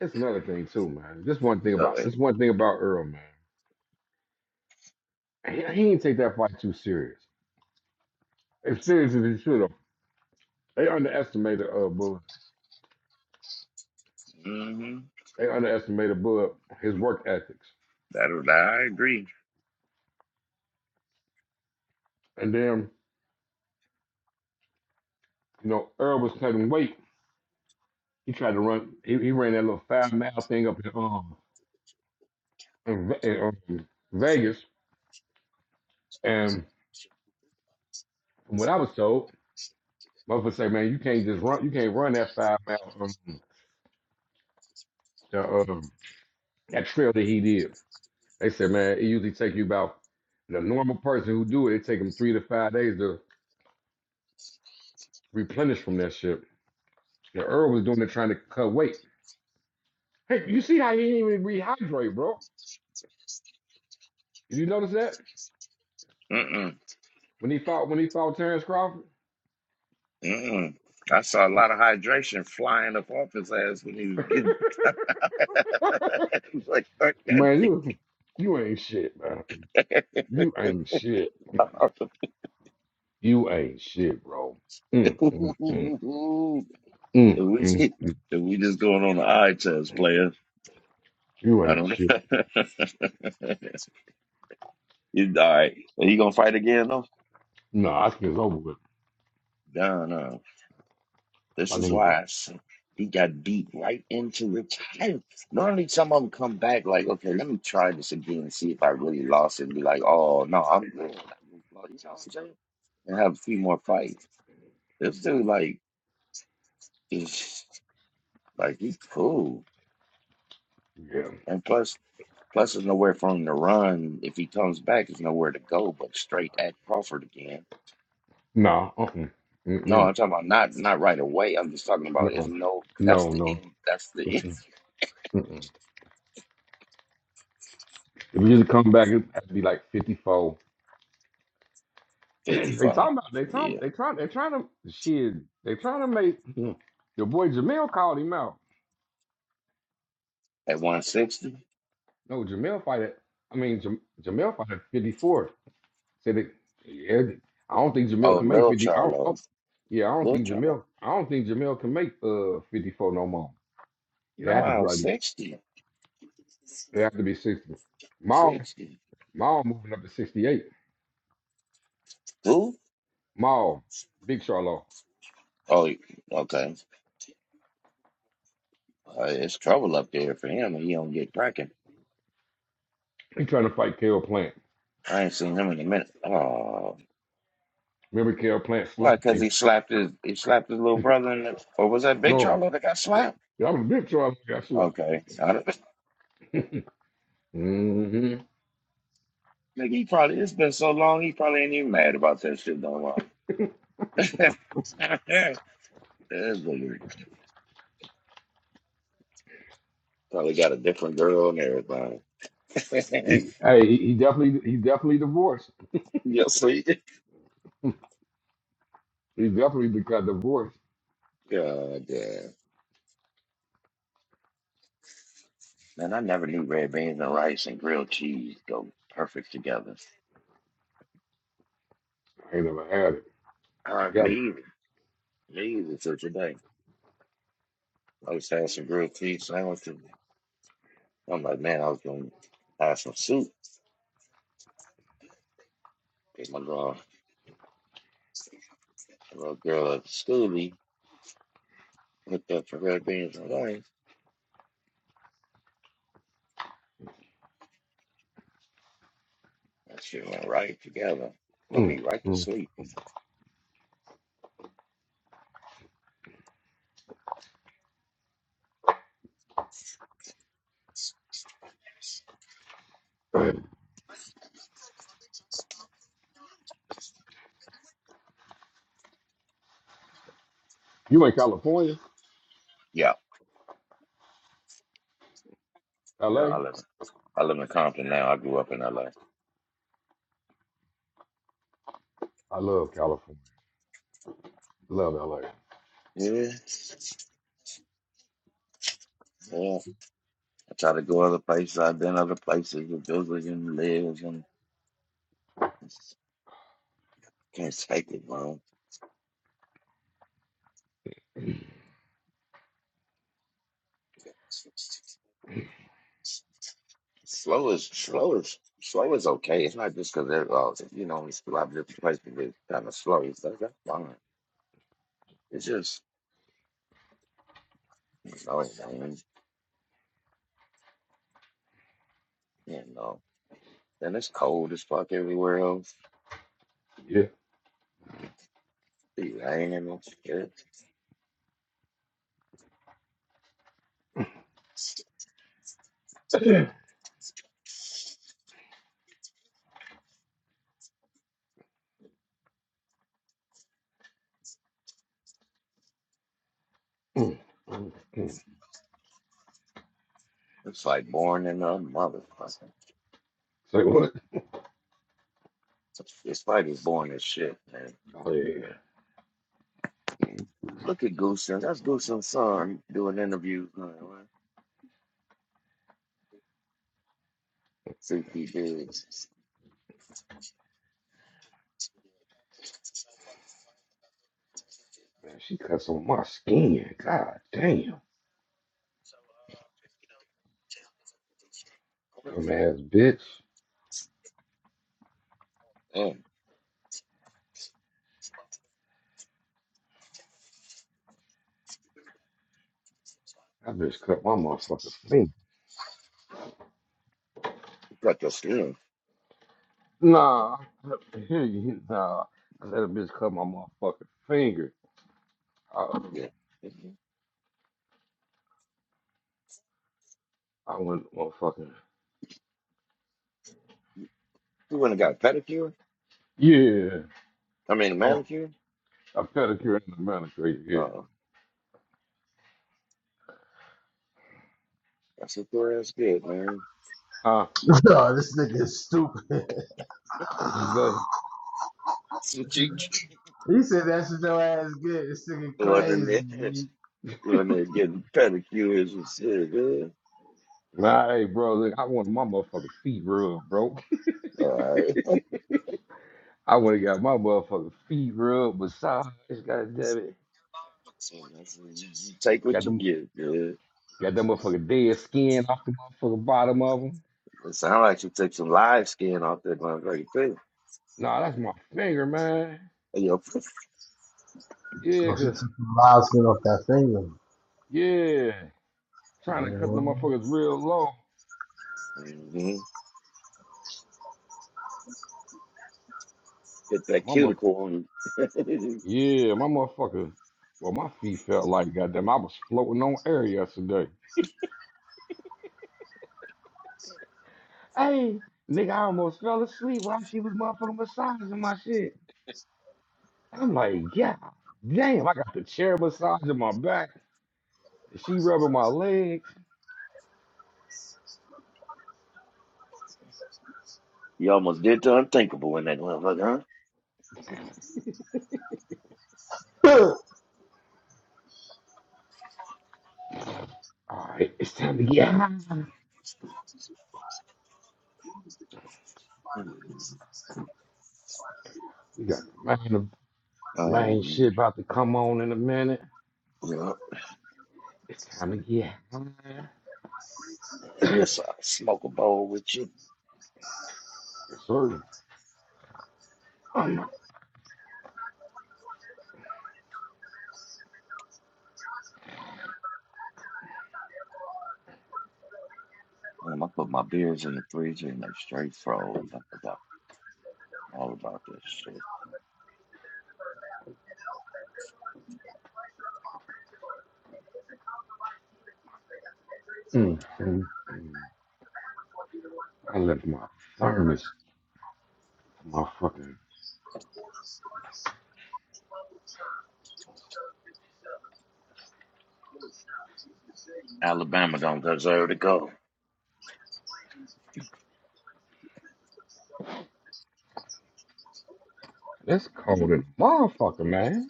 Speaker 4: It's another thing too, man. This one thing
Speaker 2: Go
Speaker 4: about
Speaker 2: ahead.
Speaker 4: this one thing about Earl, man. He, he didn't take that fight too serious. As serious as he should have. They underestimated uh Bull.
Speaker 2: Mm-hmm.
Speaker 4: They underestimated Bull his work ethics.
Speaker 2: That I agree.
Speaker 4: And then, you know, Earl was cutting weight. He tried to run. He, he ran that little five mile thing up in um in, Ve- in, um, Vegas. And from what I was told, motherfucker say, man, you can't just run. You can't run that five mile um, the, um that trail that he did. They said, man, it usually take you about the normal person who do it. It take them three to five days to replenish from that shit. The Earl was doing it trying to cut weight. Hey, you see how he didn't even rehydrate, bro? Did you notice that when he fought when he fought Terrence Crawford?
Speaker 2: Mm-mm. I saw a lot of hydration flying up off his ass when he was getting. [laughs] Like, [laughs]
Speaker 4: Man,
Speaker 2: if
Speaker 4: you you ain't shit, man. You ain't shit. You ain't shit, bro. Mm,
Speaker 2: we
Speaker 4: mm, mm,
Speaker 2: if
Speaker 4: mm, mm, mm.
Speaker 2: we just going on the eye test, player.
Speaker 4: You
Speaker 2: I
Speaker 4: ain't
Speaker 2: don't know.
Speaker 4: shit.
Speaker 2: [laughs] He's all right. He gonna fight again though?
Speaker 4: No, I think it's over with.
Speaker 2: No, no. This
Speaker 4: I
Speaker 2: is
Speaker 4: think it's over.
Speaker 2: why I said he got beat right into retirement. Normally, some of them come back like, okay, let me try this again and see if I really lost it and be like, oh, no, I'm good. I just lost," You know what I'm saying? And have a few more fights. This dude, like, is like, he's cool.
Speaker 4: Yeah.
Speaker 2: And plus, plus, there's nowhere for him to run. If he comes back, there's nowhere to go but straight at Crawford again.
Speaker 4: No. Uh-uh.
Speaker 2: No,
Speaker 4: Mm-mm.
Speaker 2: I'm talking about not not right away. I'm just talking about there's
Speaker 4: No.
Speaker 2: no. That's
Speaker 4: No.
Speaker 2: the
Speaker 4: No.
Speaker 2: end. That's the end.
Speaker 4: Mm-mm. Mm-mm. If you just come back, it has to be like 54.
Speaker 2: [laughs]
Speaker 4: [clears throat]
Speaker 2: Fifty
Speaker 4: they
Speaker 2: five.
Speaker 4: talking about they talking
Speaker 2: Yeah.
Speaker 4: they trying they trying to shit they trying to make [clears throat] your boy Jamel called him out.
Speaker 2: At 160?
Speaker 4: No, Jamel fight at I mean Jam, Jamel fight at fifty four. Said that yeah, I don't think
Speaker 2: Oh,
Speaker 4: Jamel can make
Speaker 2: Lil
Speaker 4: fifty. I don't, I don't-
Speaker 2: Charlo.
Speaker 4: yeah, I don't
Speaker 2: Lil
Speaker 4: think
Speaker 2: Charlo?
Speaker 4: Jamel. I don't think Jamel can make uh fifty four no more. It had to be
Speaker 2: No,
Speaker 4: right.
Speaker 2: 60.
Speaker 4: It had to be sixty. Maul
Speaker 2: 60.
Speaker 4: Maul moving up to sixty eight.
Speaker 2: Who?
Speaker 4: Maul Big Charlo.
Speaker 2: Oh, okay. Uh, it's trouble up there for him, and he don't get cracking.
Speaker 4: He trying to fight Kale Plant.
Speaker 2: I ain't seen him in a minute. Oh,
Speaker 4: Remember Kale Plant
Speaker 2: why?
Speaker 4: slapped
Speaker 2: Because
Speaker 4: him.
Speaker 2: he slapped his he slapped his little brother, in the, or was that Big
Speaker 4: No,
Speaker 2: Charlo that got slapped?
Speaker 4: that was Big Charlo got slapped.
Speaker 2: Okay, I don't,
Speaker 4: hmm
Speaker 2: [laughs] think he probably it's been so long he probably ain't even mad about that shit no more. [laughs] That nigga Probably got a different girl and everything.
Speaker 4: He, hey, he, he definitely he definitely divorced.
Speaker 2: [laughs] You'll see.
Speaker 4: He definitely de- got divorced.
Speaker 2: God damn. Man, I never knew red beans and rice and grilled cheese go perfect together.
Speaker 4: I ain't never had it
Speaker 2: Uh,
Speaker 4: together.
Speaker 2: me either. Me either till today. I was having some grilled cheese sandwiches. I'm like, man, I was going to have some soup. 'Cause my girl, my little girl at schoolie hooked up for red beans and rice. That shit went right together. Put
Speaker 4: Mm,
Speaker 2: me right to
Speaker 4: mm.
Speaker 2: sleep.
Speaker 4: [clears throat] You in California,
Speaker 2: Yeah. Yeah,
Speaker 4: LA?
Speaker 2: I live, I live in Compton now. I grew up in LA.
Speaker 4: I love California. Love LA.
Speaker 2: Yeah. Yeah. I try to go other places. I've been other places with Billy and Liz and Can't type it, bro. Slow is slow is slow is okay. It's not just because they're uh, you know it's a lot of different places that kind of slow. It's that's that's fine. It's just slow, man. You know, and it's cold as fuck everywhere else.
Speaker 4: Yeah.
Speaker 2: Be raining and shit.
Speaker 4: Mm, mm, mm.
Speaker 2: It's like boring in a motherfucker.
Speaker 4: Say what?
Speaker 2: This fight is boring as shit, man.
Speaker 4: Oh yeah. Mm,
Speaker 2: Look at Goosen. That's Goosen's son doing interviews. man. Freaky dudes.
Speaker 4: Man, she cuts on my skin. God damn. Dumbass bitch.
Speaker 2: Man,
Speaker 4: That bitch cut my motherfucking finger.
Speaker 2: you got your skin.
Speaker 4: Nah. I- [laughs] Nah. I let a bitch cut my motherfucking finger. I,
Speaker 2: Yeah. If
Speaker 4: I went motherfucking
Speaker 2: You went and got a pedicure?
Speaker 4: Yeah.
Speaker 2: I mean, a
Speaker 4: I want
Speaker 2: manicure?
Speaker 4: a pedicure and a manicure. Yeah.
Speaker 2: Uh, that's what your ass get, man.
Speaker 4: Huh?
Speaker 1: [laughs] no, this nigga is stupid. [laughs]
Speaker 2: [laughs] that's
Speaker 4: What you say?
Speaker 2: what you get. [laughs]
Speaker 1: He said that's what your ass get. It's nigga
Speaker 2: You went in there,
Speaker 1: crazy. nigga.
Speaker 2: you went in there getting pedicures and shit, man.
Speaker 4: Nah, hey, bro, look, I want my motherfucking feet rubbed, bro.
Speaker 2: All right.
Speaker 4: I want to got my motherfucking feet rubbed, massaged. God damn it.
Speaker 2: So that's what you, you take what
Speaker 4: Got
Speaker 2: you
Speaker 4: them,
Speaker 2: get, man.
Speaker 4: got them motherfucking dead skin off the motherfucking bottom of them.
Speaker 2: It sounds like you took some live skin off that motherfucker, too.
Speaker 4: Nah, that's my finger, man.
Speaker 2: Hey, Yo,
Speaker 4: Yeah,
Speaker 1: So she
Speaker 4: cause
Speaker 1: took some live skin off that finger.
Speaker 4: yeah, trying to cut the motherfuckers
Speaker 1: You
Speaker 4: real low.
Speaker 2: mm-hmm. Hit
Speaker 4: But
Speaker 2: that
Speaker 4: my mother,
Speaker 2: cuticle on you.
Speaker 4: yeah, my motherfucker. Well, my feet felt like goddamn, I was floating on air yesterday. Hey, nigga, I almost fell asleep while she was motherfucking massaging my shit. I'm like, God damn, I got the chair massaging my back and she rubbing my legs.
Speaker 2: [laughs] you almost did the unthinkable in that motherfucker,
Speaker 4: All right, it's time to get high.
Speaker 2: huh? Mm.
Speaker 4: We got the main, the
Speaker 2: Oh,
Speaker 4: main shit
Speaker 2: man.
Speaker 4: about to come on in a minute.
Speaker 2: Yeah.
Speaker 4: It's time to get high. [clears throat]
Speaker 2: Guess I'll smoke a bowl with you.
Speaker 4: yes, sir. Oh my,
Speaker 2: Damn, I put my beers in the freezer and they straight froze. I forgot all about this shit.
Speaker 4: mm, mm, mm. I left my thermos, my fucking,
Speaker 2: Alabama don't deserve to go.
Speaker 4: that's cold as a motherfucker, man.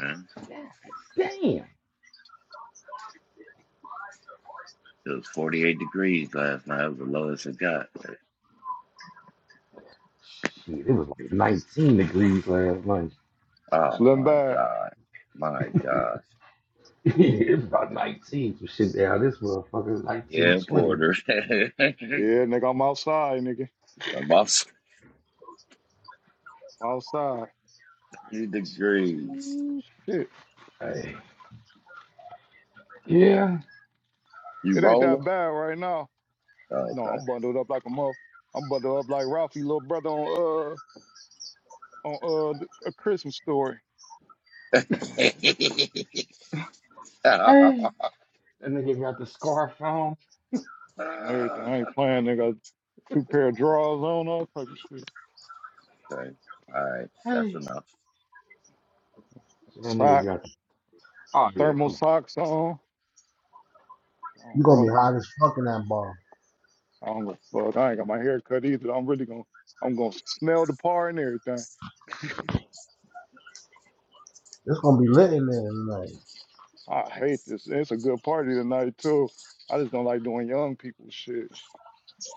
Speaker 2: Man.
Speaker 4: God damn.
Speaker 2: It was 48 degrees last night. It was the lowest it got.
Speaker 4: Shit, it was like 19 degrees last night.
Speaker 2: Oh
Speaker 3: Slim
Speaker 2: my
Speaker 3: back.
Speaker 2: God. My gosh.
Speaker 4: [laughs] Yeah, about 19, some shit down this motherfucker,
Speaker 2: Yeah,
Speaker 4: 1920.
Speaker 2: Porter. [laughs]
Speaker 3: Yeah, nigga, I'm outside, nigga.
Speaker 2: About
Speaker 3: I'm outside.
Speaker 2: 70 degrees.
Speaker 3: Mm, Shit,
Speaker 4: Hey. Yeah.
Speaker 2: You
Speaker 3: it ain't that
Speaker 2: rolling?
Speaker 3: bad right now.
Speaker 2: Oh,
Speaker 3: No, I'm
Speaker 2: okay.
Speaker 3: bundled up like a muff. I'm bundled up like Ralphie, little brother on uh on uh th- a Christmas story
Speaker 2: [laughs] okay.
Speaker 4: Hey. That nigga got the scarf on.
Speaker 3: and everything. I ain't playing, nigga. Two pair of drawers on, all type of shit.
Speaker 2: All right. That's
Speaker 4: Hey.
Speaker 2: enough.
Speaker 4: So that nigga
Speaker 3: Socks,
Speaker 4: got the. Oh, yeah,
Speaker 3: thermal
Speaker 4: come on.
Speaker 3: socks on. I don't
Speaker 1: gonna be
Speaker 3: roll
Speaker 1: hot as fuck in that bar.
Speaker 3: I don't give a Fuck, I ain't got my hair cut either. I'm really gonna, I'm gonna smell the par and everything.
Speaker 1: It's gonna be lit in there tonight.
Speaker 3: I hate this. It's a good party tonight too. I just don't like doing young people shit.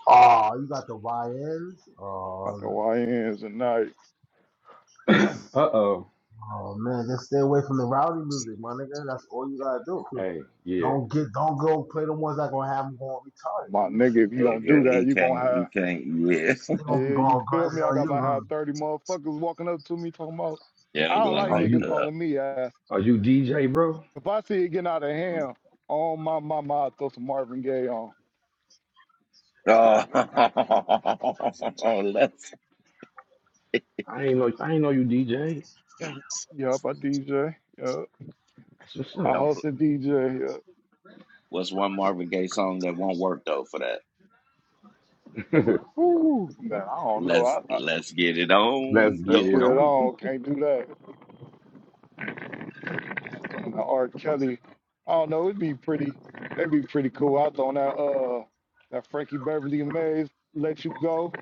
Speaker 1: Oh, you got the YNs.
Speaker 3: Like
Speaker 1: Oh,
Speaker 3: the YNs and night.
Speaker 4: [coughs] [clears throat] uh oh.
Speaker 1: oh man, just stay away from the rowdy music, my nigga. That's all you gotta do.
Speaker 4: Hey, yeah.
Speaker 1: Don't get, don't go play the ones that gonna have them going
Speaker 3: Uh,
Speaker 1: retarded.
Speaker 3: My
Speaker 1: You,
Speaker 3: nigga,
Speaker 1: sure you
Speaker 3: if you
Speaker 1: good?
Speaker 3: don't do
Speaker 2: Nigga, he
Speaker 3: that, you gonna
Speaker 2: can't, he
Speaker 3: have,
Speaker 2: can't, yeah. [laughs]
Speaker 1: They gonna be
Speaker 3: yeah, you
Speaker 1: going
Speaker 3: feel
Speaker 1: crazy
Speaker 3: me? I
Speaker 1: on
Speaker 3: got
Speaker 1: you.
Speaker 3: my have 30 motherfuckers walking up to me talking about,
Speaker 2: Yeah,
Speaker 3: I
Speaker 2: I'm
Speaker 3: don't
Speaker 2: going
Speaker 3: like
Speaker 4: Are
Speaker 2: like,
Speaker 3: niggas
Speaker 4: you
Speaker 2: uh,
Speaker 3: calling me ass.
Speaker 4: are you DJ, bro?
Speaker 3: If I see it getting out of
Speaker 2: Mhm.
Speaker 3: hand, on my mama, I'll throw some Marvin Gaye on.
Speaker 2: Oh, [laughs] let's
Speaker 4: I ain't know I ain't know you DJ.
Speaker 3: Yup, I DJ. Yup.
Speaker 4: That's what's
Speaker 3: I
Speaker 4: up.
Speaker 2: don't play.
Speaker 3: host a DJ. Yup.
Speaker 2: What's one Marvin Gaye song that won't work though for that?
Speaker 4: [laughs]
Speaker 3: Ooh, man, I don't know.
Speaker 2: Let's
Speaker 3: I, I
Speaker 2: let's get it
Speaker 4: Let's
Speaker 2: on.
Speaker 3: Let's
Speaker 4: get
Speaker 2: No.
Speaker 4: it
Speaker 3: get it
Speaker 4: on.
Speaker 3: on. Can't do that. The R. Kelly. I don't know. It'd be pretty. That'd be pretty cool. I throw on that uh that Frankie Beverly and Mays let you go.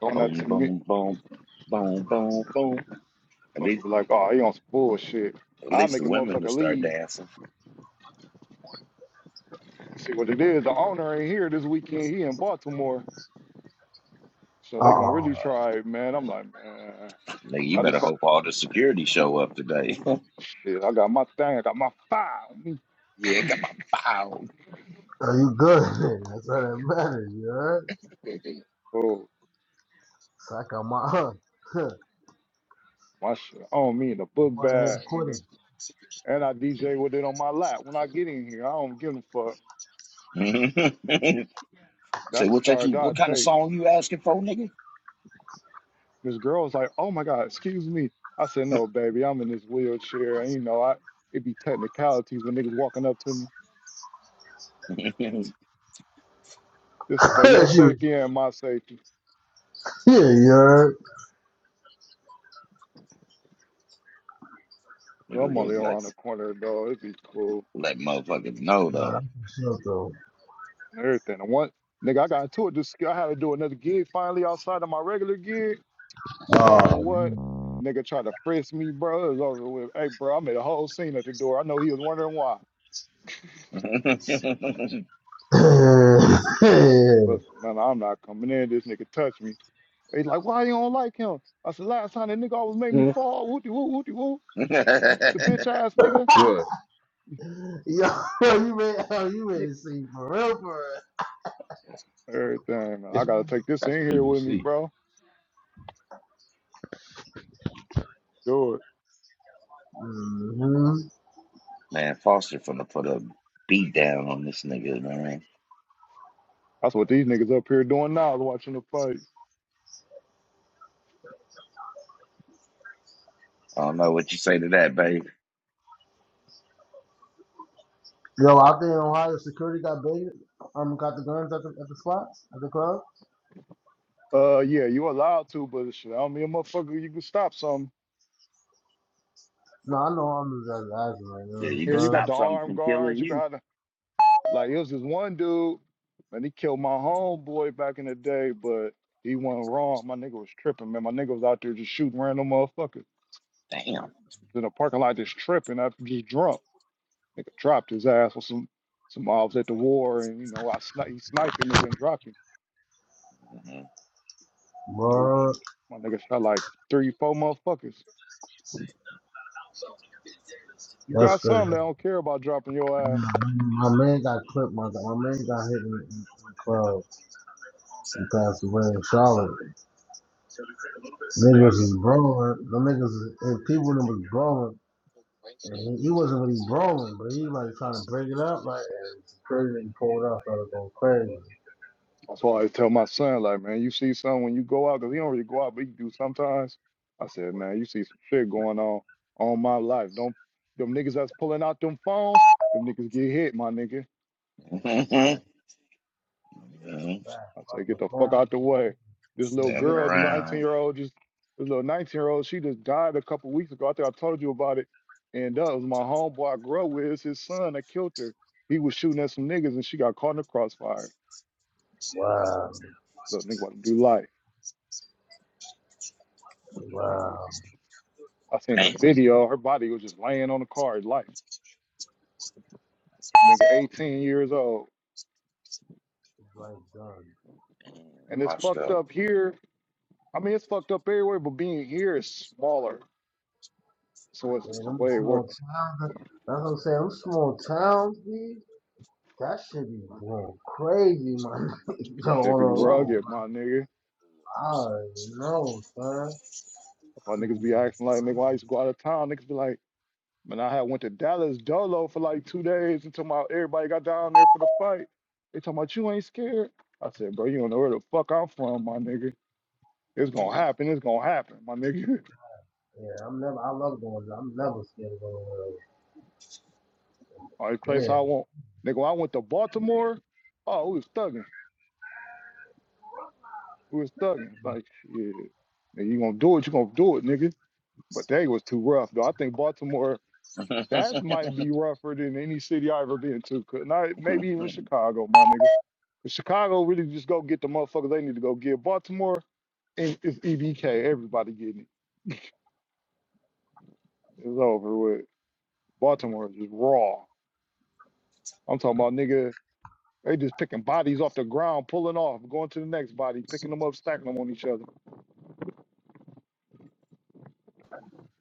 Speaker 3: Throwing that
Speaker 2: Boom,
Speaker 3: to me.
Speaker 2: boom, boom, boom, boom, boom. At
Speaker 3: Fucker
Speaker 2: least,
Speaker 3: be like, oh, he on some bullshit.
Speaker 2: at
Speaker 3: I'll
Speaker 2: least the
Speaker 3: make a
Speaker 2: women will
Speaker 3: motherfucker
Speaker 2: start
Speaker 3: leave.
Speaker 2: dancing.
Speaker 3: See what it is. The owner ain't here this weekend. He in Baltimore, so
Speaker 1: Huh?
Speaker 3: they
Speaker 1: Uh
Speaker 3: gonna
Speaker 1: oh,
Speaker 3: really
Speaker 2: Uh,
Speaker 3: try it, man. I'm like, man,
Speaker 2: nigga, you
Speaker 3: I just
Speaker 2: better
Speaker 3: call,
Speaker 2: hope all the security show up today. [laughs]
Speaker 3: shit. I got my thing. I got my file. Me.
Speaker 2: yeah, got my file.
Speaker 1: are you good? [laughs] That's all that matters. You heard?
Speaker 3: Oh,
Speaker 1: Suck on my. huh.
Speaker 3: my shit on me in the book
Speaker 1: Water
Speaker 3: bag, nigga.
Speaker 1: headquarters.
Speaker 3: And I DJ with it on my lap. When I get in here, I don't give a fuck.
Speaker 2: Mhm. [laughs] Say
Speaker 3: That's the
Speaker 2: what that? you,
Speaker 3: charge I
Speaker 2: What kind of
Speaker 3: take.
Speaker 2: song you asking for, nigga?
Speaker 3: This girl's like, oh my God, excuse me. I said, no, baby, I'm in this wheelchair. And you know, I it be technicalities when niggas walking up to me.
Speaker 2: [laughs] Look at
Speaker 3: This is for your
Speaker 1: [laughs] she was
Speaker 3: safety and my safety.
Speaker 1: yeah, you heard?
Speaker 3: Well, I'm only
Speaker 2: them, like
Speaker 3: around the corner though. It'd be cool
Speaker 2: let motherfuckers know though.
Speaker 1: Nah, I'm sure though.
Speaker 3: and everything. And one nigga, I got into it. This I had to do another gig finally outside of my regular gig. Man,
Speaker 1: Oh,
Speaker 3: what?
Speaker 1: man.
Speaker 3: Nigga tried to frisk me, bro. It was over with. Hey, bro, I made a whole scene at the door. I know he was wondering why.
Speaker 2: [laughs] man,
Speaker 1: [laughs]
Speaker 3: Listen, man, I'm not coming in. This nigga touched me. He's like, why you don't like him? I said, last time that nigga always made me
Speaker 4: Mm,
Speaker 3: fall. Whoopty whoop, whoopty whoop. The bitch ass nigga.
Speaker 4: What?
Speaker 1: yo, you ready? Oh, you
Speaker 4: Yeah,
Speaker 1: ready to see for real, for real?
Speaker 3: Everything, man. I
Speaker 4: It's
Speaker 3: gotta take this
Speaker 4: that's
Speaker 3: in here with me,
Speaker 4: PBC.
Speaker 3: bro. Do it.
Speaker 1: hmm
Speaker 2: Foster finna put a beat down on this nigga, man.
Speaker 3: That's what these niggas up here doing now, is watching the fight.
Speaker 2: I don't know what you say to that, babe.
Speaker 1: Yo, out there in Ohio, security got big. Um, got the guns at the at the spots at the club.
Speaker 3: Uh, yeah, you allowed to, but shit, I don't mean a motherfucker. You can stop something.
Speaker 1: No, I know I'm just asking right
Speaker 2: Yeah,
Speaker 1: now.
Speaker 2: you
Speaker 3: Yeah,
Speaker 2: just
Speaker 3: you
Speaker 1: So,
Speaker 3: got the
Speaker 2: stop something
Speaker 3: armed
Speaker 2: from
Speaker 3: guards.
Speaker 2: killing
Speaker 3: You
Speaker 2: you.
Speaker 3: got the, like, it was this one dude, man. He killed my homeboy back in the day, but he went wrong. My nigga was tripping, man. My nigga was out there just shooting random motherfuckers.
Speaker 2: Damn.
Speaker 3: in a parking lot just tripping. I just drunk. Nigga dropped his ass with some some mobs at the war, and you know I sni- he sniped and nigga and dropped him. Dude,
Speaker 1: bro,
Speaker 3: my nigga shot like three, four motherfuckers. You
Speaker 1: that's
Speaker 3: got
Speaker 1: crazy.
Speaker 3: some that don't care about dropping your ass.
Speaker 1: My man got clipped. My, my man got hit in, the in the club and passed away in Charlotte.
Speaker 3: Nah, I
Speaker 1: Niggas
Speaker 3: be
Speaker 1: is brawling. The niggas and people them was brawling, and he, he wasn't really brawling, but he like trying to break it up. Like and it's crazy. that He pulled out, started going crazy.
Speaker 3: that's why I always tell my son like, man, you see something when you go out, 'cause he don't really go out, but he do sometimes. I said, man, you see some shit going on on my life. Don't them niggas that's pulling out them phones, them niggas get hit, my nigga.
Speaker 2: Mhm. [laughs]
Speaker 1: That's
Speaker 2: Mhm.
Speaker 1: that.
Speaker 3: I
Speaker 1: Fuck
Speaker 3: say, get
Speaker 1: the
Speaker 3: the fuck
Speaker 1: phone.
Speaker 3: out the way. This little
Speaker 1: You get
Speaker 2: Standing
Speaker 3: girl,
Speaker 1: him.
Speaker 3: the 19
Speaker 2: around.
Speaker 3: year old, just this little 19 year old, she just died a couple weeks ago. I think I told you about it. And that was my homeboy I grew up with. It's his son that killed her. He was shooting at some niggas and she got caught in the crossfire.
Speaker 1: Wow,
Speaker 3: Little nigga about to do life.
Speaker 1: wow.
Speaker 3: I seen the
Speaker 2: Damn.
Speaker 3: video. Her body was just laying on the car. Life. Nigga, 18 years old.
Speaker 1: It's like done.
Speaker 3: And it's
Speaker 2: Washed
Speaker 3: fucked
Speaker 2: up.
Speaker 3: up here. I mean, it's fucked up everywhere, but being here is smaller. So it's
Speaker 1: Man,
Speaker 3: just
Speaker 1: them
Speaker 3: way worse.
Speaker 1: small towns. That's what I'm saying. Them small towns, dude. That shit be going crazy, man. [laughs] Yo,
Speaker 3: Shit
Speaker 1: on
Speaker 3: be
Speaker 1: the road.
Speaker 3: rugged, my nigga.
Speaker 1: I know, son.
Speaker 3: Or niggas be
Speaker 1: Yeah,
Speaker 3: acting like, nigga, when I used to go out of town, niggas be like, man, I had went to Dallas Dolo for like two days until my everybody got down there for the fight. They talking about you ain't scared. I said, bro, you don't know where the fuck I'm from, my nigga. It's
Speaker 2: [laughs]
Speaker 3: gonna happen. It's gonna happen, my nigga. [laughs]
Speaker 1: I'm never. I love going. I'm never scared of
Speaker 3: Only place
Speaker 1: going.
Speaker 3: I want, nigga. When I went to Baltimore, oh, we was thugging. We was thugging. Like, yeah, nigga, you gonna do it? You gonna do it, nigga? But they was too rough, though. I think Baltimore that might be rougher than any city I ever been to. Could not maybe even Chicago, my nigga. Chicago really just go get the motherfuckers they need to go get. Baltimore and it's EBK. Everybody getting it. It's over with. Baltimore is just raw. I'm talking about nigga. They just picking bodies off the ground, pulling off, going to the next body, picking them up, stacking them on each other.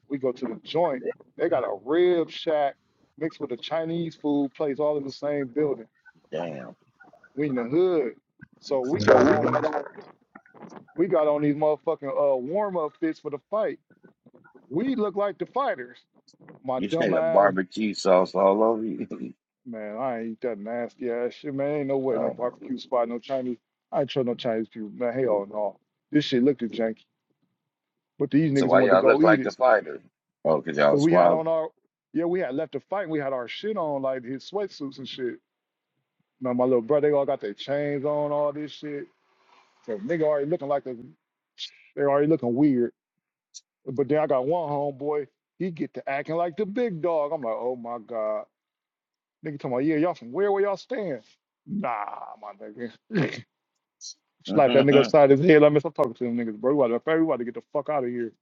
Speaker 3: We go to the joint. They got a rib shack mixed with a Chinese food place, all in the same building.
Speaker 2: Damn.
Speaker 3: We in the hood, so we
Speaker 1: So
Speaker 3: got
Speaker 1: we can
Speaker 3: on
Speaker 1: Nah,
Speaker 3: these, we got on these motherfucking uh, warm up fits for the fight. We look like the fighters my
Speaker 2: You had
Speaker 3: dumb
Speaker 2: a
Speaker 3: ass.
Speaker 2: barbecue sauce all over you. [laughs]
Speaker 3: Man, I ain't that nasty ass shit, man. Ain't no way, no
Speaker 2: Uh,
Speaker 3: barbecue spot, no Chinese. I ain't trust no Chinese people, man. Hell no. This shit looked janky, but these
Speaker 2: so
Speaker 3: niggas
Speaker 2: why
Speaker 3: wanted to
Speaker 2: y'all
Speaker 3: go
Speaker 2: look
Speaker 3: eat
Speaker 2: like the
Speaker 3: it.
Speaker 2: spider? Oh, because y'all
Speaker 3: Cause
Speaker 2: was
Speaker 3: we had on
Speaker 2: squabbling.
Speaker 3: our, yeah, we had left the fight and we had our shit on, like his sweatsuits and shit. Now my little brother, they all got their chains on, all this shit. So nigga already looking like the, they already looking weird. But then I got one homeboy, he get to acting like the big dog. I'm like, oh my God. Nigga talking about, yeah, y'all from where, where y'all stand? Nah, my nigga. [laughs] Slap that nigga upside his head. Let me stop talking to them niggas, bro. We about to, bro, we about to get the fuck out of here.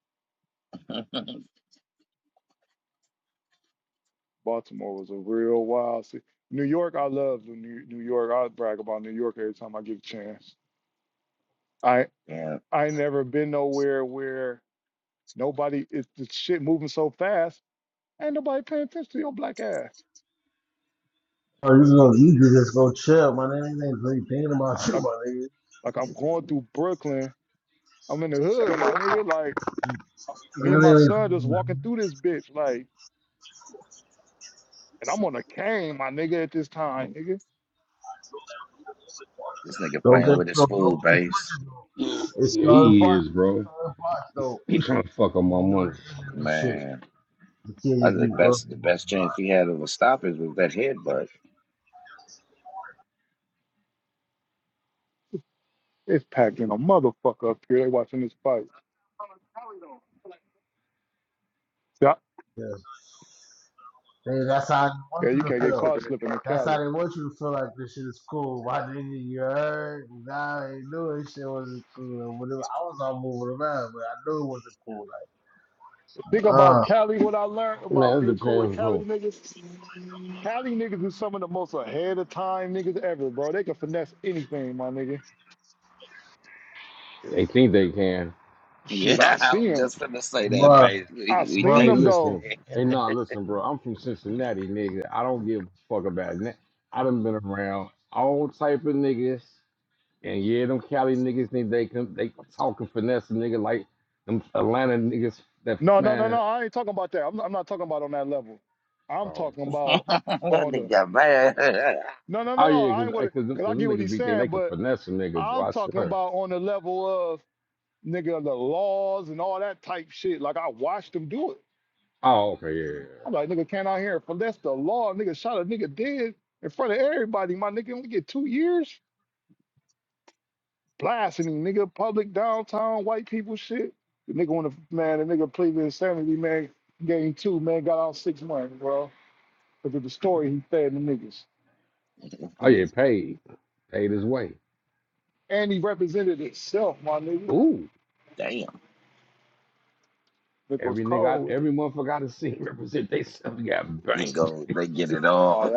Speaker 2: [laughs]
Speaker 3: Baltimore was a real wild city. New York, I love New New York. I brag about New York every time I get a chance. I
Speaker 2: yeah,
Speaker 3: I ain't never been nowhere where nobody it's the shit moving so fast. Ain't nobody paying attention to your black ass.
Speaker 1: Oh, you go, you can just go chill, man. They ain't really thinking about you.
Speaker 3: Like like I'm going through Brooklyn. I'm in the hood, my nigga. Like
Speaker 1: They
Speaker 3: me
Speaker 1: ain't
Speaker 3: and my
Speaker 1: really
Speaker 3: son just
Speaker 1: thinking about
Speaker 3: walking
Speaker 1: you.
Speaker 3: through this bitch. Like and I'm on a cane, my nigga. At this time, nigga,
Speaker 2: This nigga
Speaker 1: Don't
Speaker 2: playing
Speaker 1: get
Speaker 2: with his
Speaker 1: don't,
Speaker 2: food
Speaker 1: don't get
Speaker 2: base.
Speaker 1: twisted though.
Speaker 4: Yeah,
Speaker 1: It's
Speaker 4: yeah,
Speaker 1: third
Speaker 4: he
Speaker 1: part,
Speaker 4: is,
Speaker 1: it's
Speaker 4: bro.
Speaker 1: third part though.
Speaker 4: He trying to fuck up
Speaker 1: Don't
Speaker 4: my
Speaker 1: be on
Speaker 4: money.
Speaker 1: the ignorant shit.
Speaker 2: Man,
Speaker 1: The
Speaker 2: I
Speaker 1: kids be
Speaker 2: think
Speaker 1: oh
Speaker 2: best the
Speaker 1: my
Speaker 2: best
Speaker 1: god.
Speaker 2: chance he had of a stoppage was that headbutt.
Speaker 3: it's packed in
Speaker 2: He-
Speaker 3: a motherfucker up here. They watching this fight. Yeah.
Speaker 1: Yeah. They, that's how they want
Speaker 3: Yeah,
Speaker 1: you
Speaker 3: you
Speaker 1: to
Speaker 3: can't get
Speaker 1: feel.
Speaker 3: caught slipping in
Speaker 1: That's how
Speaker 3: Cali.
Speaker 1: they want you to feel like this shit is cool. Why didn't you you heard? Nah, I ain't knew this shit wasn't cool. Whatever. I was all moving around, but I knew it wasn't cool. Like,
Speaker 3: Think about
Speaker 1: uh,
Speaker 3: Cali, what I learned
Speaker 4: Man,
Speaker 3: about
Speaker 4: it
Speaker 3: being cool with
Speaker 4: depends
Speaker 3: Cali
Speaker 4: who.
Speaker 3: niggas. Cali niggas is some of the most ahead of time niggas ever, bro. They can finesse anything, my nigga.
Speaker 4: They think they can.
Speaker 3: Shit, I
Speaker 2: Yeah, [laughs] I
Speaker 3: seen
Speaker 2: was
Speaker 3: them.
Speaker 2: just gonna say that,
Speaker 1: bruh,
Speaker 2: base.
Speaker 3: I
Speaker 2: We, we
Speaker 3: seen
Speaker 4: Hey,
Speaker 1: bruh.
Speaker 2: think
Speaker 3: them
Speaker 2: he's
Speaker 3: though.
Speaker 4: listen.
Speaker 2: dead.
Speaker 4: Hey, nah, listen, bro. I'm from Cincinnati, nigga. I don't give a fuck about that. I done been around all type of niggas, and yeah, them Cali niggas think they can they talking finesse a nigga like them Atlanta niggas. That
Speaker 3: No, no, no, no.
Speaker 4: man.
Speaker 3: I ain't talking about that. I'm, I'm not talking about on that level. I'm
Speaker 4: Oh,
Speaker 3: talking
Speaker 2: [laughs]
Speaker 3: about
Speaker 2: that
Speaker 3: on the.
Speaker 2: nigga man.
Speaker 3: No, no,
Speaker 4: oh
Speaker 3: no, no.
Speaker 4: yeah,
Speaker 3: I
Speaker 4: cause,
Speaker 3: ain't
Speaker 4: eh,
Speaker 3: gonna.
Speaker 4: cause, them, 'cause
Speaker 3: Cause I
Speaker 4: them
Speaker 3: get what
Speaker 4: niggas
Speaker 3: he's
Speaker 4: be thinking
Speaker 3: saying,
Speaker 4: they can
Speaker 3: but
Speaker 4: finesse a nigga, boy.
Speaker 3: I'm
Speaker 4: I
Speaker 3: talking
Speaker 4: swear.
Speaker 3: about on the level of nigga the laws and all that type shit. Like I watched them do it.
Speaker 4: Oh, okay, yeah. yeah,
Speaker 3: I'm
Speaker 4: yeah.
Speaker 3: like, nigga, can't I hear it? For That's the law. Nigga shot a nigga dead in front of everybody. My nigga, we get two years blasting him, nigga. Public downtown, white people shit. The nigga on the man, the nigga pleaded insanity, man. Game two, man, got out six months, bro. Because of the story he fed the niggas.
Speaker 4: Oh yeah,
Speaker 2: [laughs]
Speaker 4: paid, paid his way.
Speaker 3: And he represented himself, my nigga.
Speaker 4: Ooh,
Speaker 2: Damn.
Speaker 3: Nigga was
Speaker 4: every nigga,
Speaker 3: cold
Speaker 4: I,
Speaker 3: with it.
Speaker 4: every motherfucker I done seen [laughs] represent they self got
Speaker 2: You
Speaker 4: bank.
Speaker 2: go they get it all.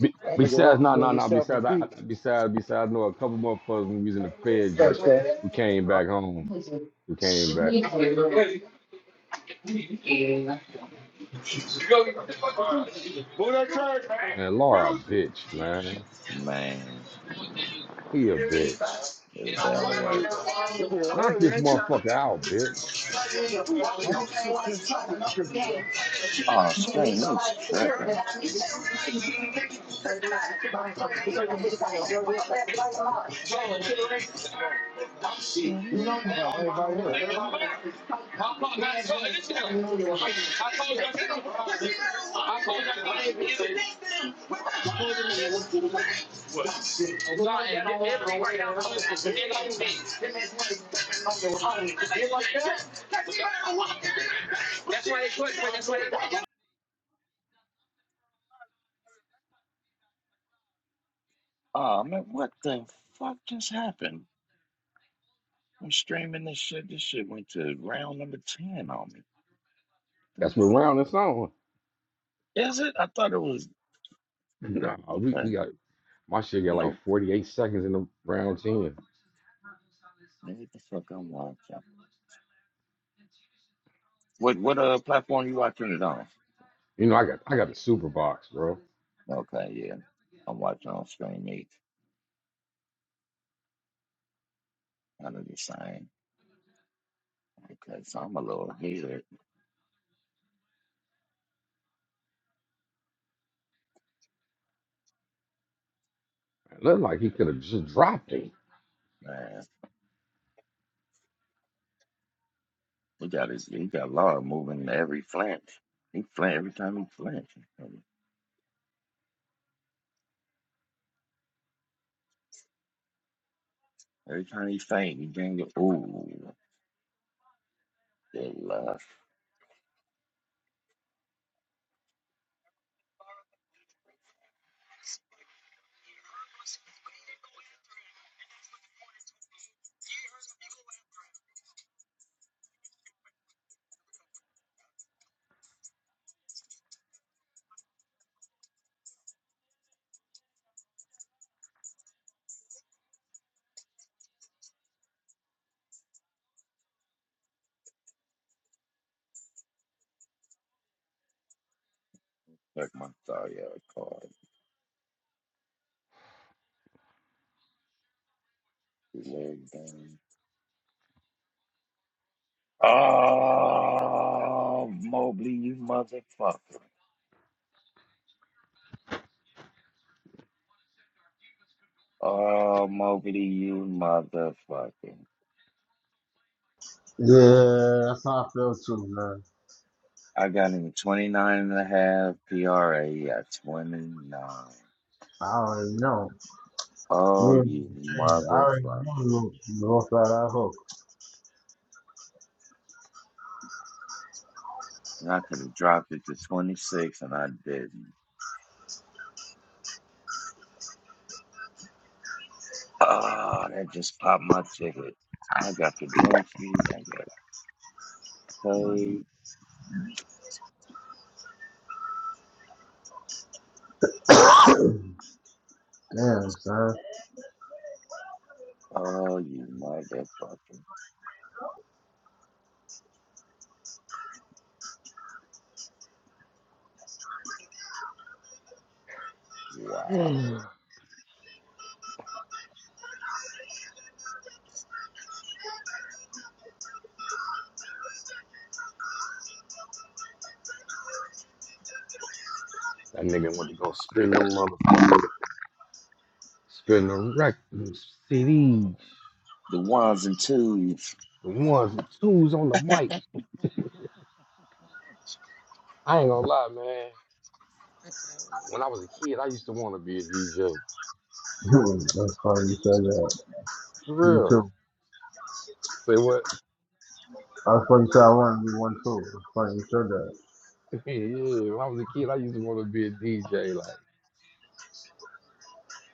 Speaker 4: Be- Besides, no, no, no. Besides, I, I- besides, besides, I know a couple motherfuckers when we was in the Fed joint who came back home. Who came back?
Speaker 3: Who that Kirk?
Speaker 4: Man, Laura, a bitch, man.
Speaker 2: [laughs] Man,
Speaker 4: He a bitch.
Speaker 2: it was bad work.
Speaker 3: Nigga,
Speaker 4: Knock
Speaker 3: early,
Speaker 4: this
Speaker 3: ain't you?
Speaker 4: motherfucker out, bitch.
Speaker 2: How this shit just oh stream, he's tripping.
Speaker 3: You
Speaker 2: Mhm.
Speaker 3: know, everybody here.
Speaker 2: Oh man, what the fuck just happened? I'm streaming this shit. This shit went to round number ten on me. the
Speaker 4: That's what
Speaker 2: fuck?
Speaker 4: round it's on.
Speaker 2: Is it? I thought it was
Speaker 4: Nah, [laughs] we,
Speaker 2: okay.
Speaker 4: we got my shit
Speaker 2: I
Speaker 4: got like
Speaker 2: know.
Speaker 4: 48 seconds in the round 10.
Speaker 2: Maybe the fuck I'm watching. What what uh platform you watching it on?
Speaker 4: You know, I got I got the super box, bro.
Speaker 2: Okay, yeah. I'm watching on Screen Eight. I know the same. Okay, so I'm a little heated,
Speaker 4: It looked like he could have just dropped him.
Speaker 2: man. We got his he got Laura moving every flinch. He flinch every time he flinch. Every time he faint, he bring it ooh. They left. Like my sorry out card. His leg down. Oh, Mobley, you motherfucker. Oh, Mobley, you motherfucker.
Speaker 1: Yeah, that's how I feel too, man.
Speaker 2: I got him 29 and PRA. at 29.
Speaker 1: I already know.
Speaker 2: Oh,
Speaker 1: Yeah,
Speaker 2: you
Speaker 1: I already know
Speaker 2: motherfucker.
Speaker 1: you you go flat out hook.
Speaker 2: And I could have dropped it to 26 and I didn't. Oh, that just popped my ticket. I got the Brunfrey. I got Curry.
Speaker 1: Damn, son.
Speaker 2: Oh, you motherfucker. Wow.
Speaker 4: [sighs] that nigga wanted to go spin them motherfucker, spin the record CDs.
Speaker 2: The ones and twos.
Speaker 4: The ones, the twos on the mic. I ain't gonna lie, man. When I was a kid, I used to want to be a DJ.
Speaker 1: [laughs]
Speaker 2: Yeah.
Speaker 1: that's funny you said that.
Speaker 4: For
Speaker 1: Me
Speaker 4: real.
Speaker 1: too.
Speaker 4: Say what?
Speaker 1: That's funny you said I want to be one too. That's funny you said that.
Speaker 4: [laughs] yeah, when I was a kid, I used to want to be a DJ. Like,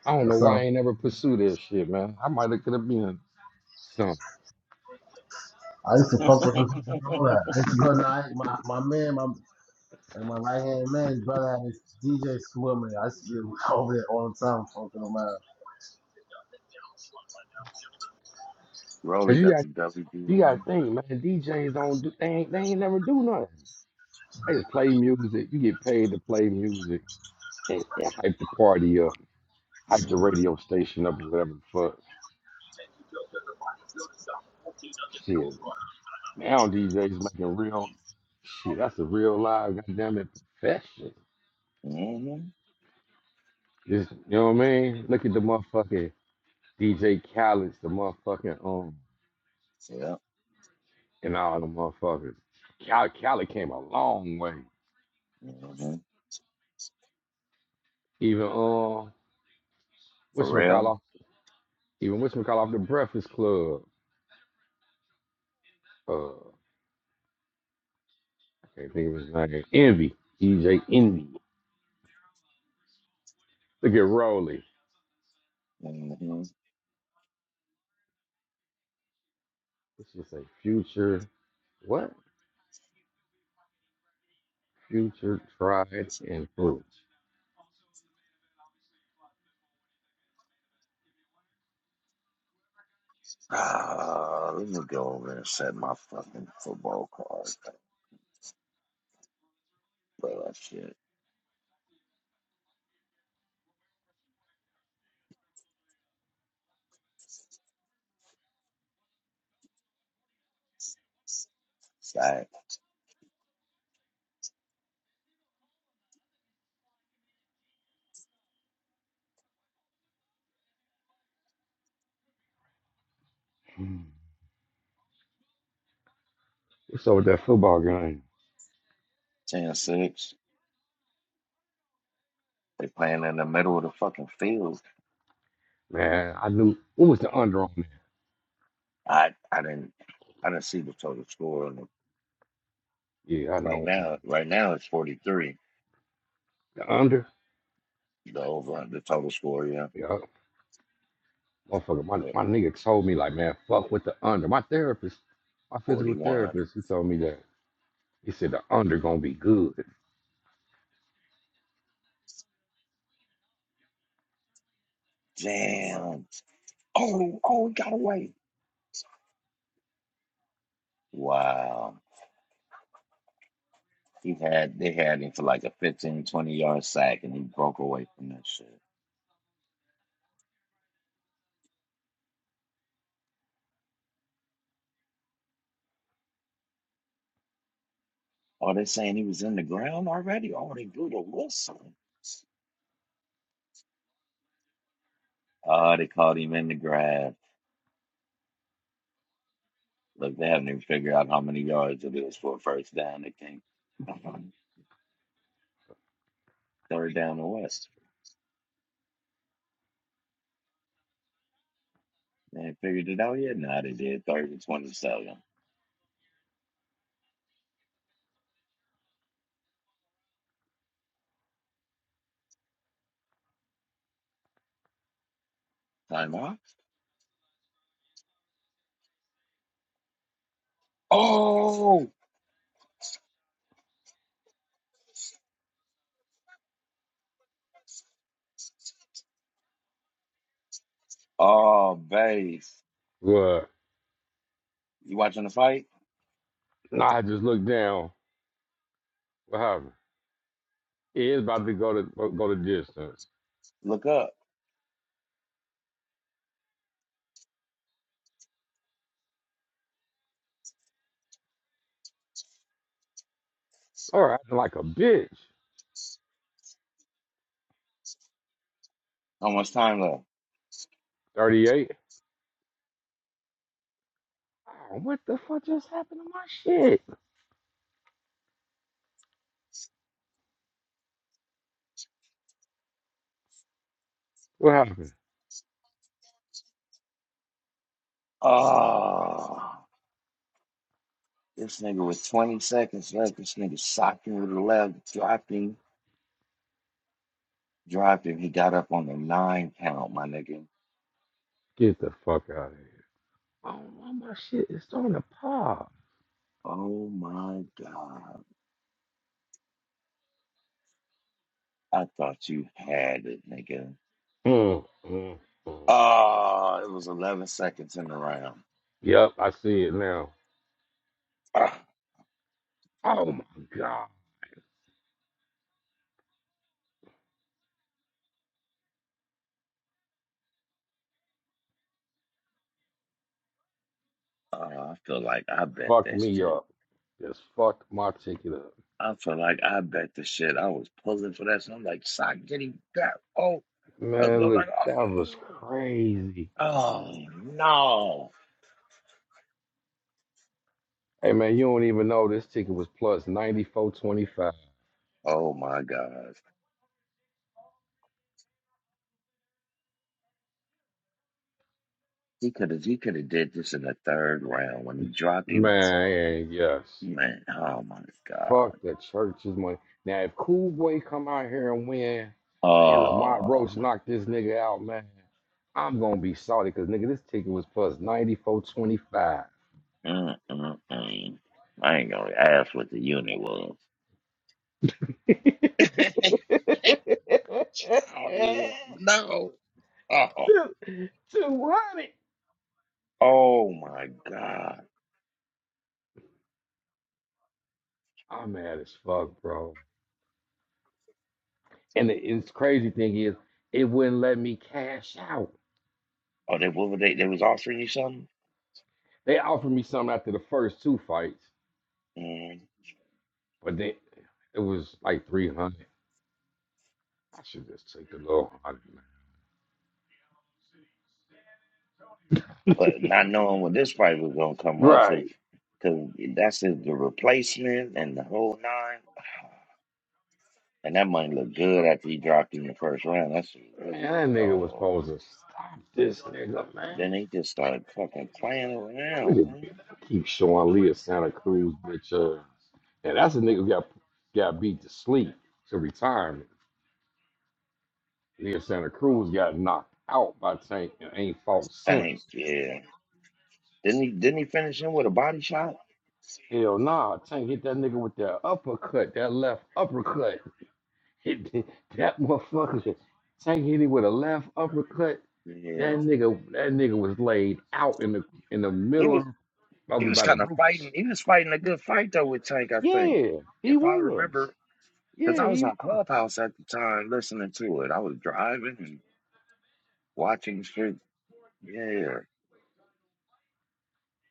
Speaker 4: I don't know why I
Speaker 1: So
Speaker 4: ain't never pursued that shit, man. I might have could have been something.
Speaker 1: I used to
Speaker 2: [laughs]
Speaker 1: fuck with some and all that. I used to go night. My my man, my and my right hand man, brother had this DJ swimming. I used to get [laughs] over there all the time, fucking him out.
Speaker 4: Cause
Speaker 2: Rolly
Speaker 4: you
Speaker 2: got
Speaker 4: got
Speaker 2: the
Speaker 4: you
Speaker 2: WBN.
Speaker 4: got to think, man. DJs don't do they ain't they ain't never do nothing. They just play music. You get paid to play music and, and hype the party up, hype the
Speaker 2: Mm-hmm.
Speaker 4: radio station up or whatever the fuck. Shit. Now DJs making real shit. That's a real live goddamn it profession.
Speaker 2: hmm
Speaker 4: Just you know what I mean? Look at the motherfucking DJ Khaled, the motherfucking um,
Speaker 2: Yeah.
Speaker 4: and all the motherfuckers. Khaled, Khaled came a long way.
Speaker 2: hmm
Speaker 4: Even um, what's
Speaker 2: Pharrell.
Speaker 4: McCall Even what's McCall off the Breakfast Club? Uh, I can't think of his name. Envy, DJ Envy. Look at Rolly.
Speaker 2: Mm-hmm.
Speaker 4: This is say? future what? Future tried and true.
Speaker 2: Ah, let me go over and set my fucking football card. Play that shit. Sack.
Speaker 4: Hmm. What's up with that football game?
Speaker 2: 10 6. They playing in the middle of the fucking field.
Speaker 4: Man, I knew what was the under on that.
Speaker 2: I I didn't I didn't see the total score. And
Speaker 4: Yeah, I
Speaker 2: right
Speaker 4: know. Um,
Speaker 2: now, right now it's 43.
Speaker 4: the under.
Speaker 2: The over the total score, yeah.
Speaker 4: Yeah, motherfucker. My
Speaker 2: Uh,
Speaker 4: my nigga told me like, man, fuck with the under. My therapist, my physical
Speaker 2: 41.
Speaker 4: therapist, he told me that. He said the under gonna be good.
Speaker 2: Damn. Oh, oh, we got away. Wow. He had they had him for like a 15 20 yard sack and he broke away from that shit. Oh, they're saying he was in the ground already? Oh, they blew the whistle. Oh, they called him in the grass. Look, they haven't even figured out how many yards it is for a first down. They think [laughs] third down the west. They ain't figured it out yet. Now they did third and twenty seven. Time out. Oh, oh, base.
Speaker 4: Well,
Speaker 2: You watching the fight?
Speaker 4: nah, I just looked down. What happened? It is about to go to go to distance.
Speaker 2: Look up.
Speaker 4: All right, acting like a bitch.
Speaker 2: How much time left?
Speaker 4: Thirty-eight. Oh, what the fuck just happened to my shit? What happened?
Speaker 2: Oh. This nigga with 20 seconds left. This nigga socked him with the left, dropped him, dropped him. He got up on the nine count, my nigga.
Speaker 4: Get the fuck out of here. Oh, all my shit is starting to pop.
Speaker 2: Oh my God. I thought you had it, nigga.
Speaker 4: Mm, mm, mm.
Speaker 2: Oh, it was 11 seconds in the round.
Speaker 4: Yep, I see it now.
Speaker 2: Ah,
Speaker 4: Oh my God.
Speaker 2: ah, I feel like I bet
Speaker 4: Fucked
Speaker 2: that
Speaker 4: me
Speaker 2: shit.
Speaker 4: up. Just fucked my ticket up.
Speaker 2: I feel like I bet the shit. I was pulling for that. So I'm like, sock, get him back. Oh, I
Speaker 4: Man,
Speaker 2: was
Speaker 4: look,
Speaker 2: like,
Speaker 4: that was
Speaker 2: oh,
Speaker 4: crazy.
Speaker 2: oh no.
Speaker 4: Hey man, you don't even know this ticket was plus 94.25.
Speaker 2: Oh my God. He could have he could have did this in the third round when he dropped him.
Speaker 4: Man, yes.
Speaker 2: Man, oh my god.
Speaker 4: Fuck the church's money. Now if Cool Boy come out here and win and Lamont
Speaker 2: Oh,
Speaker 4: Roach knocked this nigga out, man, I'm gonna be salty because nigga, this ticket was plus
Speaker 2: mm, mm, mm. I ain't gonna ask what the unit was.
Speaker 4: 94.25. [laughs] two, 200.
Speaker 2: Oh my god.
Speaker 4: I'm mad as fuck, bro. And the it's crazy thing is, it wouldn't let me cash out.
Speaker 2: Oh, they what were they? They was offering you something,
Speaker 4: They offered me something after the first two fights,
Speaker 2: mm.
Speaker 4: but then it was like 300. I should just take the little hundred, man.
Speaker 2: but not knowing what this fight was gonna come up
Speaker 4: Right.
Speaker 2: because that's the the replacement and the whole nine. [sighs] And that money looked good after he dropped him in the first round. That's like,
Speaker 4: Man, that nigga was
Speaker 2: oh
Speaker 4: supposed to stop this nigga, man.
Speaker 2: Then he just started fucking playing
Speaker 4: Look at
Speaker 2: around,
Speaker 4: me.
Speaker 2: man.
Speaker 4: I Keep showing Leah Santa Cruz, bitch. Uh, and that's a nigga who got, got beat to sleep to retirement. Then Santa Cruz got knocked out by Tank and ain't fought
Speaker 2: Thank
Speaker 4: since.
Speaker 2: you. Didn't he didn't he finish him with a body shot?
Speaker 4: Hell nah, Tank hit that nigga with that uppercut, that left uppercut. [laughs] Hit th- that motherfucker. Tank hit him with a left uppercut.
Speaker 2: Yeah.
Speaker 4: That nigga, that nigga was laid out in the in the
Speaker 2: He was
Speaker 4: middle
Speaker 2: he
Speaker 4: of
Speaker 2: was
Speaker 4: by the
Speaker 2: kind of
Speaker 4: ropes.
Speaker 2: fighting he was fighting a good fight though with Tank, I think.
Speaker 4: Yeah, he
Speaker 2: If I
Speaker 4: was.
Speaker 2: remember, because
Speaker 4: Yeah,
Speaker 2: I was
Speaker 4: he
Speaker 2: on
Speaker 4: was.
Speaker 2: Clubhouse at the time listening to it. I was driving and watching shit. Yeah,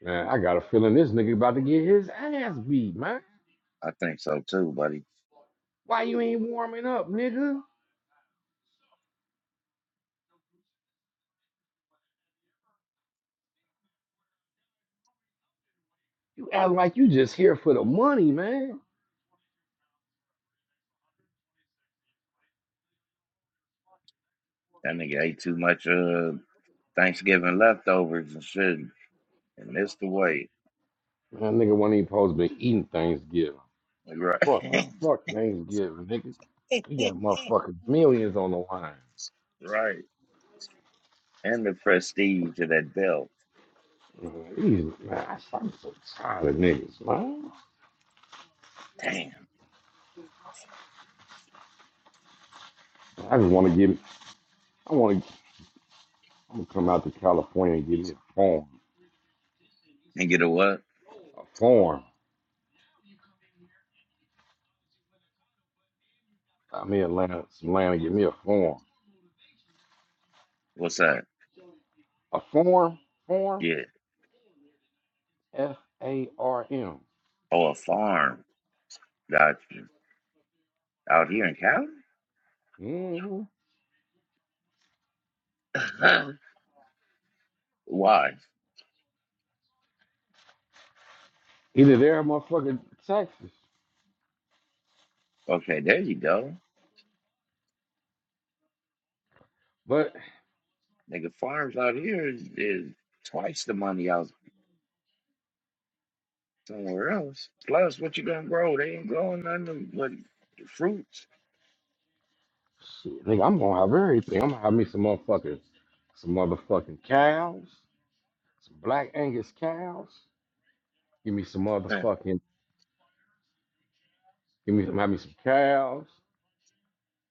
Speaker 4: Man, I got a feeling this nigga about to get his ass beat, man.
Speaker 2: I think so too, buddy.
Speaker 4: Why you ain't warming up, nigga? You act like you just here for the money, man.
Speaker 2: That nigga ate too much uh Thanksgiving leftovers and shit and missed the weight.
Speaker 4: That nigga wasn't even supposed to be eating Thanksgiving.
Speaker 2: Right.
Speaker 4: Fuck,
Speaker 2: [laughs]
Speaker 4: fuck Thanksgiving, nigga. He got motherfucking millions on the line.
Speaker 2: right. and the prestige of that belt.
Speaker 4: Man, these- man, I- I'm so tired of niggas, man.
Speaker 2: Damn.
Speaker 4: I just want to get, I want to, I'm gonna come out to California and get me a farm,
Speaker 2: And get a what?
Speaker 4: a farm. I'm in Atlanta, some land and get me a farm,
Speaker 2: What's that?
Speaker 4: a farm, farm,
Speaker 2: Yeah.
Speaker 4: F A R M.
Speaker 2: Oh, a farm. Got you. Out here in Cali?
Speaker 4: Mm-hmm.
Speaker 2: [laughs] Why?
Speaker 4: Either there or motherfucking Texas,
Speaker 2: Okay, there you go.
Speaker 4: but
Speaker 2: Nigga, farms out here is, is twice the money out somewhere else. Plus, what you gonna grow? They ain't growing nothing but fruits.
Speaker 4: Shit, nigga, I'm gonna have everything. I'm gonna have me some motherfuckers, some motherfucking cows, some black Angus cows. Give me some
Speaker 2: Man.
Speaker 4: motherfucking, give me some, have me some cows.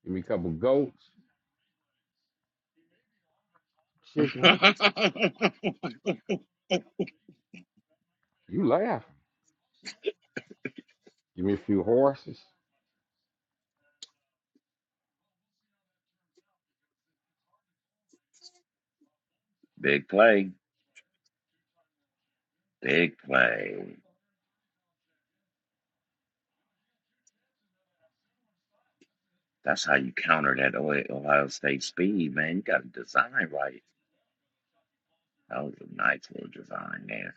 Speaker 4: Give me a couple goats, chickens.
Speaker 2: [laughs]
Speaker 4: You laughing? Give me a few horses.
Speaker 2: Big play. Big play. That's how you counter that Ohio Ohio State speed, man. You got to design right. That was a nice little design there.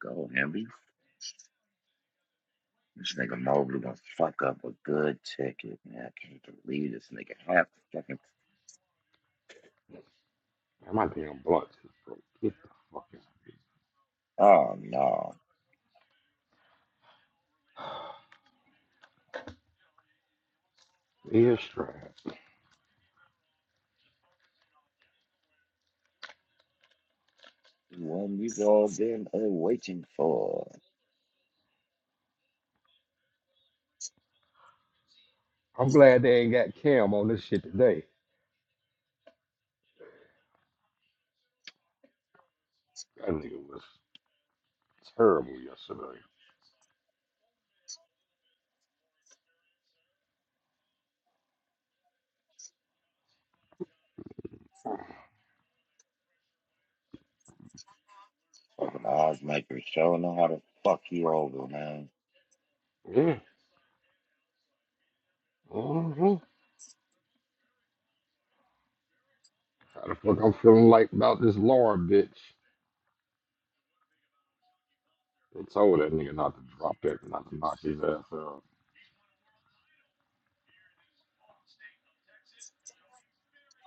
Speaker 2: Go, Henry. This nigga Mobley gonna fuck up a good ticket, man. I can't believe this nigga half a second.
Speaker 4: Man, my damn blunt is broke. Get the fuck out of
Speaker 2: Oh no,
Speaker 4: here. Ears trash.
Speaker 2: one you've all been uh, waiting for.
Speaker 4: I'm glad they ain't got Cam on this shit today. That nigga was terrible yesterday.
Speaker 2: Fucking Ozmaker showing know how to fuck you over, man.
Speaker 4: Yeah. Mm-hmm. How the fuck I'm feeling like about this Laura bitch? They told that nigga not to drop that, not to knock his ass out.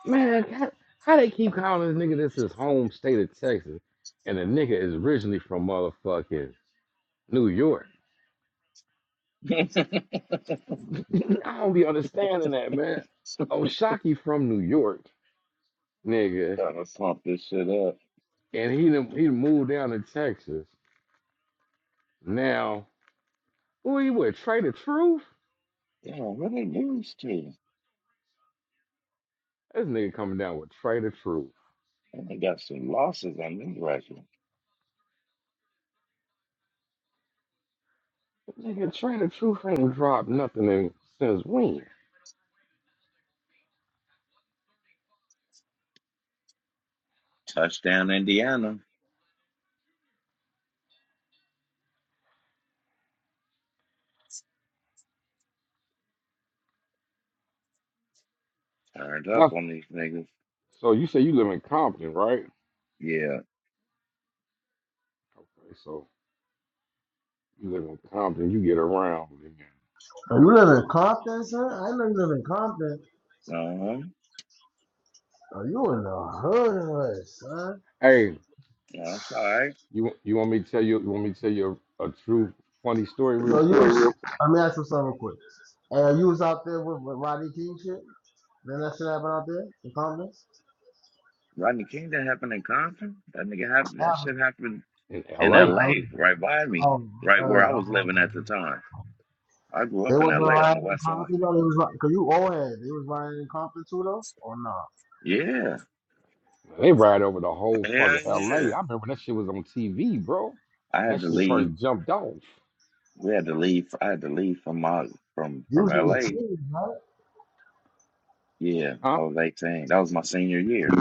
Speaker 4: Man, how, how they keep calling this nigga this his home state of Texas, and the nigga is originally from motherfucking New York. [laughs] I don't be understanding that, man.
Speaker 2: [laughs]
Speaker 4: Oshaki from New York, nigga,
Speaker 2: Gotta pump this shit up.
Speaker 4: and he done, he done moved down to Texas. Now, who he with? Trader Truth?
Speaker 2: Yeah, what they lose to?
Speaker 4: This nigga coming down with Trader Truth.
Speaker 2: And they got some losses on them record.
Speaker 4: Nigga, Trader Truth ain't dropped nothing in, since when?
Speaker 2: Touchdown Indiana. Turned
Speaker 4: Huh?
Speaker 2: up on these niggas.
Speaker 4: So you say you live in Compton, right?
Speaker 2: Yeah.
Speaker 4: Okay, so you live in Compton, you get around. Then.
Speaker 1: Oh, you live in Compton, son? I know you live in Compton.
Speaker 2: Uh-huh.
Speaker 1: Oh, you in the hood, son?
Speaker 4: Hey,
Speaker 2: That's all right.
Speaker 4: you you want me to tell you? You want me to tell you a, a true funny story real
Speaker 1: So you
Speaker 4: quick?
Speaker 1: was, let me ask you something real quick. Uh, you was out there with, with Rodney King shit? Then that shit happened out there in Compton?
Speaker 2: Rodney King that happened in Compton. That nigga happened.
Speaker 1: What
Speaker 2: That
Speaker 1: happened?
Speaker 2: shit happened
Speaker 4: In
Speaker 2: in
Speaker 1: Oh,
Speaker 4: L.A.,
Speaker 1: I was,
Speaker 2: L.A. right by me,
Speaker 1: oh,
Speaker 2: right where
Speaker 1: uh,
Speaker 2: I was
Speaker 1: um,
Speaker 2: living at the time. I grew
Speaker 1: they
Speaker 2: up in
Speaker 1: wasn't
Speaker 2: L.A. on the
Speaker 1: rioting in
Speaker 2: West Side.
Speaker 1: Compton though? They was, ri- cause you old head. They was rioting in Compton too though? Or no?
Speaker 2: Yeah,
Speaker 4: they ride over the whole
Speaker 2: hell
Speaker 4: fucking
Speaker 2: yeah.
Speaker 4: L.A. I remember that shit was on TV, bro.
Speaker 2: I had
Speaker 4: That
Speaker 2: to
Speaker 4: shit
Speaker 2: leave.
Speaker 4: first jumped off,
Speaker 2: We had to leave. I had to leave from my from
Speaker 1: You
Speaker 2: from
Speaker 1: was in your
Speaker 2: L.A.
Speaker 1: team, right?
Speaker 2: Yeah,
Speaker 4: huh?
Speaker 2: I was 18. That was my senior year.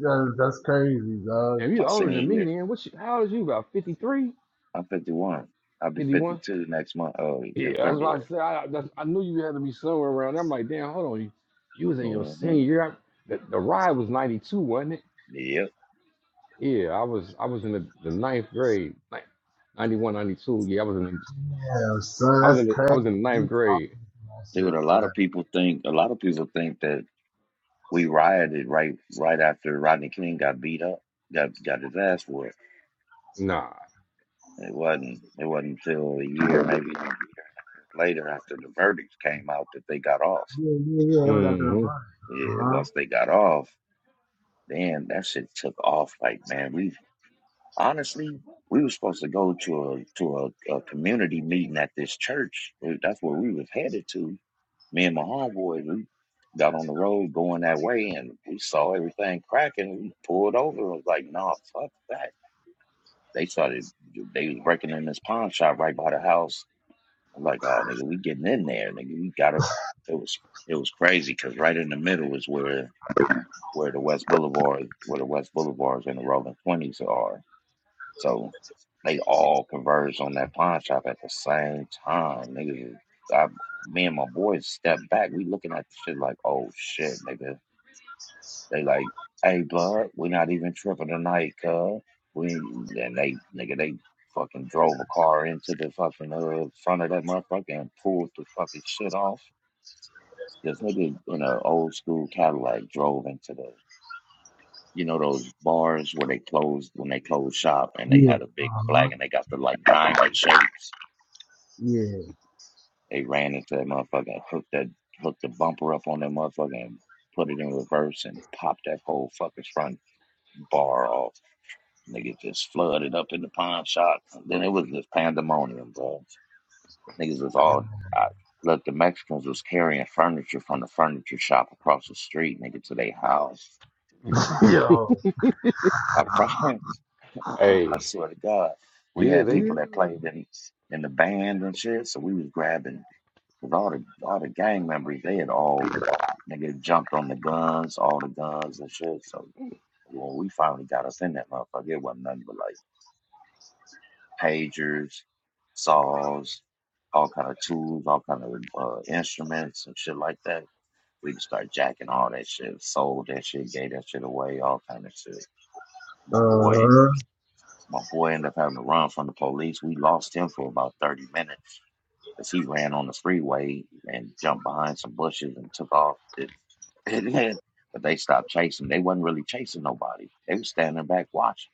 Speaker 1: Yeah, that's crazy, dog.
Speaker 4: Damn, you
Speaker 2: My
Speaker 4: older
Speaker 2: senior
Speaker 4: than me,
Speaker 2: year.
Speaker 4: then. What? You, how old is you? About 53,
Speaker 2: I'm 51. I'll be
Speaker 4: 51?
Speaker 2: 52 next month. Oh,
Speaker 4: Yeah,
Speaker 2: in
Speaker 4: that's why I
Speaker 2: February.
Speaker 4: said I, that's, I knew you had to be somewhere around. there. I'm like, damn, hold on, you, you was in your
Speaker 2: hmm
Speaker 4: senior year. I- The, the ride was 92, wasn't it?
Speaker 2: Yep.
Speaker 4: Yeah, I was I was in the, the ninth grade, like 91, ninety-two. Yeah, I was in the,
Speaker 1: Yeah, son,
Speaker 4: I was
Speaker 1: that's
Speaker 4: in the, I
Speaker 1: crazy.
Speaker 4: was in the
Speaker 1: You
Speaker 4: ninth
Speaker 1: out
Speaker 4: grade.
Speaker 1: there for that
Speaker 2: See what
Speaker 1: shit,
Speaker 2: a lot
Speaker 1: son.
Speaker 2: of people think. A lot of people think that. we rioted right right after Rodney King got beat up, got got his ass whooped.
Speaker 4: Nah.
Speaker 2: It wasn't it wasn't until a year, maybe a year and a half later after the verdicts came out that they got off.
Speaker 1: Yeah, yeah, yeah. It was after the
Speaker 4: hmm
Speaker 1: riot.
Speaker 2: Yeah,
Speaker 1: Uh-huh.
Speaker 2: once they got off, then that shit took off. Like man, we honestly we were supposed to go to a to a, a community meeting at this church. That's where we was headed to. Me and my homeboys, we got on the road going that way, and we saw everything cracking. We pulled over. I was like, "Nah, fuck that." They started, they was working in this pawn shop right by the house. I'm like, oh, nigga, we getting in there, nigga. We gotta. It was, it was crazy because right in the middle is where where the West Boulevard, where the West Boulevards and the Rolling Twenties are. So they all converged on that pawn shop at the same time, nigga. I, me and my boys stepped back. We looking at the shit like, oh shit, nigga they like, hey, bud, we're not even tripping tonight, cuz. We and they nigga, they fucking drove a car into the fucking uh, front of that motherfucker and pulled the fucking shit off. This nigga in an old school Cadillac drove into the you know those bars where they closed when they closed shop and they
Speaker 1: Yeah.
Speaker 2: had a big
Speaker 1: Uh-huh.
Speaker 2: flag and they got the like diamond shapes. They ran into that motherfucker and hooked that hooked the bumper up on that motherfucker and put it in reverse and popped that whole fucking front bar off Niggas just flooded up in the pawn shop. And then it was just pandemonium, bro. Niggas was all. I, look, the Mexicans was carrying furniture from the furniture shop across the street, nigga, to their house.
Speaker 1: Yeah. [laughs] Yo.
Speaker 2: I promise. [laughs] I
Speaker 4: Hey,
Speaker 2: swear to God, we
Speaker 4: yeah,
Speaker 2: had
Speaker 4: they
Speaker 1: Yeah.
Speaker 2: people that played in in the band and shit. So we was grabbing with all the all the gang members. They had all nigga jumped on the guns, all the guns and shit. So when we finally got us in that motherfucker, it wasn't nothing but like. pagers, saws, all kind of tools, all kind of uh, instruments and shit like that. We just started jacking all that shit, sold that shit, gave that shit away, all kind of shit. My boy,
Speaker 1: Uh,
Speaker 2: my boy ended up having to run from the police. We lost him for about thirty minutes because he ran on the freeway and jumped behind some bushes and took off. Did- [laughs] But they stopped chasing. They wasn't really chasing nobody. They was standing back watching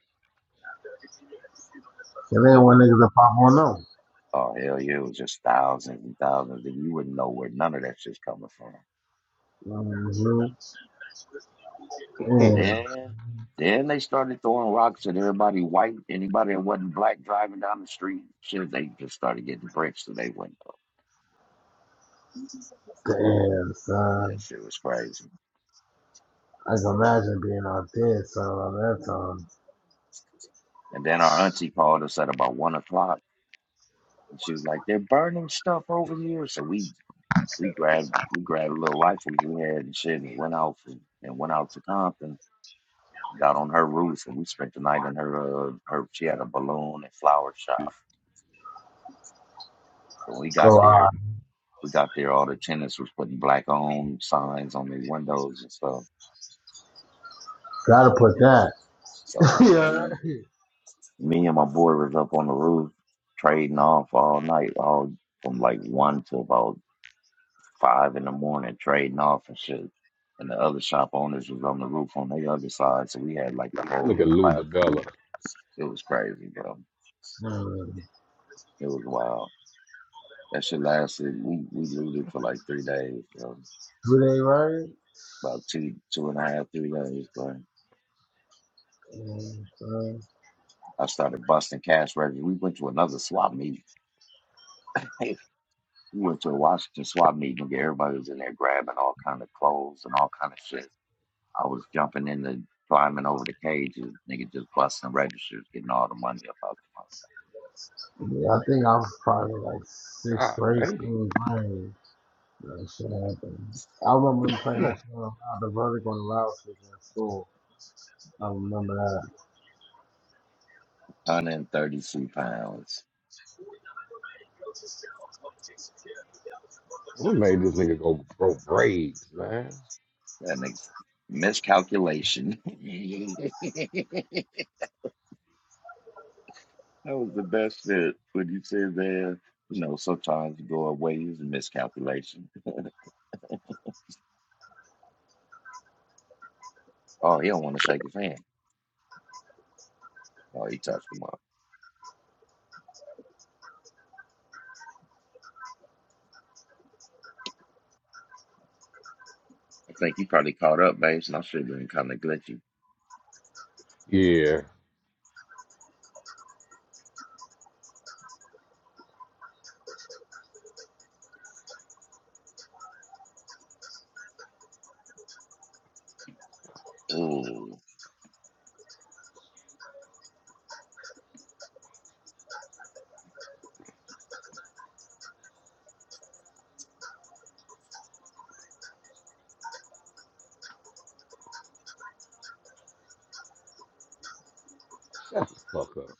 Speaker 1: and then one
Speaker 2: because
Speaker 1: niggas that pop one on.
Speaker 2: Oh hell yeah, it was just thousands and thousands, and you wouldn't know where none of that shit's coming from.
Speaker 1: Mm-hmm.
Speaker 4: hmm.
Speaker 1: And
Speaker 2: Then, then they started throwing rocks at everybody white, anybody that wasn't black driving down the street. Shit, they just started getting bricks to their window.
Speaker 1: damn,
Speaker 2: Yeah,
Speaker 1: son.
Speaker 2: shit was crazy.
Speaker 1: I can imagine being out there, son, on that time.
Speaker 2: And then our auntie called us at about one o'clock, and she was like, "They're burning stuff over here." So we we grabbed we grabbed a little rifle we had and shit, and went out and, and went out to Compton got on her roof and we spent the night in her uh, her she had a balloon and flower shop. When we got
Speaker 1: So I
Speaker 2: there, we got there all the tenants was putting black on signs on their windows and stuff.
Speaker 1: gotta put that. [laughs]
Speaker 2: So
Speaker 1: yeah.
Speaker 2: me me and my boy was up on the roof trading off all night, all from like one to about five in the morning trading off and shit. And the other shop owners was on the roof on the other side, so we had like the whole
Speaker 4: look at
Speaker 2: little
Speaker 4: Lou
Speaker 2: plaza.
Speaker 4: DeBella.
Speaker 2: It was crazy, bro.
Speaker 1: Mm.
Speaker 2: It was wild. That shit lasted. We we used it for like three days, so
Speaker 1: Do they right?
Speaker 2: about two two and a half three days. But
Speaker 1: Mm, son.
Speaker 2: I started busting cash registers. We went to another swap meeting. [laughs] Hey, we went to a Washington swap meeting. and Everybody was in there grabbing all kind of clothes and all kind of shit. I was jumping in the climbing over the cages. Nigga just busting registers, getting all the money up out
Speaker 1: Yeah, I think I was probably like sixth
Speaker 4: God
Speaker 1: grade,
Speaker 4: damn,
Speaker 1: seventh grade. That shit happened. I remember them playing that shit on the verdict on the loudspeaker in school. I remember that.
Speaker 2: the mouth. 132 pounds.
Speaker 4: what made this nigga go pro braids, man?
Speaker 2: That nigga's miscalculation. [laughs] That was the best fit. When you said that, you know, sometimes you go away is a miscalculation. Oh, he don't want to shake his hand. Oh, he touched him up. I think he probably caught up, babes, and I should have been kind of glitchy.
Speaker 4: Yeah,
Speaker 2: Ooh,
Speaker 4: shut the fuck up.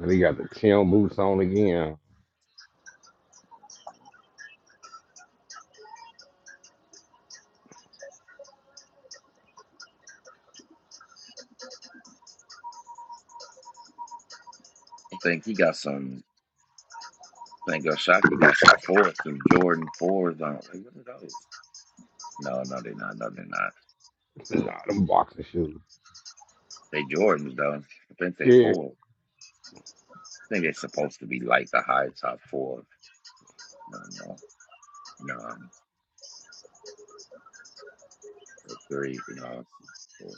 Speaker 4: And he got the Tim boots on again.
Speaker 2: I think he got some. I think Oshaki got some fours, some Jordan fours on. Like, what are those? No, no, they're not. No, they're not.
Speaker 4: [clears throat] nah, them boxing shoes.
Speaker 2: They Jordans though. I think they
Speaker 4: Yeah,
Speaker 2: four. I think they're supposed to be like the high top four. No, no, no, the three. You know, four.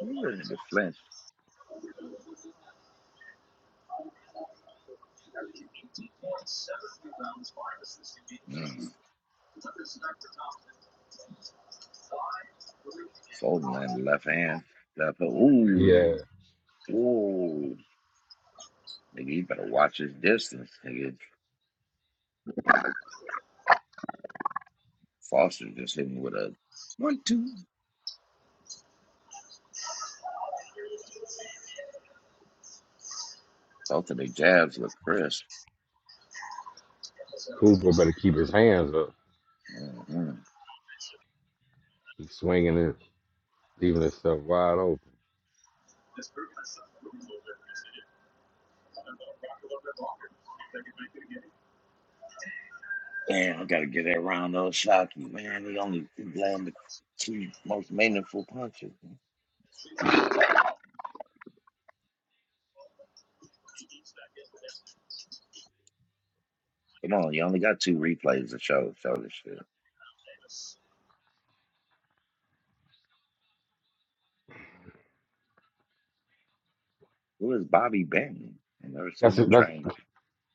Speaker 2: You ready to flinch? Mm. Folding land left hand. Left hook.
Speaker 4: yeah.
Speaker 2: Ooh. Ooh. Nigga, you better watch his distance. Nigga, Foster just hit me with a one, two. Both of the jabs look crisp.
Speaker 4: Cooper better keep his hands up.
Speaker 2: hmm
Speaker 4: He's swinging it, leaving himself wide open.
Speaker 2: Damn, I gotta get that round those shots. Man, he only he landed two most meaningful punches. Come on, you only got two replays to show. Show this shit. Who is Bobby Benton? I never
Speaker 4: That's
Speaker 2: seen him
Speaker 4: that's
Speaker 2: train.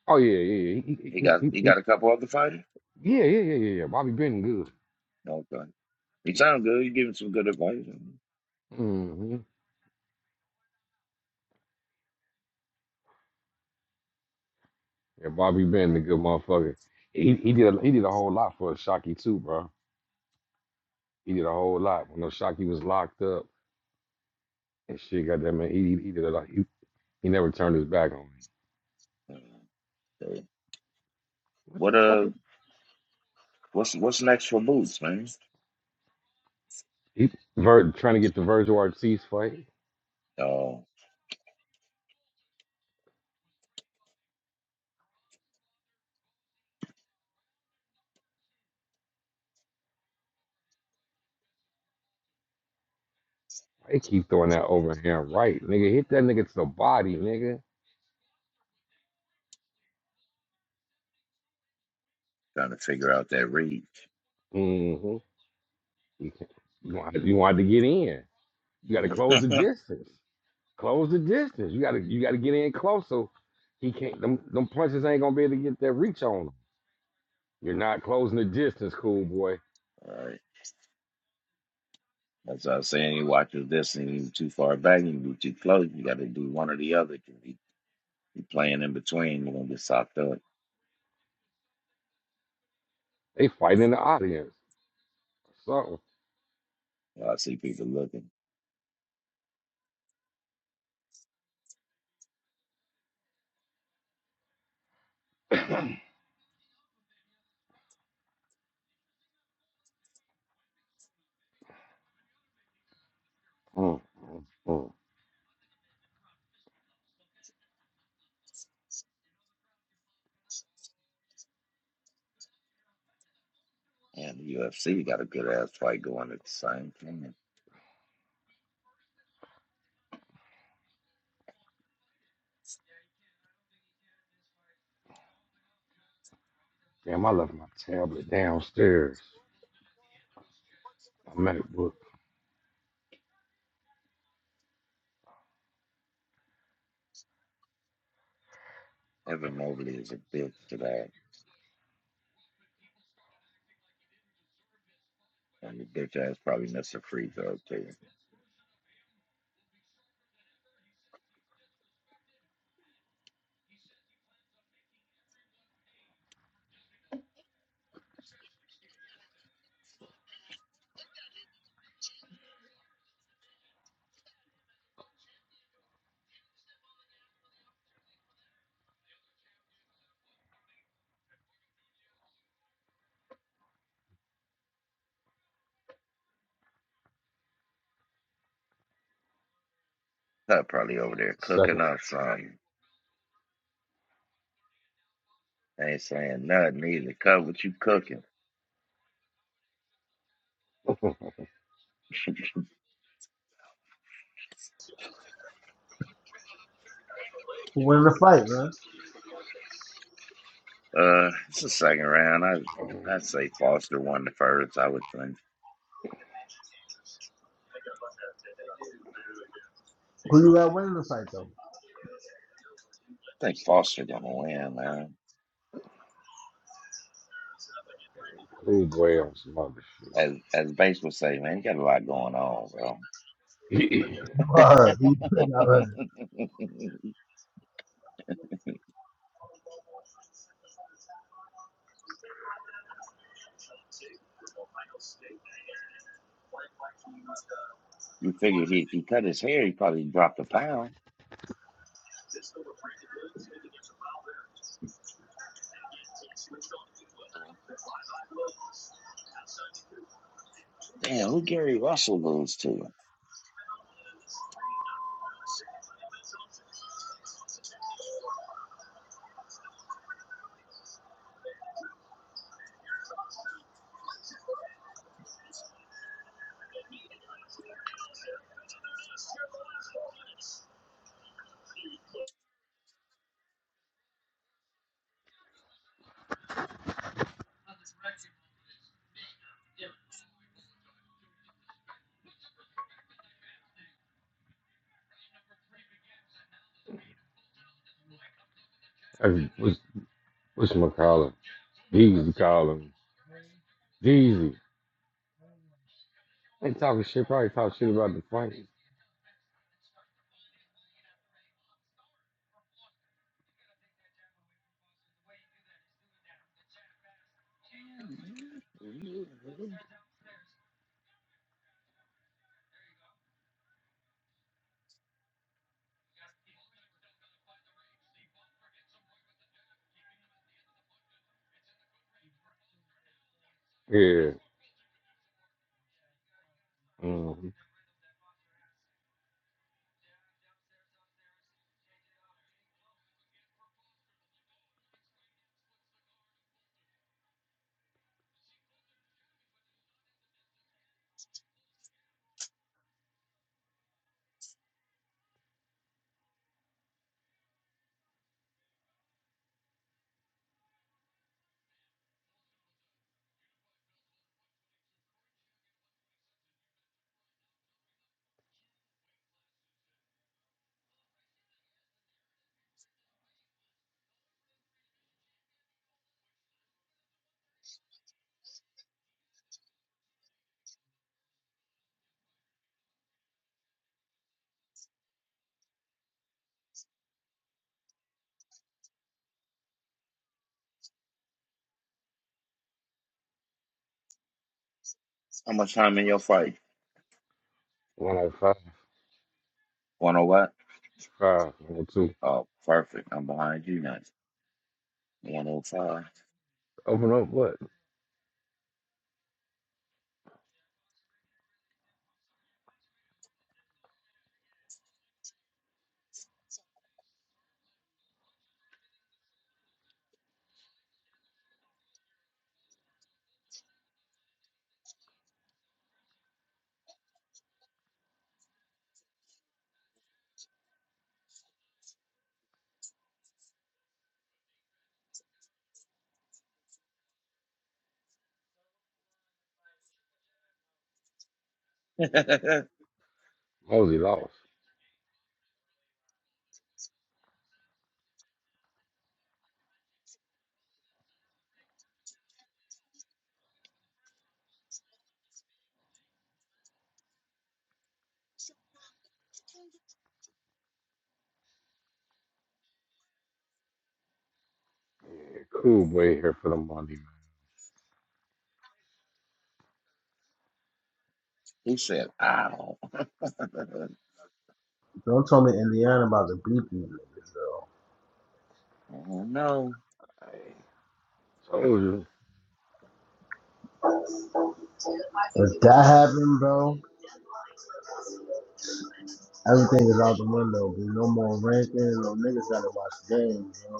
Speaker 4: Oh yeah, yeah, yeah, he, he,
Speaker 2: He
Speaker 4: he,
Speaker 2: got
Speaker 4: he,
Speaker 2: he
Speaker 4: he-
Speaker 2: got a couple other fighters.
Speaker 4: yeah, yeah, yeah, yeah, yeah. Bobby Benton good.
Speaker 2: No, Okay, he sound good. You give him some good advice.
Speaker 4: hmm Yeah, Bobby Benton a good motherfucker. He he did a, he did a whole lot for Shockey too, bro. He did a whole lot when those Shockey was locked up and shit. Goddamn it, he he did a lot. He, he never turned his back on me.
Speaker 2: Uh,
Speaker 4: What
Speaker 2: What
Speaker 4: the fuck?
Speaker 2: uh,
Speaker 4: Is,
Speaker 2: what's what's next for Boots, man?
Speaker 4: he Vir, trying to get the Virgil Ortiz fight.
Speaker 2: Oh,
Speaker 4: They keep throwing that overhand right, nigga. Hit that nigga to the body, nigga.
Speaker 2: trying to figure out that reach.
Speaker 4: hmm You, can't- you want you want to get in. You got to
Speaker 2: Mhm.
Speaker 4: close the distance. Close the distance. You gotta you gotta get in close so he can't them them punches ain't gonna be able to get that reach on him. You're not closing the distance, cool boy.
Speaker 2: All right, that's what I was saying. he watches this and you too far back, you be too close. You got to do one or the other. 'cause You you playing in between, you're gonna get socked up.
Speaker 4: They fighting in the audience. So
Speaker 2: Well, I see people looking.
Speaker 4: mm, mm, mm.
Speaker 2: And the UFC got a good ass fight going at the same time.
Speaker 4: damn I left my tablet downstairs. My MacBook.
Speaker 2: Evan Mobley is a bitch today, and the bitch ass probably missed a free throw too. Cut probably over there
Speaker 4: Second
Speaker 2: cooking up something. I Ain't saying nothing either. Cut what you cooking.
Speaker 4: [laughs]
Speaker 1: Who won the fight, man?
Speaker 2: Uh, it's the second round. I I'd say Foster won the first. I would think.
Speaker 1: Who you got winning the fight though?
Speaker 2: I think Foster gonna win, man.
Speaker 4: cool boy on some other
Speaker 2: As as Bass would say, man, you got a lot going on, bro.
Speaker 4: shit. [clears throat]
Speaker 1: You are. her. Who you putting out winning?
Speaker 2: [laughs] you figure he, if he cut his hair, he probably dropped a pound. Damn, who Gary Russell lose to?
Speaker 4: Hey, what's what's my calling? Deezy calling. Deezy. Ain't talking shit, probably talk shit about the fight. Yeah. Mm-hmm.
Speaker 2: How much time in your fight? One oh what?
Speaker 4: 105,
Speaker 2: Oh, perfect. I'm behind you now. One oh five.
Speaker 4: Open up what?
Speaker 2: [laughs]
Speaker 4: Mosey lost. Yeah, Cool boy here for the money, man.
Speaker 2: he said, "Ow." [laughs]
Speaker 1: Don't tell me Indiana about to beat these niggas, bro.
Speaker 2: I don't know.
Speaker 4: I told you.
Speaker 1: If that happened, bro, everything is out the window. There's no more rankings. No niggas gotta watch the game, bro.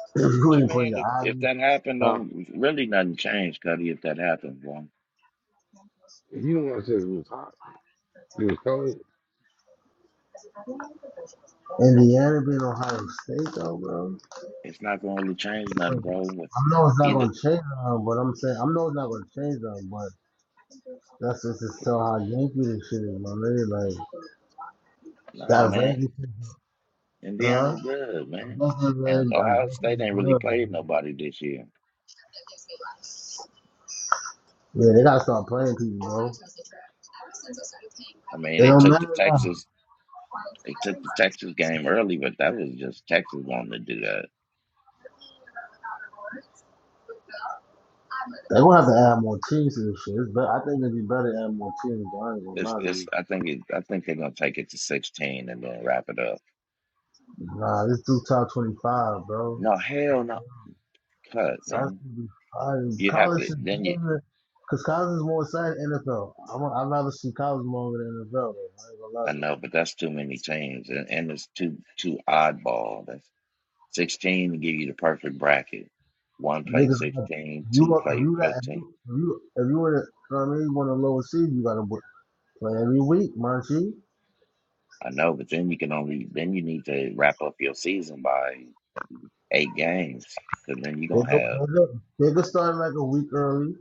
Speaker 1: [clears throat]
Speaker 2: What
Speaker 1: you
Speaker 2: you
Speaker 1: ain't putting
Speaker 2: mean?
Speaker 1: your
Speaker 2: If
Speaker 1: eyes,
Speaker 2: if that happened,
Speaker 4: Huh?
Speaker 2: don't really nothing changed, Cuddy. If that happened, bro,
Speaker 4: You don't want to say it was hot. It was cold.
Speaker 1: Indiana being Ohio State though, bro.
Speaker 2: it's not gonna really change nothing,
Speaker 1: I
Speaker 2: bro. With
Speaker 1: know it's not
Speaker 2: either,
Speaker 1: gonna change them, but I'm saying I know it's not gonna change them, but that's just to tell how Yankee this shit is, my nigga. Like
Speaker 2: no,
Speaker 1: that Randy,
Speaker 2: man.
Speaker 1: shit, huh?
Speaker 2: Indiana's
Speaker 1: I
Speaker 2: good, man.
Speaker 1: guess it's
Speaker 2: And
Speaker 1: good. I
Speaker 2: Ohio
Speaker 1: guess
Speaker 2: State
Speaker 1: it's
Speaker 2: ain't really
Speaker 1: good,
Speaker 2: played nobody this year.
Speaker 1: Yeah, they gotta start playing people, bro. It
Speaker 2: I mean, they
Speaker 1: don't
Speaker 2: took the
Speaker 1: matter now.
Speaker 2: Texas, they took the Texas game early, but that was just Texas wanting to do that.
Speaker 1: They gonna have to add more teams to this shit. It's better. I think it'd be better to add more teams. But I ain't gonna
Speaker 2: It's,
Speaker 1: lie to
Speaker 2: it's.
Speaker 1: you.
Speaker 2: I think it. I think they're gonna take it to sixteen and then wrap it up.
Speaker 1: Nah, this do top twenty five, bro.
Speaker 2: No, hell no, cut,
Speaker 1: That's
Speaker 2: man.
Speaker 1: gonna be fire.
Speaker 2: You'd have
Speaker 1: College
Speaker 2: to
Speaker 1: is
Speaker 2: then. you.
Speaker 1: better because college is more exciting than NFL. I'm, i I'd rather see college more than NFL. Bro. I ain't gonna lie
Speaker 2: I
Speaker 1: to
Speaker 2: know, but that's too many teams, and, and it's too too oddball. That's sixteen to give you the perfect bracket. One
Speaker 1: you.
Speaker 2: play
Speaker 1: Niggas, got-
Speaker 2: sixteen,
Speaker 1: you
Speaker 2: two
Speaker 1: want- if
Speaker 2: play
Speaker 1: you that if
Speaker 2: fifteen.
Speaker 1: you if you if you want to, you know what I mean, you want a lower seed, you gotta w- play every week, man.
Speaker 2: I know, but then you can only then you need to wrap up your season by eight games, because then you're
Speaker 1: They
Speaker 2: gonna
Speaker 1: go,
Speaker 2: have
Speaker 1: they go, they go start like a week early,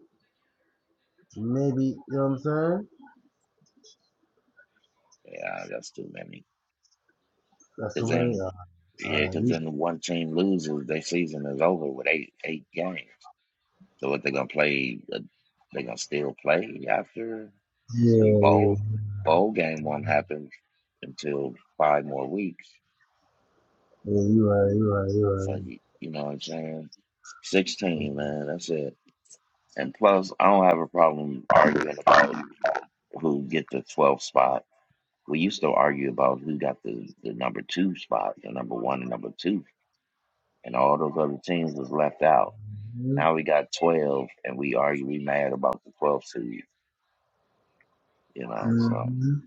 Speaker 1: maybe. You know what I'm saying?
Speaker 2: yeah, that's too many.
Speaker 1: That's
Speaker 2: Because
Speaker 1: too many.
Speaker 2: then
Speaker 1: Uh,
Speaker 2: yeah,
Speaker 1: uh,
Speaker 2: because
Speaker 1: you-
Speaker 2: then the one team loses, their season is over with eight eight games. So what they're gonna play? uh, They're gonna still play after.
Speaker 1: yeah,
Speaker 2: The
Speaker 1: yeah,
Speaker 2: bowl bowl game one happens until five more weeks.
Speaker 1: yeah. You right, you right,
Speaker 2: So
Speaker 1: you
Speaker 2: you, you know what I'm saying?
Speaker 1: right.
Speaker 2: Sixteen, man, that's it. And plus, I don't have a problem arguing about who get the 12th spot. We used to argue about who got the, the number two spot, the number one and number two, and all those other teams was left out.
Speaker 1: Mm-hmm.
Speaker 2: Now we got 12, and we argue, we mad about the 12th seed, you know. So I
Speaker 1: Mm-hmm.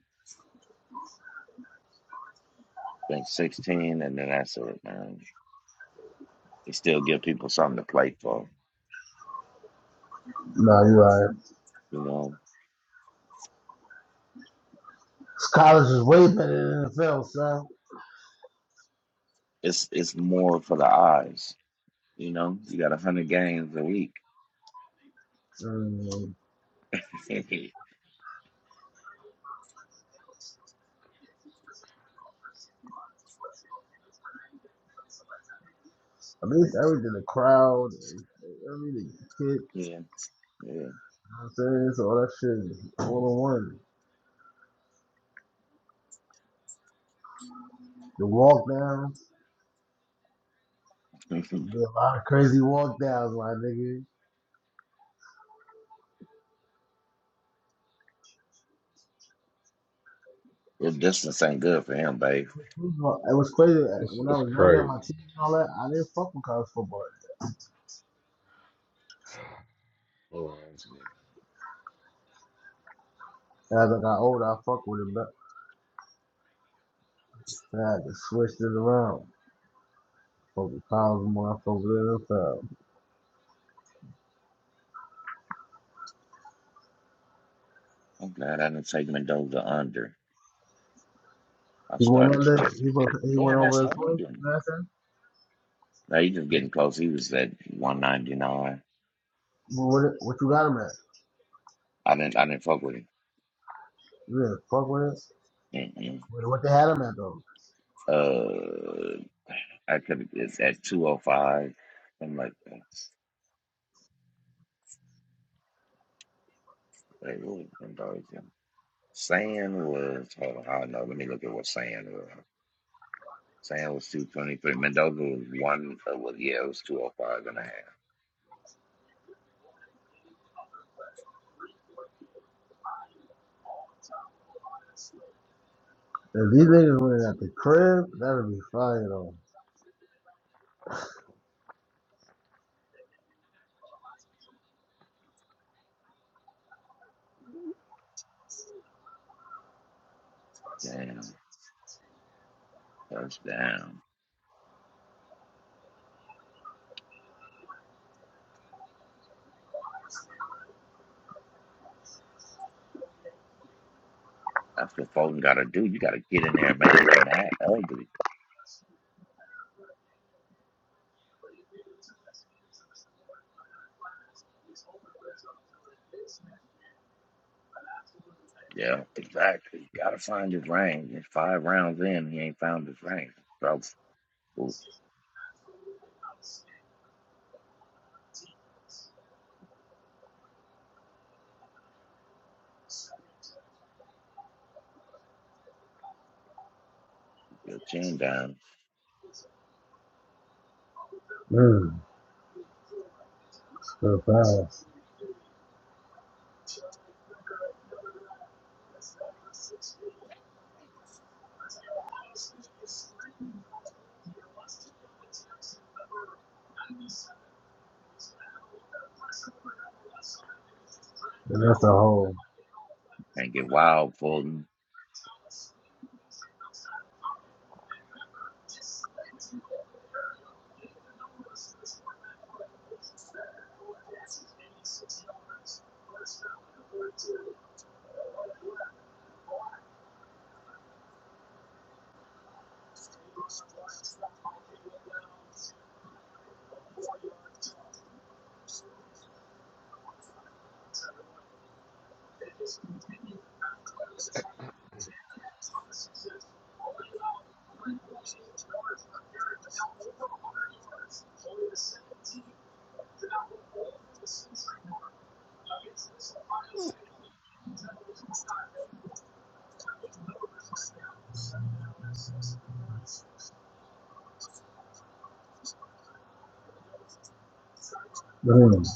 Speaker 2: think 16, and then that's it, man. To still give people something to play for.
Speaker 1: No, you right.
Speaker 2: You know,
Speaker 1: College is way better than NFL, son.
Speaker 2: it's it's more for the eyes. You know, you got a hundred games a week.
Speaker 1: Mm.
Speaker 2: [laughs] yeah,
Speaker 1: I mean, it's everything the crowd, everything, the kids, you
Speaker 2: yeah.
Speaker 1: know what I'm saying? So all that shit is all in one. The walk downs,
Speaker 2: [laughs]
Speaker 1: there's a lot of crazy walk downs, my nigga.
Speaker 2: the distance ain't good for him, babe.
Speaker 1: You know, It was crazy that
Speaker 4: It's,
Speaker 1: when I
Speaker 4: it's
Speaker 1: was younger, my
Speaker 4: crazy.
Speaker 1: team and all that. I didn't fuck with college football.
Speaker 4: Hold on, it's
Speaker 1: As I got older, I fuck with it, but I had to switch it around. Fuck with college more. I fuck with the NFL.
Speaker 2: I'm glad I didn't take him and dove the under. I
Speaker 1: He went
Speaker 2: started
Speaker 1: over there.
Speaker 2: checking.
Speaker 1: He went. He went
Speaker 2: Damn, that's
Speaker 1: over his way. Last time.
Speaker 2: holding.
Speaker 1: What, I'm saying?
Speaker 2: Now he just getting close. He was at one ninety nine.
Speaker 1: Well, what, it- what you got him at?
Speaker 2: I didn't I didn't fuck with him.
Speaker 1: You didn't fuck with it.
Speaker 2: Mm-mm.
Speaker 1: What, what they had him at though?
Speaker 2: Uh, I could it's at two oh five. I'm like, that's- wait, what was Mendoza? Sand was hold on, I don't know. Let me look at what sand was. Sam was 223. Mendoza was one. Uh, well, yeah, it was two oh five and a half.
Speaker 1: If these niggas went at the crib, that'd be fire though.
Speaker 2: Damn. First down. That's what Foden got to do. You got to get in there and make it that ugly. Yeah, exactly. Got to find his range. It's five rounds in. He ain't found his range. So, put your chin down
Speaker 1: Mm, so fire. And that's a whole.
Speaker 2: and get wild, Foden.
Speaker 4: nigga.
Speaker 1: Mm.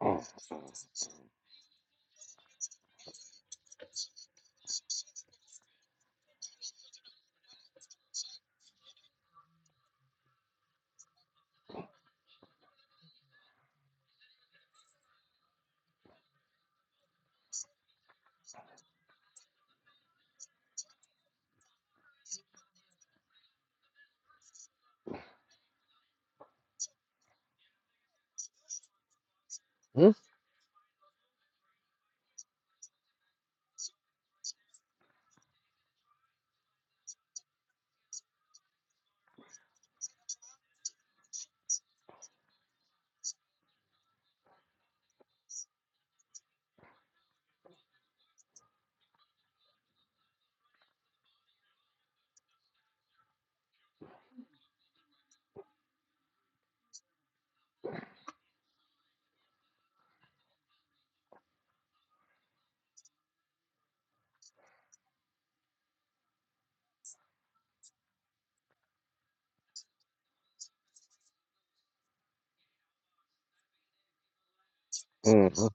Speaker 4: Oh, oh. Hmm? Mm-hmm.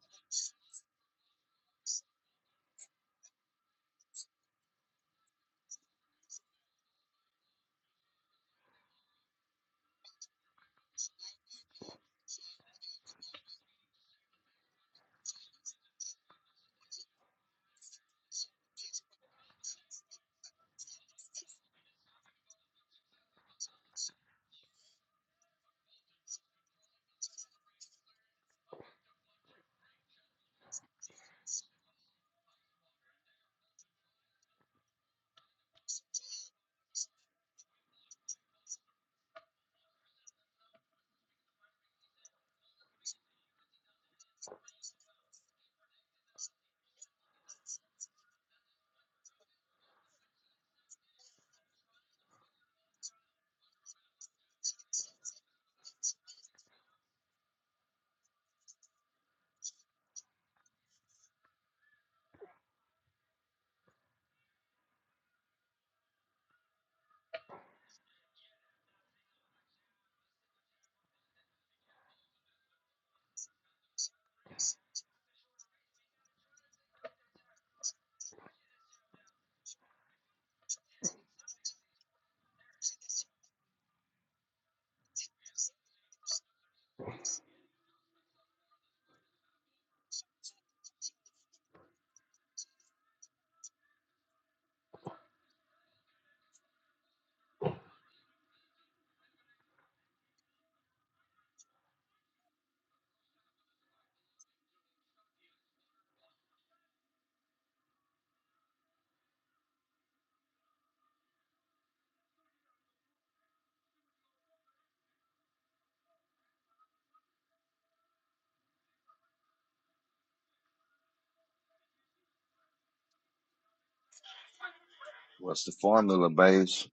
Speaker 2: What's the formula, base?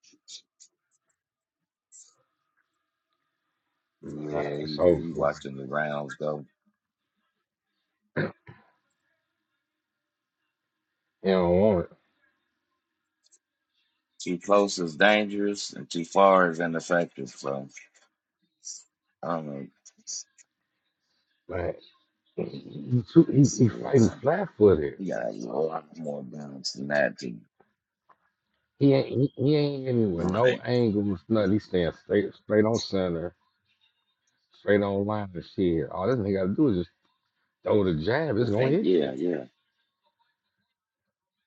Speaker 2: Yeah,
Speaker 4: Nah, it's
Speaker 2: he,
Speaker 4: over
Speaker 2: he
Speaker 4: for me.
Speaker 2: watching the rounds go.
Speaker 4: He don't want it.
Speaker 2: Too close is dangerous, and too far is ineffective. So I don't know.
Speaker 4: Like, he, too, he, he
Speaker 2: Yeah.
Speaker 4: fighting flat footed.
Speaker 2: You gotta have a lot more balance than that to
Speaker 4: He ain't he, he ain't hitting with no
Speaker 2: right.
Speaker 4: angles, nothing. He staying straight straight on center, straight on line and shit. All this nigga gotta do is just throw the jab,
Speaker 2: You
Speaker 4: it's gonna
Speaker 2: think,
Speaker 4: hit you.
Speaker 2: yeah, yeah,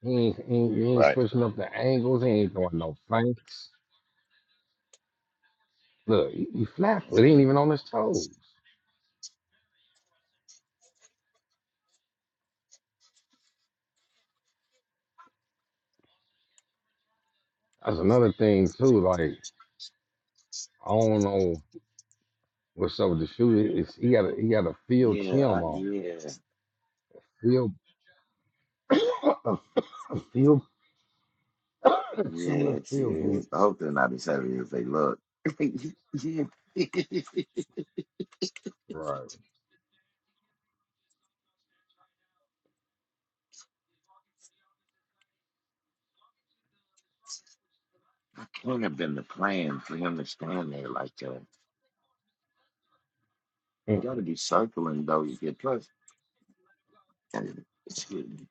Speaker 4: He ain't, he ain't, he ain't
Speaker 2: Right.
Speaker 4: switching up the angles. He ain't throwing no flanks. Look, he, he flat footed. He ain't
Speaker 2: Mhm.
Speaker 4: even on his toes. That's another thing too. Like I don't know what's up with the shooter. It's, he got a, he got a field
Speaker 2: yeah, I,
Speaker 4: Tim on
Speaker 2: yeah,
Speaker 4: field [coughs] a field [coughs] similar
Speaker 2: yeah,
Speaker 4: field
Speaker 2: yeah.
Speaker 4: boot.
Speaker 2: I hope they're not as heavy as they look. [laughs] yeah, [laughs] could
Speaker 4: Right.
Speaker 2: not have been the plan for him to stand there like that. He
Speaker 4: Mm,
Speaker 2: got to be circling though. You get plus, and it's good.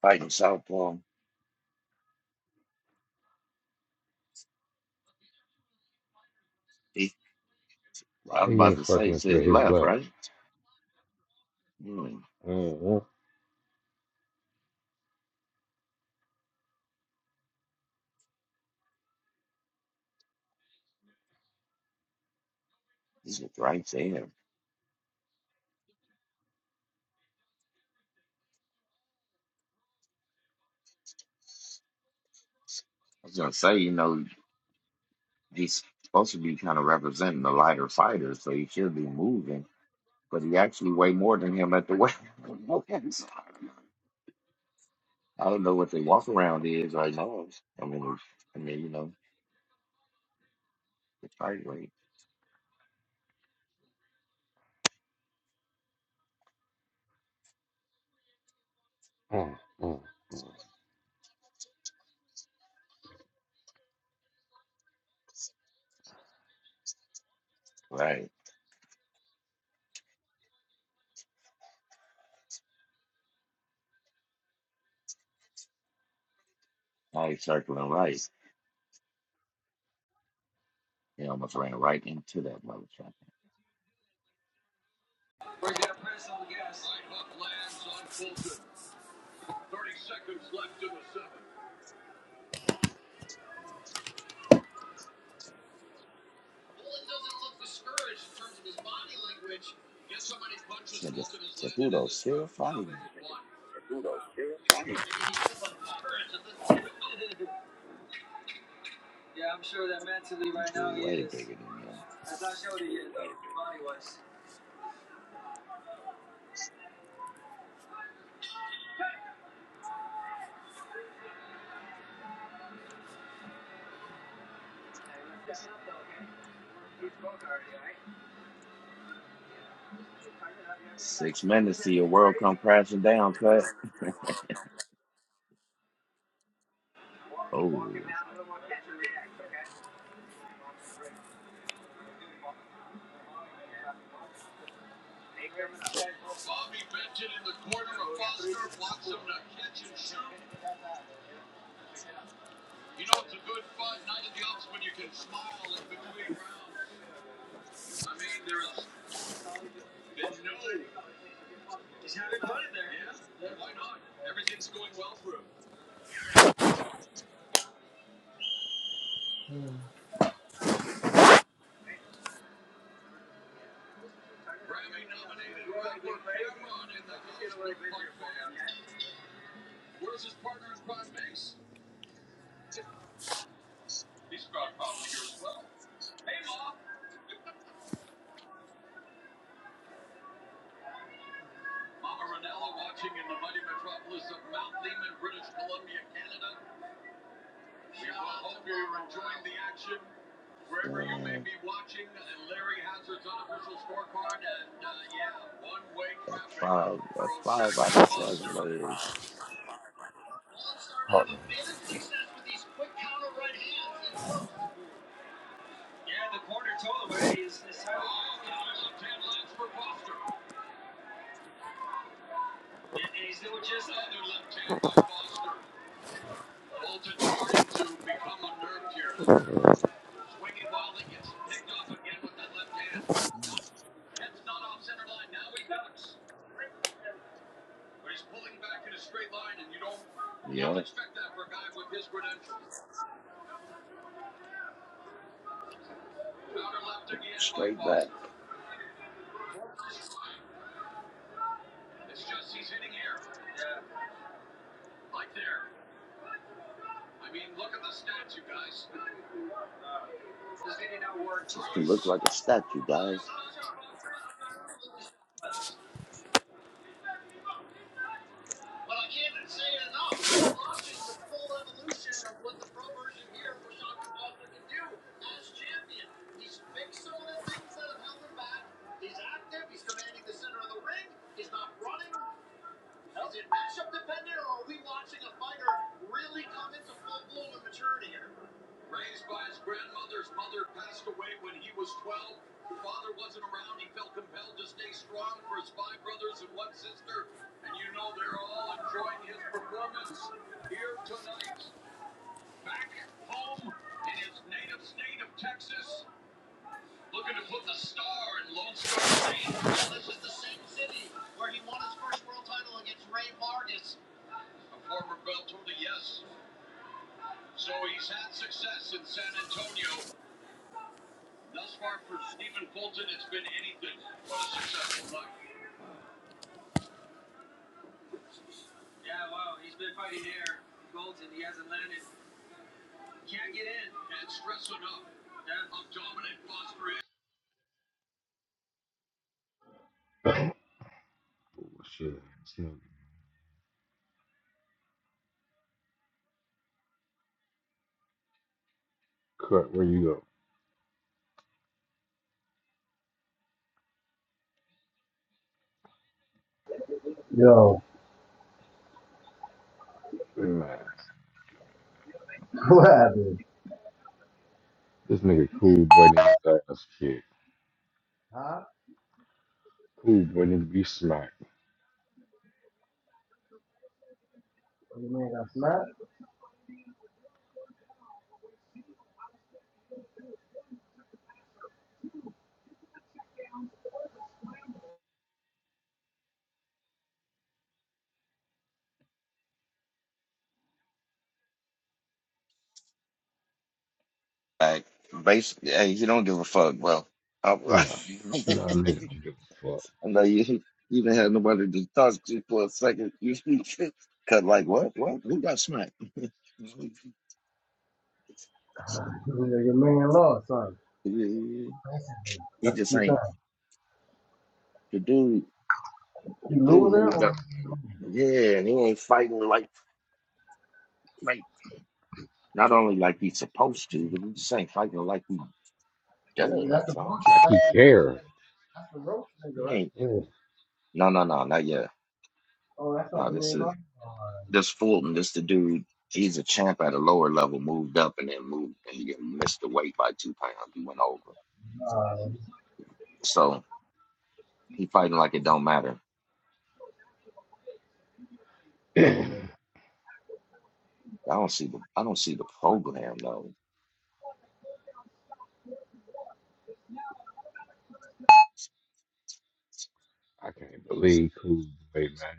Speaker 2: fighting southpaw. He, I
Speaker 4: Why
Speaker 2: was
Speaker 4: he
Speaker 2: about
Speaker 4: ain't
Speaker 2: to say,
Speaker 4: circling
Speaker 2: it's
Speaker 4: to
Speaker 2: his
Speaker 4: his
Speaker 2: left,
Speaker 4: left?
Speaker 2: right? Mm,
Speaker 4: Mm-hmm.
Speaker 2: he's right there. I was gonna say, you know. he's supposed to be kind of representing the lighter fighters, so he should be moving. But he actually weigh more than him at the weight. [laughs] I don't know what the walk around is right now. I mean, I mean, you know, the fight weight,
Speaker 4: Mm, mm.
Speaker 2: right? Now he's circling right. He almost ran right into that motherfucker. This nigga said, still fighting. You do way bigger than him." Six minutes to your world come crashing down, cut. [laughs] oh, man. That's five, that's five out of seven, man.
Speaker 4: Hold
Speaker 2: Yeah, straight back. She look like a statue, guys.
Speaker 4: Oh [coughs] shit! This Cut. Where you
Speaker 1: Yo,
Speaker 4: go? Man,
Speaker 1: [laughs] what happened?
Speaker 4: this nigga cool boy need his ass kicked.
Speaker 1: Huh?
Speaker 4: Cool, boy, nigga be smacked.
Speaker 1: Your man got smacked?
Speaker 2: Like, basically, hey, you don't give a fuck. Well, I,
Speaker 4: Nah, nah, nigga don't
Speaker 2: [laughs]
Speaker 4: give a fuck.
Speaker 2: I know you. You didn't have nobody to talk to for a second. [laughs] You cut like what? What? Who got smacked? [laughs]
Speaker 1: Your man lost, son.
Speaker 2: Yeah, He
Speaker 1: That's what
Speaker 2: just
Speaker 1: you're saying.
Speaker 2: ain't the dude. The
Speaker 1: You
Speaker 2: dude
Speaker 1: loser
Speaker 2: moved
Speaker 1: or
Speaker 2: up.
Speaker 1: you-
Speaker 2: Yeah, and he ain't fighting like like not only like he's supposed to, but he just ain't fighting like he does.
Speaker 1: that's the
Speaker 2: Right?
Speaker 1: roach
Speaker 4: Like
Speaker 1: that's
Speaker 4: he
Speaker 1: the roach
Speaker 4: care.
Speaker 1: nigga. That's the roach
Speaker 2: He
Speaker 1: nigga, right?
Speaker 2: ain't.
Speaker 4: Yeah.
Speaker 2: No, no, no, not yet.
Speaker 1: Oh, that's not
Speaker 2: No,
Speaker 1: the
Speaker 2: this
Speaker 1: main
Speaker 2: is.
Speaker 1: part? Oh,
Speaker 2: This Fulton, this the dude. He's a champ at a lower level, moved up and then moved and he missed the weight by two pounds. He went over. So he fighting like it don't matter.
Speaker 4: [clears throat]
Speaker 2: I don't see the I don't see the program though.
Speaker 4: I can't believe cool boy, man.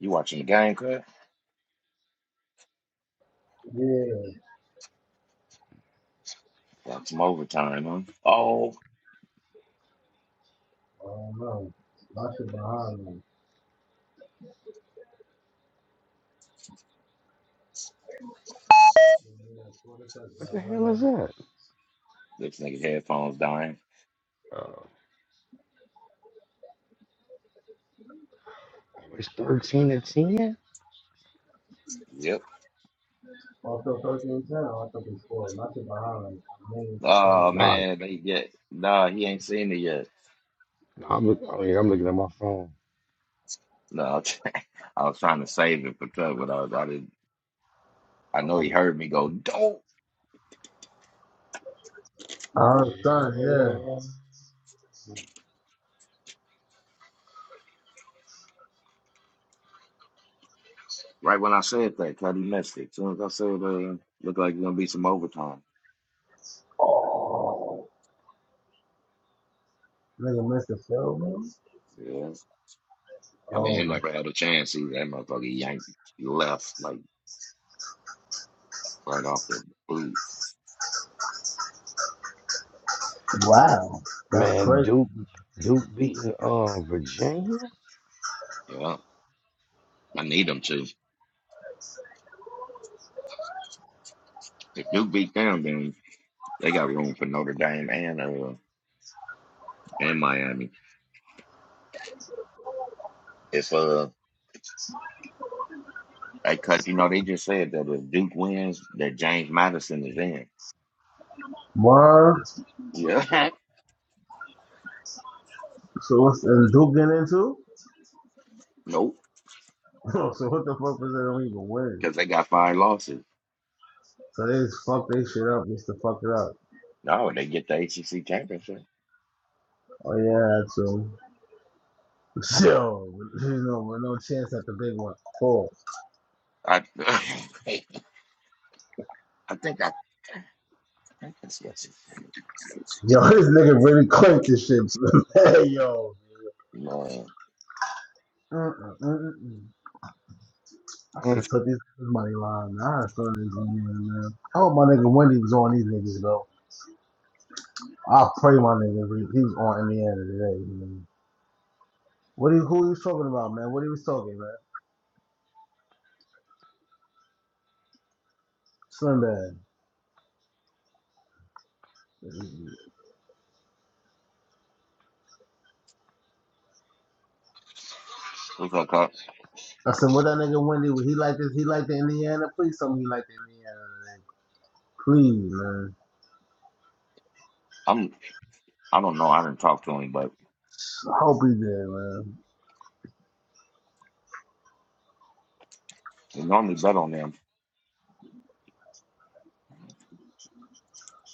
Speaker 2: You watching the game, cut?
Speaker 1: Yeah.
Speaker 2: Got some overtime, huh? Oh,
Speaker 1: I don't know. My shit behind
Speaker 4: What the hell is that?
Speaker 2: this nigga headphones dying.
Speaker 4: Uh, always thirteen and ten?
Speaker 2: Yep.
Speaker 1: Also, first in ten, I thought they scored. My shit behind me. I made it
Speaker 2: Oh
Speaker 4: Nah,
Speaker 2: man, they get nah. He ain't seen it yet.
Speaker 4: nah. I'm, look, I mean, I'm looking at my phone.
Speaker 2: No, [laughs] I was trying to save it for cut, but I, was- I didn't. I
Speaker 4: I'm
Speaker 2: know
Speaker 4: up-
Speaker 2: he heard me go dope.
Speaker 1: Oh, son, yeah.
Speaker 2: Right when I said that, Cuddy missed it. As soon as I said, uh, look like it's gonna be some overtime.
Speaker 1: Oh. Nigga missed the field goal.
Speaker 2: Yes, I mean, he
Speaker 1: Oh,
Speaker 2: never had a chance. He that motherfucker yanked left like right off the boot.
Speaker 1: wow. That's
Speaker 4: man,
Speaker 1: crazy.
Speaker 4: Duke, Duke beating uh Virginia.
Speaker 2: Yeah. I need them to. If Duke beat them, then they got room for Notre Dame and uh and Miami. If uh they cut, you know, they just said that if Duke wins, that James Madison is in.
Speaker 1: Word.
Speaker 2: Yeah.
Speaker 1: So what's and Duke getting into?
Speaker 2: [laughs] nope.
Speaker 1: [laughs] so what the fuck was they don't even win?
Speaker 2: Because they got five losses.
Speaker 1: So they just fuck they shit up just to fuck it up.
Speaker 2: No, they get the ACC championship.
Speaker 1: Oh yeah, that's true. yo, [laughs] you know, with no chance at the big one. Cool.
Speaker 2: I [laughs] I think I I guess yes.
Speaker 1: Yo, [laughs] this nigga really claimed this shit. [laughs] hey, yo.
Speaker 2: Lord,
Speaker 1: Mm-mm, mm-mm. I should
Speaker 4: Mm.
Speaker 1: have took this money line. man. I had fun this Indiana, man. I hope my nigga Wendy was on these niggas, though. I pray my nigga he was on Indiana today, man. What he, who he was talking about, man? What he was talking, man? Slim Bad.
Speaker 2: what's up, Cox?
Speaker 1: I said, what that nigga Wendy, he like this, he like the Indiana? Please tell me he like the Indiana today. Please, man.
Speaker 2: I'm. I don't know. I didn't talk to him, but
Speaker 1: I hope he did.
Speaker 2: we normally bet on them.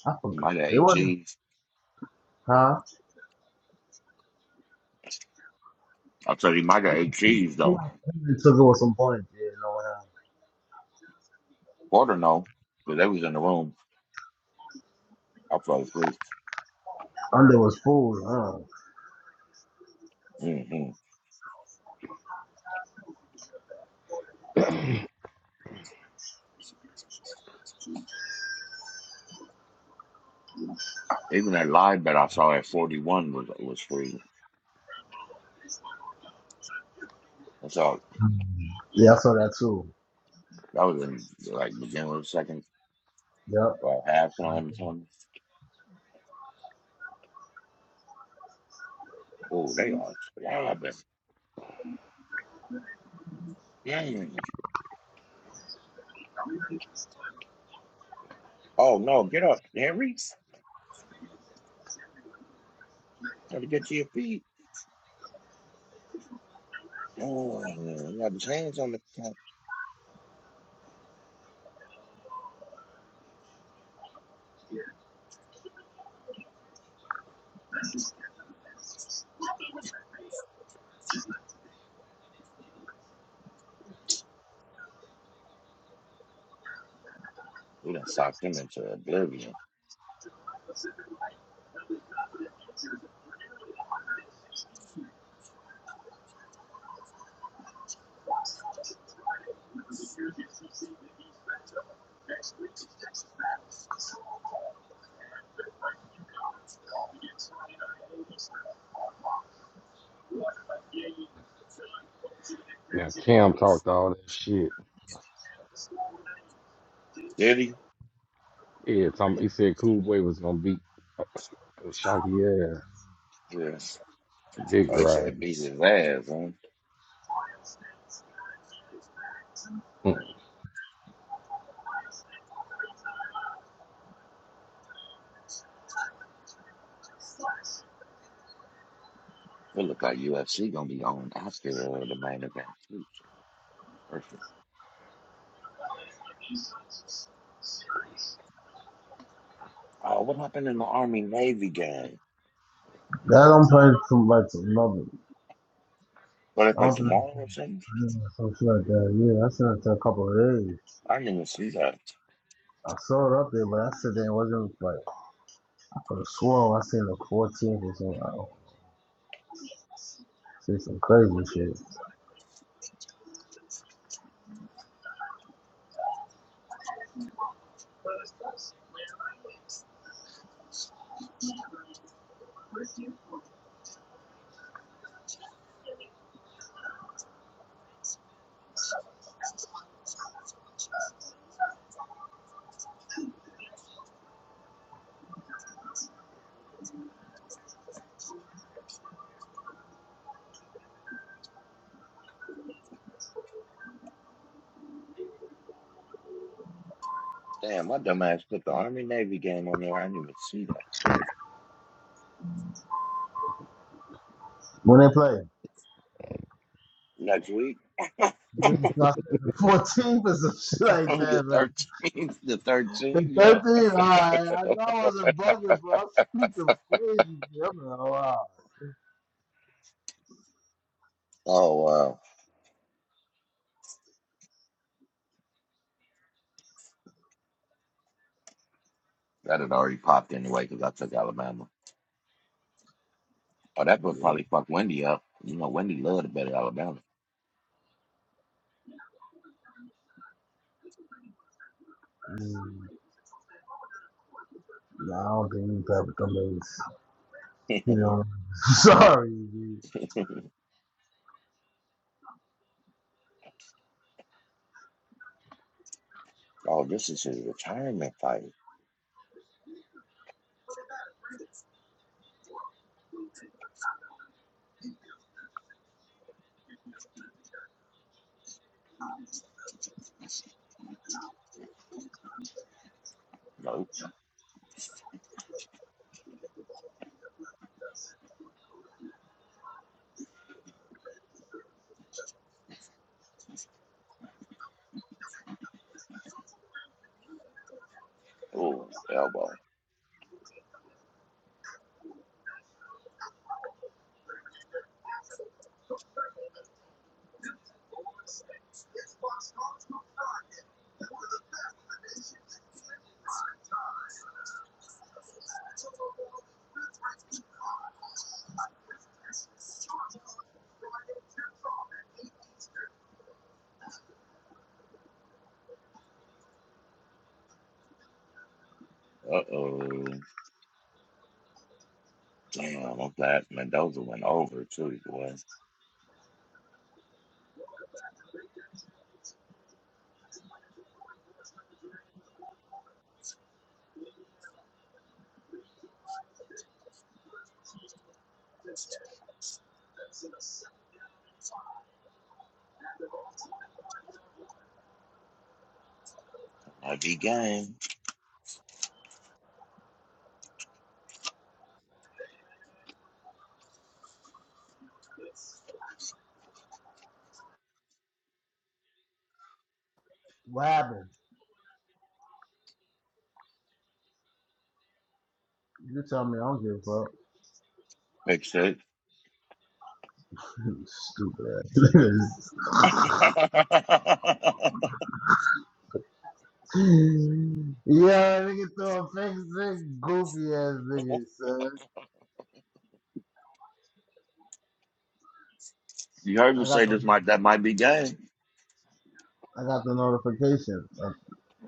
Speaker 1: I
Speaker 2: He
Speaker 1: forgot.
Speaker 2: might have
Speaker 1: It
Speaker 2: ate
Speaker 1: wasn't,
Speaker 2: cheese.
Speaker 1: huh?
Speaker 2: I tell you, he might have ate
Speaker 1: He
Speaker 2: cheese though.
Speaker 1: took it with some points. Yeah, no, one else.
Speaker 2: Porter no, because they was in the room. I fell asleep.
Speaker 1: Under was full. Huh?
Speaker 2: hmm
Speaker 4: [clears throat]
Speaker 2: Even that live bet I saw at 41 was was free. That's all.
Speaker 1: Mm. Yeah, I saw that too.
Speaker 2: That was in like beginning of the second
Speaker 1: Yeah,
Speaker 2: or halftime or something. Oh, they are slobbing. Mm. Oh no, get up, Henry. Try to get to your feet. Oh, he got his hands on the. We done socked him into oblivion.
Speaker 4: now Cam talked all that shit.
Speaker 2: Did he?
Speaker 4: Yeah, Tom, he said Cool Boy was gonna beat Shocky ass.
Speaker 2: Yes.
Speaker 4: Dick
Speaker 2: Oh, he said
Speaker 4: ride.
Speaker 2: beat his ass, man.
Speaker 4: Mm.
Speaker 2: It look like UFC gonna be on after uh, the main event too. So perfect. Oh, what happened in the Army Navy game?
Speaker 1: That I'm playing too much another.
Speaker 2: What they
Speaker 1: I
Speaker 2: play
Speaker 1: don't think
Speaker 2: tomorrow or something?
Speaker 1: yeah, something like that. Yeah, I seen it to a couple of days.
Speaker 2: I didn't even see that.
Speaker 1: I saw it up there, but I said that it wasn't like I could have sworn I seen the 14th or something. I don't see some crazy shit.
Speaker 2: Damn, my dumb ass put the Army Navy game on there. I didn't even see that.
Speaker 1: When they play.
Speaker 2: Next week,
Speaker 1: Yeah, so I said the 14th or some shit
Speaker 2: [laughs]
Speaker 1: like
Speaker 2: the
Speaker 1: that, man.
Speaker 2: thirteenth, the
Speaker 1: The
Speaker 2: thirteenth, yep.
Speaker 1: 13th, alright. I know I wasn't bugging, bro. I see some
Speaker 2: [laughs]
Speaker 1: crazy shit. I'm like, oh, wow.
Speaker 2: oh wow, that had already popped anyway because I took Alabama. Oh, that would probably fuck Wendy up. You know, Wendy loved to bet at Alabama.
Speaker 1: Nah, I don't think we play with them days.
Speaker 2: [laughs]
Speaker 1: You know, [laughs] sorry, dude.
Speaker 2: oh, this is a retirement fight. Nope. Oh, elbow. Uh oh. Damn, I'm glad Mendoza went over too. Boy, might be game.
Speaker 1: What happened? You tell me. I don't give a fuck.
Speaker 2: Big six.
Speaker 1: [laughs] Stupid ass.
Speaker 2: [laughs]
Speaker 1: [laughs] yeah, nigga throw a fake sick, goofy ass nigga, son.
Speaker 2: you heard me
Speaker 1: I got
Speaker 2: say
Speaker 1: the
Speaker 2: this might that might be game.
Speaker 1: I got the notification. I'm
Speaker 2: [laughs]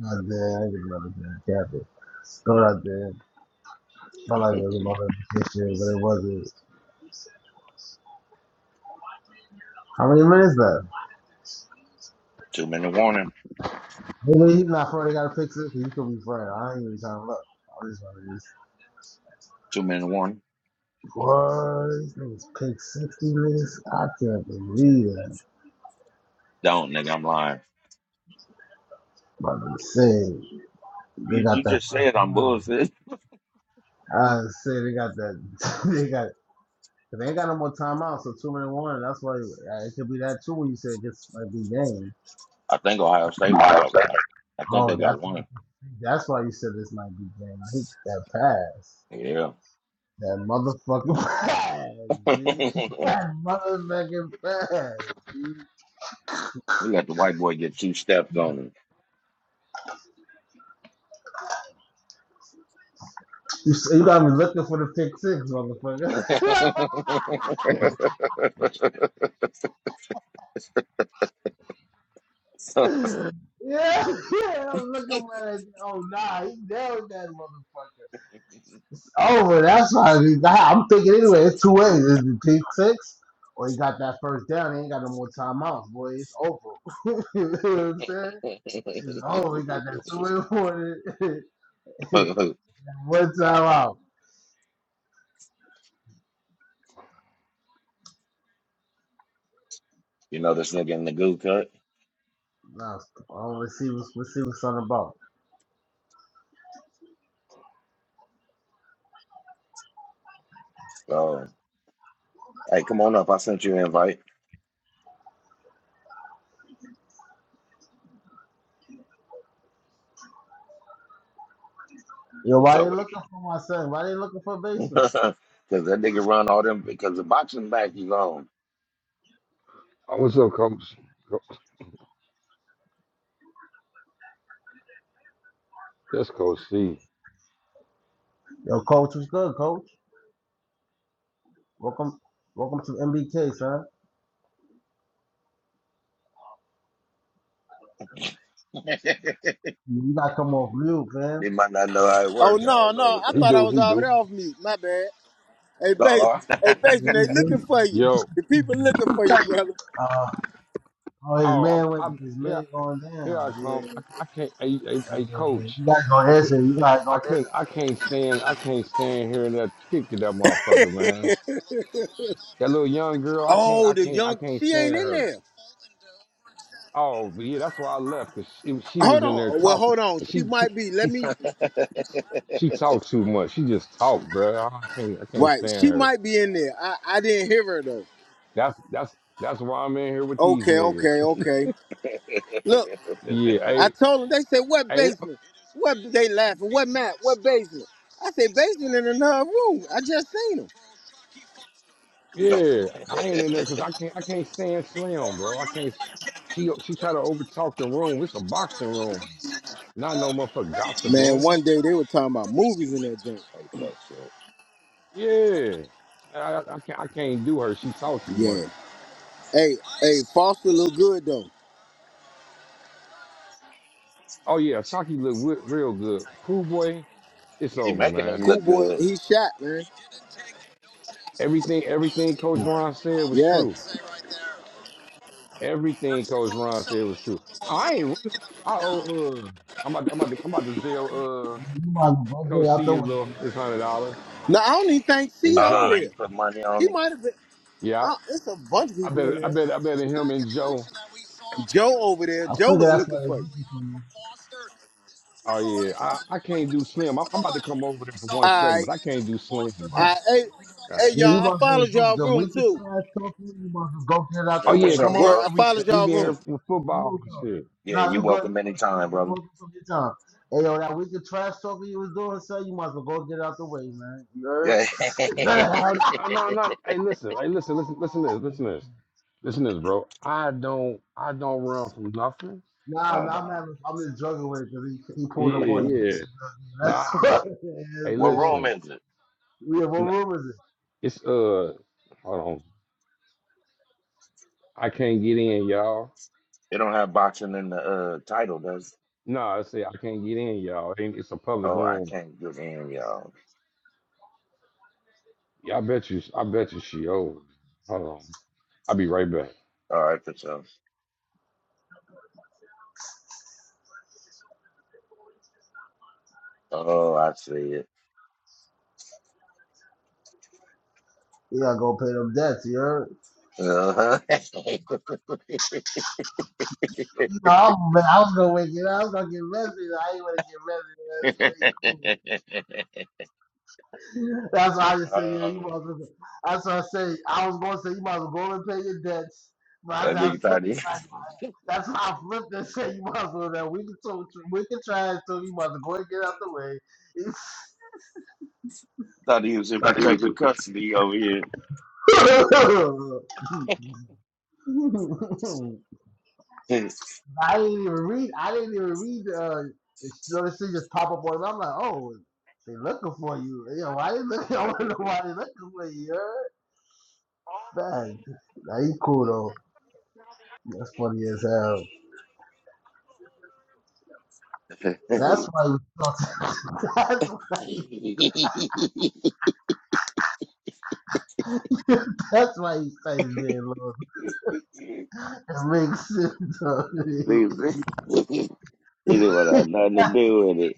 Speaker 1: not there. I ain't gonna let it cap it. Throw it out there. Felt like it was a
Speaker 2: Two
Speaker 1: notification, but it wasn't. How many minutes left?
Speaker 2: minute warning.
Speaker 1: Maybe he's not afraid. They got a pick six. so He could be afraid. I ain't even trying to look. I just want to
Speaker 2: Two minute warning.
Speaker 1: Boy, these niggas pick 60 niggas. I can't believe that.
Speaker 2: Don't nigga, I'm lying.
Speaker 1: But I'm saying, they
Speaker 2: You you
Speaker 1: got that
Speaker 2: just
Speaker 1: first
Speaker 2: said I'm
Speaker 1: time.
Speaker 2: bullshit.
Speaker 1: I say they got that. [laughs] they got, they ain't got no more timeouts, so two minute warning. That's why uh, it could be that too when you said this might be game.
Speaker 2: I think Ohio State might got I, I think
Speaker 1: Oh,
Speaker 2: they got
Speaker 1: that's
Speaker 2: one.
Speaker 1: that's why you said this might be game. I hate that pass.
Speaker 2: Yeah.
Speaker 1: That motherfucking [laughs] pass,
Speaker 2: [laughs] you
Speaker 1: B. That motherfucking pass, B.
Speaker 2: let the white boy get two steps on him.
Speaker 1: You, s- you got me looking for the pick six,
Speaker 2: [laughs]
Speaker 1: motherfucker.
Speaker 2: you
Speaker 1: [laughs]
Speaker 2: know
Speaker 1: Yeah, [laughs] yeah, I'm looking at it. Oh, nah, he nailed that motherfucker. It's over. That's why I I- am thinking anyway. It's two ways. It's the pick six, or he got that first down. He ain't got no more timeouts, boy. It's over. [laughs] you know what I'm saying? It's over. He got that two way warning. [laughs] One timeout.
Speaker 2: this nigga in the goo cut?
Speaker 1: Nah, oh, let's see what's let's see what's on the about.
Speaker 2: So, hey, come on up. I sent you an invite.
Speaker 1: Yo,
Speaker 2: What's
Speaker 1: why
Speaker 2: up
Speaker 1: they
Speaker 2: with it?
Speaker 1: looking for my son? Why they looking for a basement?
Speaker 2: [laughs] Because that nigga run all them, because the boxing back he's on.
Speaker 4: Oh, what's up, Coach? Co- That's Coach C.
Speaker 1: Yo, coach, what's good, coach? Welcome, welcome to MBK, son.
Speaker 2: [laughs] they
Speaker 1: You gotta come off mute, man.
Speaker 2: might not know how it
Speaker 5: Oh
Speaker 2: works. I
Speaker 5: no,
Speaker 2: don't
Speaker 5: no, I
Speaker 4: He
Speaker 5: thought I
Speaker 4: do,
Speaker 5: was
Speaker 4: he
Speaker 5: already
Speaker 4: do.
Speaker 5: off mute. My bad. Hey, base,
Speaker 2: know.
Speaker 5: hey, basement,
Speaker 2: [laughs]
Speaker 5: they looking for you.
Speaker 4: Yo,
Speaker 5: The people looking for you, brother.
Speaker 1: Uh, oh, his
Speaker 4: oh, I'm,
Speaker 1: man went,
Speaker 4: I'm
Speaker 1: his
Speaker 4: here.
Speaker 1: man going
Speaker 4: Here
Speaker 1: down.
Speaker 4: I
Speaker 1: Yeah,
Speaker 4: come. I, I can't. Hey, hey, hey,
Speaker 1: yeah, yeah.
Speaker 4: Coach.
Speaker 1: You gotta go
Speaker 4: I could.
Speaker 1: answer. You gotta go
Speaker 4: I couldn't.
Speaker 1: answer to
Speaker 4: I can't stand. I can't stand hearing that kick to that motherfucker, man. That little young girl. I can't.
Speaker 5: Oh,
Speaker 4: I
Speaker 5: the
Speaker 4: can't. I
Speaker 5: young,
Speaker 4: can't
Speaker 5: she
Speaker 4: stand
Speaker 5: ain't in
Speaker 4: her.
Speaker 5: there.
Speaker 4: Oh, but yeah. That's why I left because she, she
Speaker 5: Hold
Speaker 4: was in there
Speaker 5: on. Well,
Speaker 4: talking.
Speaker 5: hold on.
Speaker 4: And
Speaker 5: She
Speaker 4: she she
Speaker 5: might be.
Speaker 4: she
Speaker 5: Let me.
Speaker 2: Uh-oh.
Speaker 4: she
Speaker 2: [laughs]
Speaker 4: talked too much. She just talked, bro. I can't. I can't
Speaker 5: Right,
Speaker 4: stand
Speaker 5: she
Speaker 4: her.
Speaker 5: might be in there. I, I didn't hear her though.
Speaker 4: That's that's that's why I'm in here with these
Speaker 5: Okay, okay,
Speaker 4: niggas. [laughs]
Speaker 5: okay.
Speaker 2: Like
Speaker 5: Look,
Speaker 4: Yeah.
Speaker 5: I
Speaker 4: Hey.
Speaker 5: told them. They said, "What
Speaker 4: Hey,
Speaker 5: basement? What?" They laughing. What map? What basement? I said, "Basement in another room." I just seen him.
Speaker 4: Yeah, I ain't in there because I can't. I can't stand Slim, bro. I can't. She she try to overtalk the room. It's a boxing room, not no motherfucking gossip
Speaker 5: Man,
Speaker 4: room.
Speaker 5: one day they were talking about movies in that joint.
Speaker 2: that shit.
Speaker 4: Yeah, I, I, I can't. I can't do her. She talk too
Speaker 5: Yeah.
Speaker 4: much.
Speaker 5: Hey, hey, Foster look good though.
Speaker 4: Oh yeah, Shocky look wi- real good. Cool boy, it's
Speaker 2: He
Speaker 4: over,
Speaker 2: making him
Speaker 4: man.
Speaker 5: Cool
Speaker 2: look
Speaker 5: boy,
Speaker 2: good.
Speaker 5: he shot, man.
Speaker 4: Everything everything Coach Ron said was
Speaker 5: Yeah.
Speaker 4: true. Everything Coach Ron said was true. I ain't running. I owe. Uh, I'm about. I'm about. To, I'm about to sell.
Speaker 1: that.
Speaker 4: Uh,
Speaker 1: You might as well
Speaker 4: Coach
Speaker 1: out
Speaker 4: C
Speaker 1: the
Speaker 4: his
Speaker 1: window.
Speaker 4: little
Speaker 1: man.
Speaker 4: his hundred dollars
Speaker 5: No, I don't even think C
Speaker 4: and
Speaker 2: Uh,
Speaker 5: over
Speaker 4: Joe.
Speaker 5: there.
Speaker 2: you put money
Speaker 5: He
Speaker 2: on him.
Speaker 5: might have been.
Speaker 4: Yeah,
Speaker 5: I, it's a bunch of
Speaker 4: I
Speaker 5: people
Speaker 4: better,
Speaker 5: in
Speaker 4: I
Speaker 5: there.
Speaker 4: better, I better him and Joe.
Speaker 5: Joe over there.
Speaker 1: I
Speaker 5: Joe
Speaker 1: figure
Speaker 5: was
Speaker 1: that's what
Speaker 5: looking
Speaker 1: it's
Speaker 5: for you.
Speaker 1: looking for you.
Speaker 4: Oh yeah, I, I can't do Slim. I'm, I'm about
Speaker 5: All
Speaker 4: to come over there for one second,
Speaker 5: right.
Speaker 4: but I can't do Slim,
Speaker 5: All
Speaker 4: bro. All
Speaker 5: right. Hey, hey,
Speaker 4: right.
Speaker 1: Yeah, you
Speaker 5: y'all. I
Speaker 1: must do
Speaker 5: followed y'all
Speaker 1: the
Speaker 5: room
Speaker 1: weakest
Speaker 5: too.
Speaker 1: class talking. You must be go get it out
Speaker 4: Oh
Speaker 2: Yeah,
Speaker 1: the
Speaker 2: For
Speaker 4: yeah,
Speaker 1: way,
Speaker 4: come
Speaker 2: sure,
Speaker 1: man.
Speaker 4: over
Speaker 5: Word.
Speaker 2: bro.
Speaker 5: I
Speaker 4: here. We
Speaker 5: followed
Speaker 4: we
Speaker 5: y'all
Speaker 4: been
Speaker 5: room.
Speaker 4: here for
Speaker 1: You
Speaker 4: football and
Speaker 1: know,
Speaker 4: shit.
Speaker 2: Yeah,
Speaker 1: no,
Speaker 2: you're
Speaker 1: you good.
Speaker 2: welcome
Speaker 1: You good.
Speaker 2: anytime,
Speaker 1: You, you
Speaker 2: brother.
Speaker 1: working from your time. Hey, yo, that weakest trash talking you was doing, sir, you must well go get it out the way, man. You
Speaker 2: Yeah. [laughs]
Speaker 1: heard? [laughs]
Speaker 4: Oh, oh no, not. Hey, listen. Hey, listen. Listen. Listen to this. Listen to this. Listen to this, bro. I don't. I don't run from nothing.
Speaker 1: Nah,
Speaker 2: oh
Speaker 1: nah, I'm
Speaker 2: no.
Speaker 1: having, I'm just joking with it because he, he
Speaker 4: Yeah,
Speaker 1: pulled up on you.
Speaker 4: yeah.
Speaker 1: man.
Speaker 4: Nah.
Speaker 1: That's
Speaker 4: I,
Speaker 1: [laughs] what
Speaker 2: What
Speaker 1: it is,
Speaker 4: hey,
Speaker 2: what
Speaker 1: man.
Speaker 2: room
Speaker 4: listen.
Speaker 2: is it?
Speaker 1: We have what
Speaker 4: N-
Speaker 1: room is it?
Speaker 4: It's uh. Hold on. I can't get in, y'all.
Speaker 2: It don't have boxing in the uh title, does it?
Speaker 4: No, I say I can't get in, y'all. It ain't- It's a public
Speaker 2: Oh, I
Speaker 4: room.
Speaker 2: can't get in, y'all.
Speaker 4: Yeah, I bet you. I bet you she old. Hold on. I'll be right back.
Speaker 2: All right, for sure. Oh, I see
Speaker 1: You gotta go pay them debts, you heard? You know,
Speaker 2: it.
Speaker 1: I'm, man, I was gonna wake it up. I was gonna get messy. I ain't wanna get messy. That's very cool.
Speaker 2: Uh-huh. [laughs]
Speaker 1: That's why I just
Speaker 2: Uh,
Speaker 1: said, yeah, you might as well. That's why I say. I was gonna say you might as well go and pay your debts. But I
Speaker 2: that
Speaker 1: said I
Speaker 2: nigga thought
Speaker 1: flipped
Speaker 2: he [laughs]
Speaker 1: it like that's why I flipped and said you might as well. That we can talk, we can try it too. You might as well go and get out the way. [laughs]
Speaker 2: thought he was in
Speaker 1: Like he was just,
Speaker 2: protective
Speaker 1: [laughs]
Speaker 2: custody over here.
Speaker 1: It's [laughs] I
Speaker 2: [laughs] I
Speaker 1: didn't even read. I didn't even read. Uh, this thing just pop up on. I'm like, oh, they looking for you. Yeah, why they looking? [laughs] I want to know
Speaker 2: did.
Speaker 1: why they looking for you. you heard? Man, that he cool though. That's funny as hell.
Speaker 2: [laughs]
Speaker 1: That's why. He, [laughs] that's why. He, [laughs] that's why he stays there, Lord. It makes sense.
Speaker 2: Nigga, [laughs] he didn't want
Speaker 1: [laughs]
Speaker 2: to have nothing to do with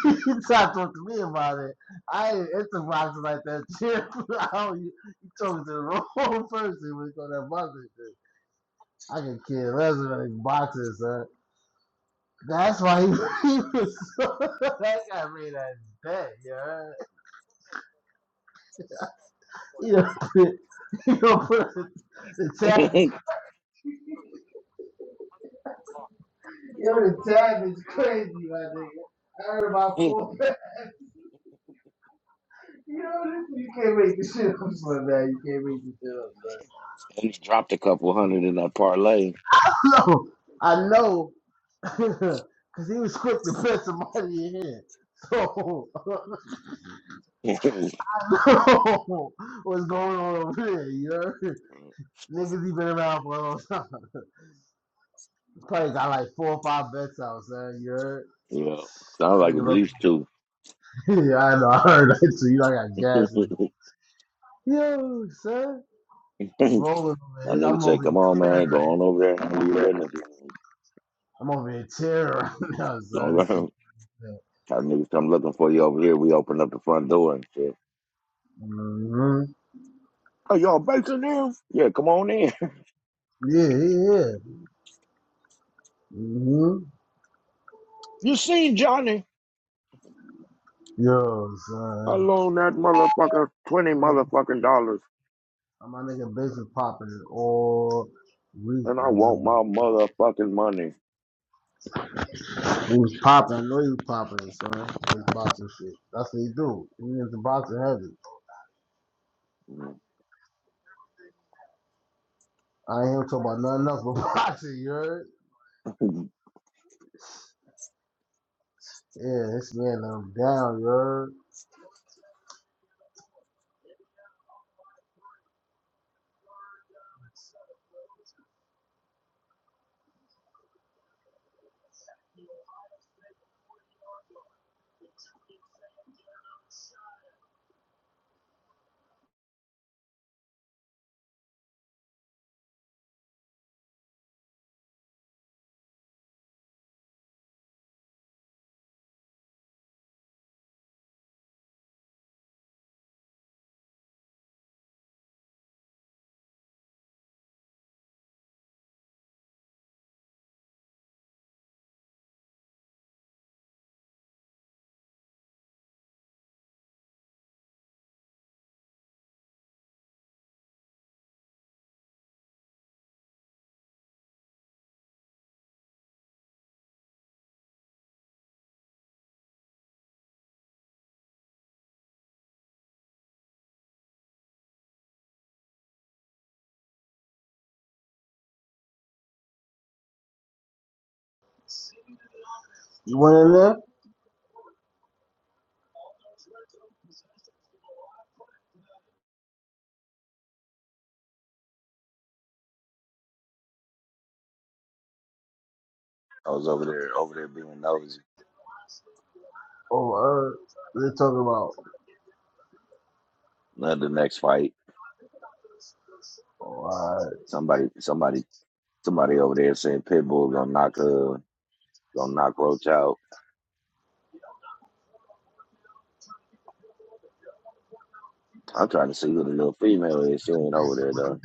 Speaker 1: [laughs] you tried to talk to me about it. I ain't into boxing like that, Chip. [laughs] you, you talking to the wrong [laughs] person when you go to that boxing shit. I can kill Lesnar in boxing, son. That's why he, [laughs] he was so. [laughs] that guy made that bet, you know? You know, put- you know, put the, the tab is,
Speaker 2: it.
Speaker 1: you know, the tab is crazy, my nigga. I heard
Speaker 2: [laughs]
Speaker 1: about
Speaker 2: and
Speaker 1: four. [laughs] You know, you can't make this shit up, son, man. You can't make this shit
Speaker 2: he dropped a couple hundred in that parlay. [laughs]
Speaker 1: up, son. [laughs] No, I know Because [laughs] he was quick to put somebody in here. So, [laughs]
Speaker 2: you
Speaker 1: I know what's going on over there, you heard? Niggas, he been around for a long time. Probably got like four or five bets out, son, you heard?
Speaker 2: know, sounds like at
Speaker 1: Nigga, look-
Speaker 2: least two.
Speaker 1: [laughs] yeah, I know, I heard that too. You know, I got
Speaker 2: [laughs]
Speaker 1: gas.
Speaker 2: that
Speaker 1: in- Yo, son. I'm rolling over here.
Speaker 2: nigga
Speaker 1: I'm
Speaker 2: said,
Speaker 1: over
Speaker 2: "Come on,
Speaker 1: here
Speaker 2: man, go on over there and handle your
Speaker 1: tearing.
Speaker 2: business."
Speaker 1: I'm over here tearing right [laughs] now,
Speaker 2: Don't
Speaker 1: son. This shit.
Speaker 2: go. That niggas come looking for you over here. We opened up the front door and shit.
Speaker 1: Mm-hmm.
Speaker 2: Oh, y'all baking in? Yeah, come on in.
Speaker 1: Yeah, yeah, yeah. Mm-hmm.
Speaker 2: You seen Johnny?
Speaker 1: Yo,
Speaker 2: I
Speaker 1: son.
Speaker 2: loaned that motherfucker twenty
Speaker 1: No
Speaker 2: motherfucking dollars,
Speaker 1: My nigga Biggs was popping all week.
Speaker 2: and I
Speaker 1: Was
Speaker 2: want my motherfucking money.
Speaker 1: he was popping. I know he was popping, son. His boxing shit. That's what he do. He is the boxing heavy. I ain't here to talk about nothing else but [laughs] boxing, you heard? Yeah, this man them down, you heard? You went in there?
Speaker 2: [laughs] I was over there, over there being nosy.
Speaker 1: Oh, uh, they talking about,
Speaker 2: Now the next fight,
Speaker 1: oh, alright.
Speaker 2: somebody, somebody, somebody over there said Pitbull gonna knock uh gonna knock Roach out. I'm trying to see who the little female is. She ain't over there though.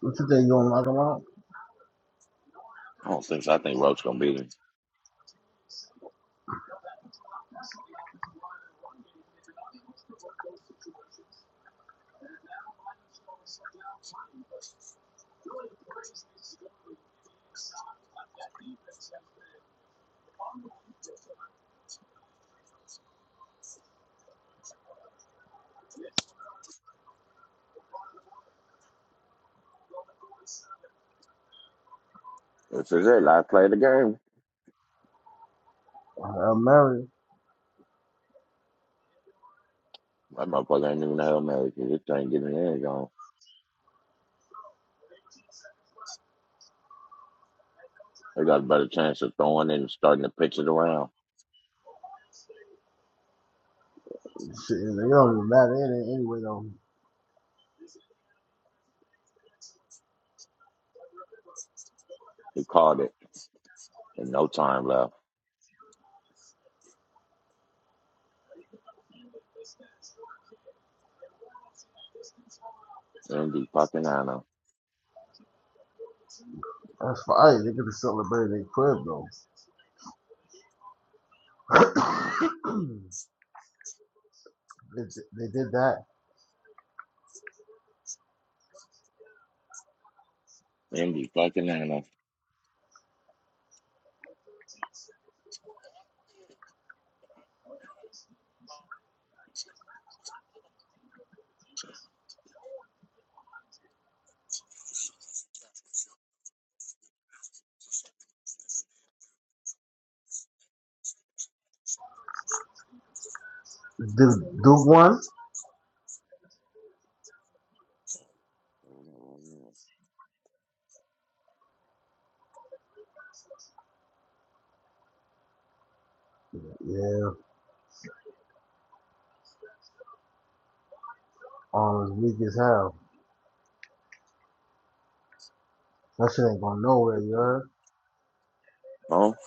Speaker 1: What you think you gonna knock him out?
Speaker 2: I don't think so. I think Roach gonna beat him. This is it, I play the game.
Speaker 1: Uh, Mary,
Speaker 2: That motherfucker ain't even hell married. This thing getting in the They got a better chance of throwing it and starting to pitch it around.
Speaker 1: shit, it don't even matter any- anyway though.
Speaker 2: He called it. and no time left. Indy fucking Anna.
Speaker 1: That's fire. They could have celebrated their crib though. [clears throat] they, they did that.
Speaker 2: Indy fucking Anna.
Speaker 1: Duke, Duke won. Yeah, arm is weak as hell. That shit ain't going nowhere, you heard?
Speaker 2: Oh,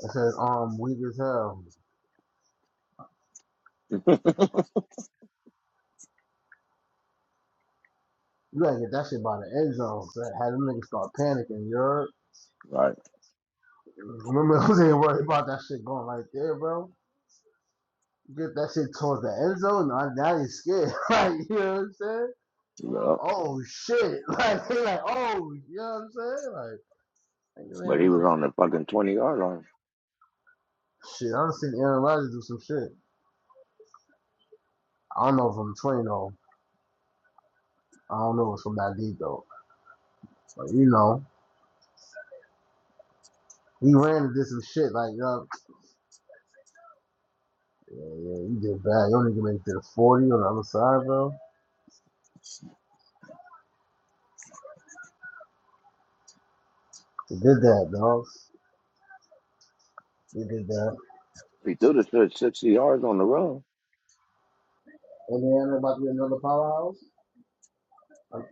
Speaker 1: That shit is arm weak as hell.
Speaker 2: [laughs]
Speaker 1: You gotta get that shit by the end zone. So had them niggas start panicking, you heard?
Speaker 2: right.
Speaker 1: Remember, [laughs] who's ain't worried about that shit going right there, bro? get that shit towards the end zone, now, now they scared. [laughs] like, you know what I'm saying? Like,
Speaker 2: Well,
Speaker 1: Oh shit! [laughs] Like they like, oh, you know what I'm saying? Like,
Speaker 2: but he
Speaker 1: man,
Speaker 2: was on the fucking 20 yard line.
Speaker 1: shit. I done seen Aaron Rodgers do some shit. I don't know if I'm 20 though. I don't know if it's from that deep though. But you know. He ran and did some shit like, yo, yeah, yeah, you did bad. You only can make it to the 40 on the other side, bro. He did that, dog. He did that.
Speaker 2: he threw the shit 60 yards on the run,
Speaker 1: Indiana about to be another powerhouse. Like,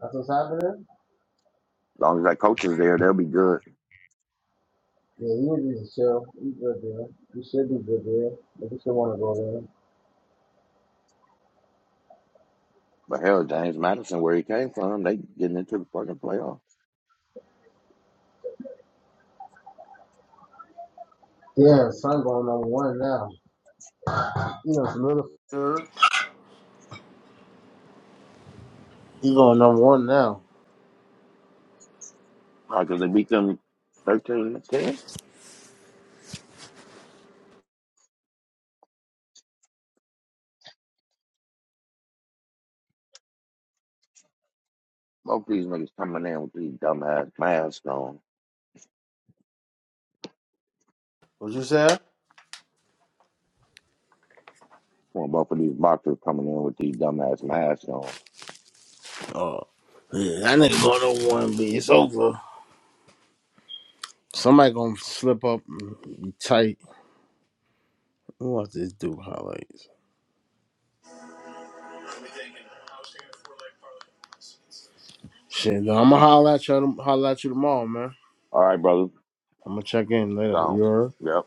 Speaker 1: That's what's happening.
Speaker 2: as long as that coach is there, they'll be good.
Speaker 1: Yeah, you need to just chill. You good there. You should be good there. If you should want to go
Speaker 2: But hell, James Madison, where he came from, they getting into the fucking playoff.
Speaker 1: there. Yeah, son going number one now. You know, some little. He going number one now.
Speaker 2: Why? Because they beat them 13 to 10? Both these niggas coming in with these dumbass masks on.
Speaker 1: What you say?
Speaker 2: Well, both of these boxers coming in with these dumbass masks on.
Speaker 1: Oh, yeah, that nigga going number one, but it's over. Somebody gonna slip up and be tight. Who wants this dude highlights? Shit, I'm gonna holler at you. Holler at you tomorrow, man.
Speaker 2: All right, brother.
Speaker 1: I'm gonna check in later. You
Speaker 2: Gone.
Speaker 1: heard?
Speaker 2: Yep.